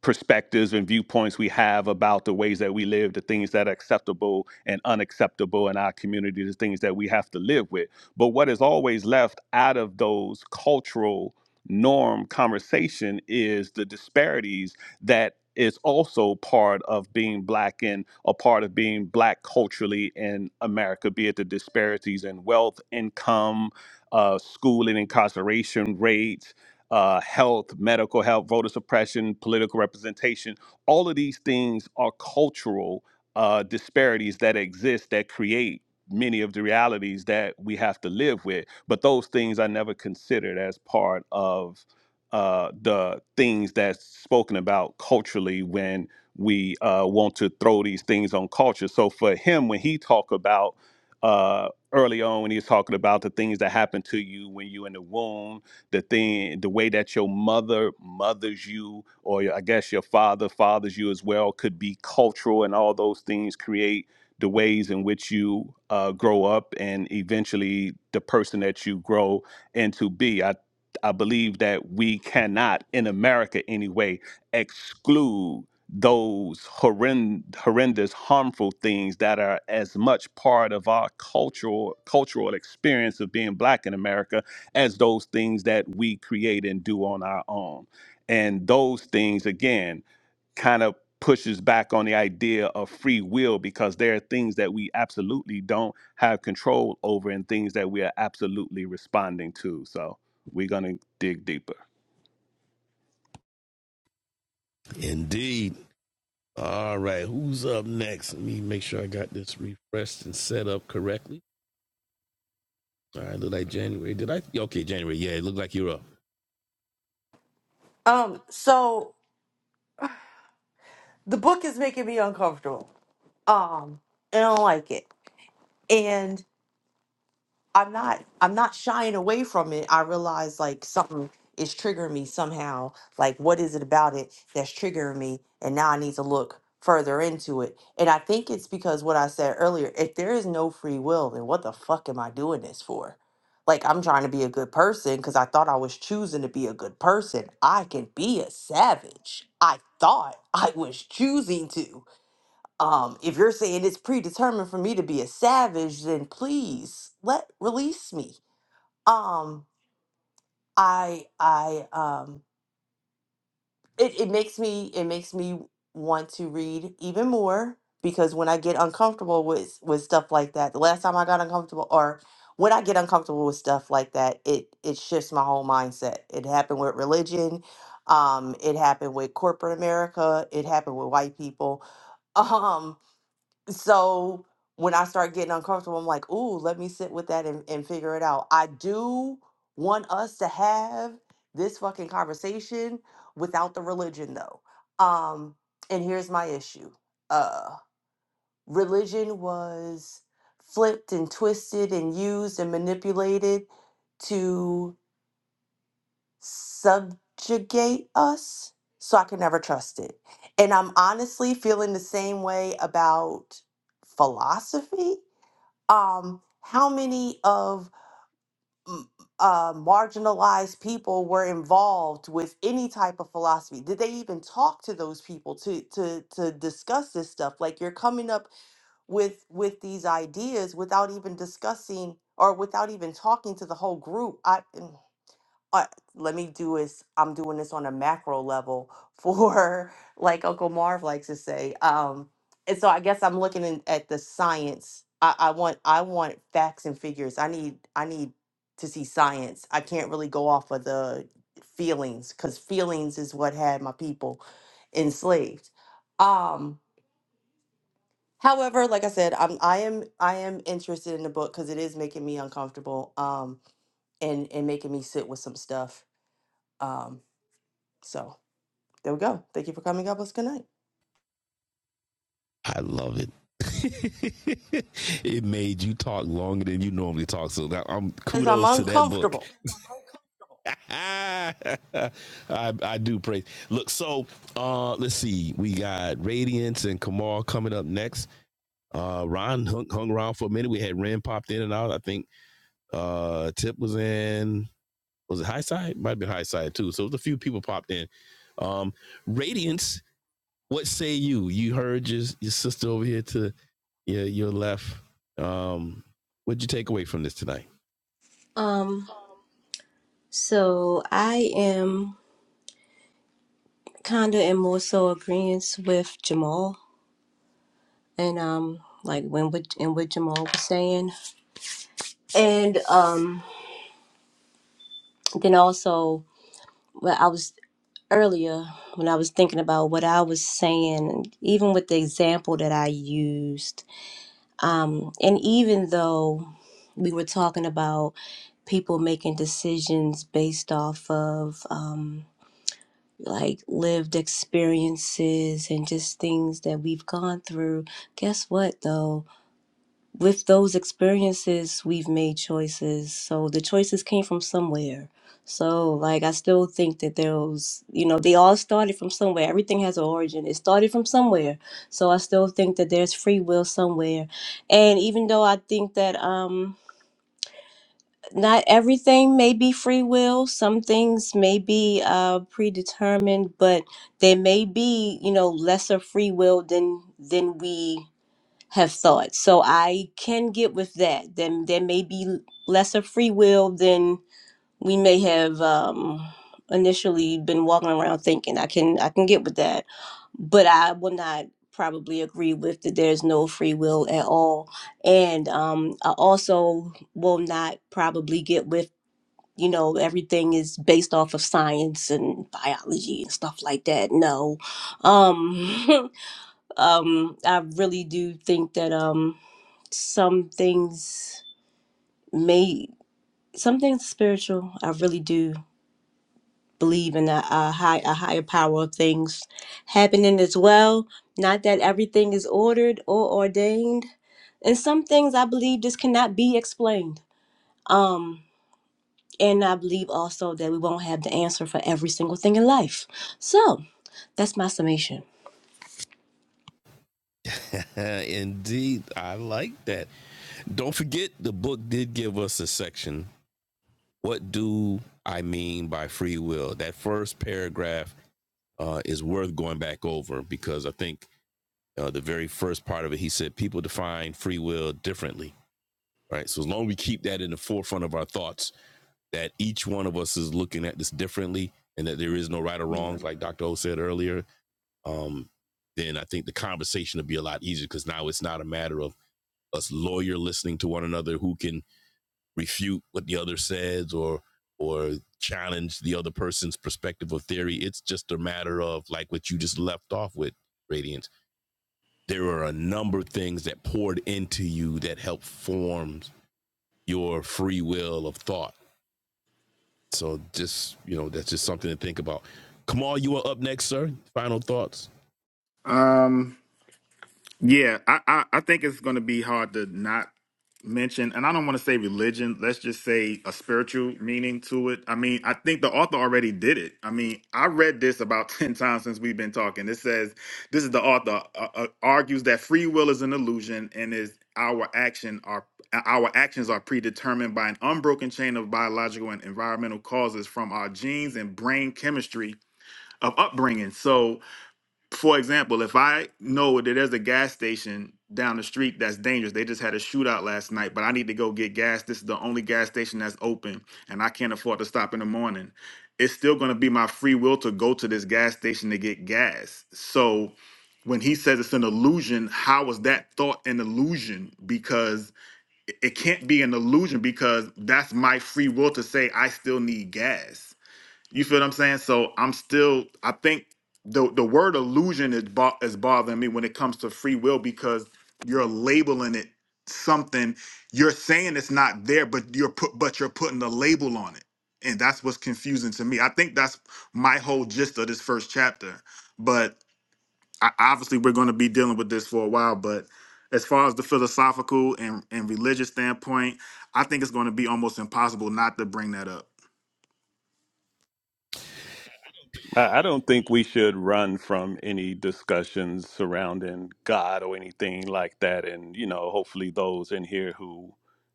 E: perspectives and viewpoints we have about the ways that we live, the things that are acceptable and unacceptable in our community, the things that we have to live with. But what is always left out of those cultural norm conversation is the disparities that is also part of being black and a part of being black culturally in America, be it the disparities in wealth, income, uh, school and incarceration rates, uh, health, medical health, voter suppression, political representation. All of these things are cultural uh, disparities that exist that create many of the realities that we have to live with. But those things are never considered as part of uh, the things that's spoken about culturally when we uh, want to throw these things on culture. So for him, when he talk about uh, early on, when he was talking about the things that happen to you when you're in the womb, the thing, the way that your mother mothers you, or I guess your father fathers you as well, could be cultural, and all those things create the ways in which you uh, grow up, and eventually the person that you grow into be. I I believe that we cannot, in America anyway, exclude those horrend- horrendous, harmful things that are as much part of our cultural cultural experience of being black in America as those things that we create and do on our own. And those things, again, kind of pushes back on the idea of free will because there are things that we absolutely don't have control over and things that we are absolutely responding to. So we're going to dig deeper.
B: Indeed. All right, who's up next? Let me make sure I got this refreshed and set up correctly. All right, look like January. Did I? Okay, January. Yeah, it looked like you're up.
H: Um, so the book is making me uncomfortable. Um, and I don't like it. And I'm not I'm not shying away from it. I realize like something is triggering me somehow. Like what is it about it that's triggering me? And now I need to look further into it. And I think it's because what I said earlier, if there is no free will, then what the fuck am I doing this for? Like I'm trying to be a good person because I thought I was choosing to be a good person. I can be a savage. I thought I was choosing to um, if you're saying it's predetermined for me to be a savage, then please let release me. Um, I I um it, it makes me it makes me want to read even more because when I get uncomfortable with with stuff like that, the last time I got uncomfortable or when I get uncomfortable with stuff like that, it it shifts my whole mindset. It happened with religion, um, it happened with corporate America, it happened with white people. Um so when I start getting uncomfortable, I'm like, ooh, let me sit with that and, and figure it out. I do want us to have this fucking conversation without the religion though. Um, and here's my issue. Uh religion was flipped and twisted and used and manipulated to subjugate us. So I can never trust it. And I'm honestly feeling the same way about philosophy um, how many of m- uh, marginalized people were involved with any type of philosophy? Did they even talk to those people to to to discuss this stuff? Like you're coming up with with these ideas without even discussing or without even talking to the whole group. I mm, uh, let me do is I'm doing this on a macro level for like Uncle Marv likes to say. Um, and so I guess I'm looking in, at the science. I, I want I want facts and figures. I need I need to see science. I can't really go off of the feelings because feelings is what had my people enslaved. Um, however, like I said, I'm I am I am interested in the book because it is making me uncomfortable. Um, and and making me sit with some stuff. um, so there we go. Thank you for coming. God bless. Good night.
B: I love it. it made you talk longer than you normally talk. So I'm
H: Because I'm
B: kudos to that book.
H: uncomfortable.
B: I, I do praise. Look, so uh let's see. We got Radiance and Kamal coming up next. Uh Ron hung, hung around for a minute. We had Ren popped in and out. I think uh Tip was in was it High Side? Might have been High Side too. So it was a few people popped in. Um Radiance, what say you? You heard your your sister over here to your your left. Um what'd you take away from this tonight?
G: Um, so I am kinda in more so agreement with Jamal and um like when what and what Jamal was saying. And um then also well I was earlier when I was thinking about what I was saying, and even with the example that I used, um, and even though we were talking about people making decisions based off of um, like lived experiences and just things that we've gone through, guess what though? with those experiences, we've made choices. So the choices came from somewhere. So, like, I still think that there was, you know, they all started from somewhere. Everything has an origin. It started from somewhere. So I still think that there's free will somewhere. And even though I think that um, not everything may be free will, some things may be uh, predetermined, but there may be, you know, lesser free will than than we have thought. So I can get with that. Then there may be lesser free will than we may have um, initially been walking around thinking. I can I can get with that, but I will not probably agree with that. There's no free will at all, and um, I also will not probably get with. You know, everything is based off of science and biology and stuff like that. No, um, um, I really do think that. Um, some things may some things spiritual. I really do believe in a, a high a higher power of things happening as well. Not that everything is ordered or ordained. And some things I believe just cannot be explained. Um and I believe also that we won't have the answer for every single thing in life. So that's my summation.
B: Indeed, I like that. Don't forget, the book did give us a section. What do I mean by free will? That first paragraph uh, is worth going back over because I think uh, the very first part of it, he said people define free will differently, right? So as long as we keep that in the forefront of our thoughts, that each one of us is looking at this differently and that there is no right or wrong,
I: yeah.
B: like Dr. O said earlier, um, then I think the conversation will be a lot easier because now it's not a matter of us lawyer listening to one another who can refute what the other says or or challenge the other person's perspective or theory. It's just a matter of like what you just left off with, Radiance. There are a number of things that poured into you that helped form your free will of thought. So just, you know, that's just something to think about. Kamal, you are up next, sir. Final thoughts.
I: Um. Yeah, I, I, I think it's going to be hard to not mention, and I don't want to say religion. Let's just say a spiritual meaning to it. I mean, I think the author already did it. I mean, I read this about 10 times since we've been talking. It says, this is the author uh, uh, argues that free will is an illusion and is our action are our actions are predetermined by an unbroken chain of biological and environmental causes from our genes and brain chemistry of upbringing. So, for example, if I know that there's a gas station down the street that's dangerous, they just had a shootout last night, but I need to go get gas. This is the only gas station that's open, and I can't afford to stop in the morning. It's still going to be my free will to go to this gas station to get gas. So when he says it's an illusion, how is that thought an illusion? Because it it can't be an illusion because that's my free will to say I still need gas. You feel what I'm saying? So I'm still. I think the the word illusion is bo- is bothering me when it comes to free will because you're labeling it something. You're saying it's not there, but you're put but you're putting the label on it, and that's what's confusing to me. I think that's my whole gist of this first chapter. But I, obviously, we're going to be dealing with this for a while. But as far as the philosophical and and religious standpoint, I think it's going to be almost impossible not to bring that up
E: I I don't think we should run from any discussions surrounding God or anything like that. And, you know, hopefully those in here who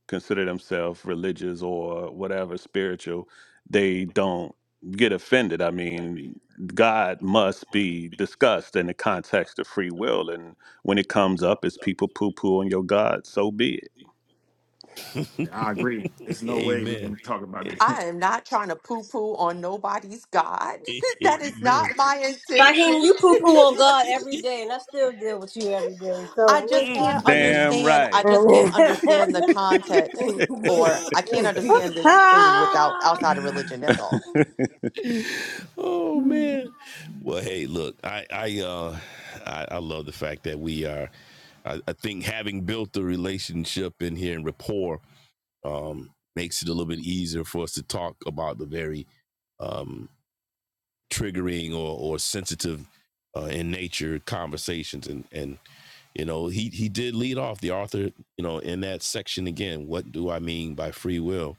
E: consider themselves religious or whatever spiritual, they don't get offended. I mean, God must be discussed in the context of free will. And when it comes up, it's people poo poo on your God, so be it.
I: Yeah, I agree. There's no way we
B: Amen.
I: can talk about this.
H: I am not trying to poo poo on nobody's God. that is not
B: Amen.
H: my
G: Fahim,
H: intention.
G: you poo poo on God every day, and I still deal with you every day.
H: I just can't
E: Damn
G: So
H: understand. I
E: right.
H: just can't understand the context, or I can't understand this thing without outside of religion. That's all.
B: oh man. Well, hey, look, I I uh I, I love the fact that we are I, I think having built the relationship in here and rapport um makes it a little bit easier for us to talk about the very um triggering or or sensitive uh, in nature conversations and and you know he he did lead off the author you know in that section again what do i mean by free will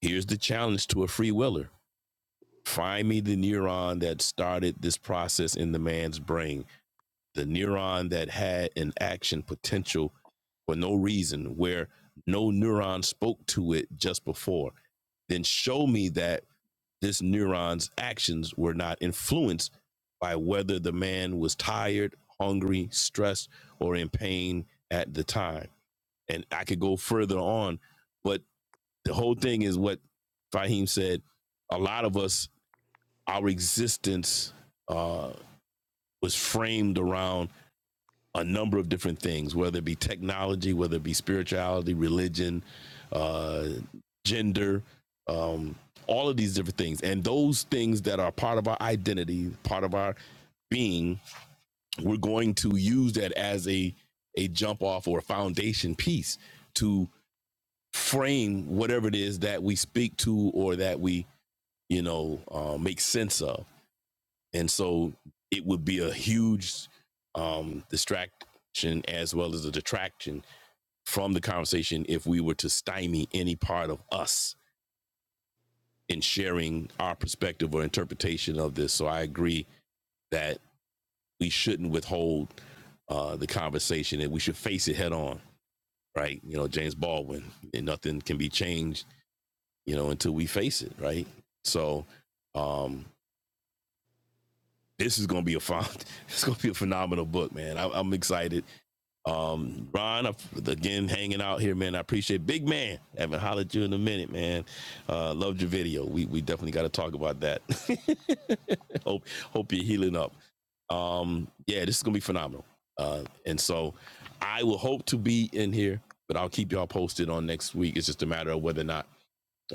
B: here's the challenge to a free willer Find me the neuron that started this process in the man's brain, the neuron that had an action potential for no reason, where no neuron spoke to it just before. Then show me that this neuron's actions were not influenced by whether the man was tired, hungry, stressed, or in pain at the time. And I could go further on, but the whole thing is what Fahim said. A lot of us our existence uh, was framed around a number of different things, whether it be technology, whether it be spirituality, religion, uh, gender, um, all of these different things. And those things that are part of our identity, part of our being, we're going to use that as a, a jump off or a foundation piece to frame whatever it is that we speak to or that we, you know, uh, make sense of. and so it would be a huge um, distraction as well as a detraction from the conversation if we were to stymie any part of us in sharing our perspective or interpretation of this. So I agree that we shouldn't withhold uh, the conversation and we should face it head on, right? You know, James Baldwin, and nothing can be changed, you know, until we face it, right? So um, this is going to be a fun, it's going to be a phenomenal book, man. I, I'm excited. Um, Ron, again, hanging out here, man. I appreciate it. big man. I Haven't hollered at you in a minute, man. Uh, loved your video. We we definitely got to talk about that. hope hope you're healing up. Um, yeah, this is gonna be phenomenal. Uh, and so I will hope to be in here, but I'll keep y'all posted on next week. It's just a matter of whether or not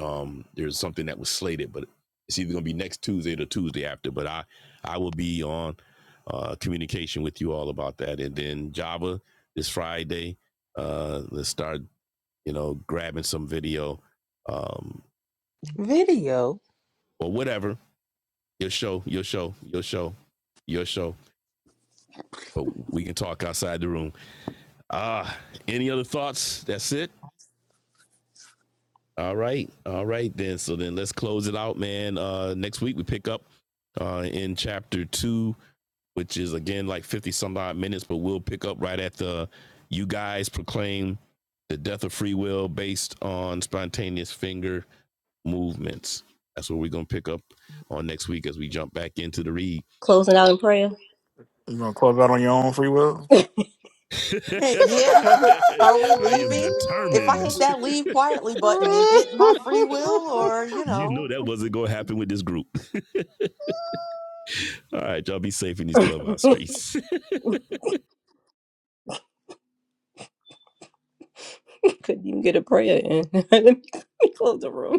B: um, there's something that was slated, but it's either going to be next Tuesday or the Tuesday after. But I, I will be on uh, communication with you all about that. And then Java this Friday, uh, let's start, you know, grabbing some video um,
F: Video.
B: or whatever. Your show, your show, your show, your show. But we can talk outside the room. Ah, any other thoughts? That's it. All right. All right then. So then let's close it out, man. Uh next week we pick up uh in chapter two which is again like 50 some odd minutes, but we'll pick up right at the you guys proclaim the death of free will based on spontaneous finger movements. That's what we're gonna pick up on next week as we jump back into the read.
G: Closing out in prayer.
D: You gonna close out on your own free will?
H: yeah. Are we
B: I am
H: leaving? If I
B: determined.
H: hit that leave quietly button, is it my free will or, you
B: You
H: know?
B: know that wasn't gonna happen with this group. All right, y'all be safe in these clubhouse
G: Couldn't
B: streets.
G: even get a prayer in. Let me let me close the room.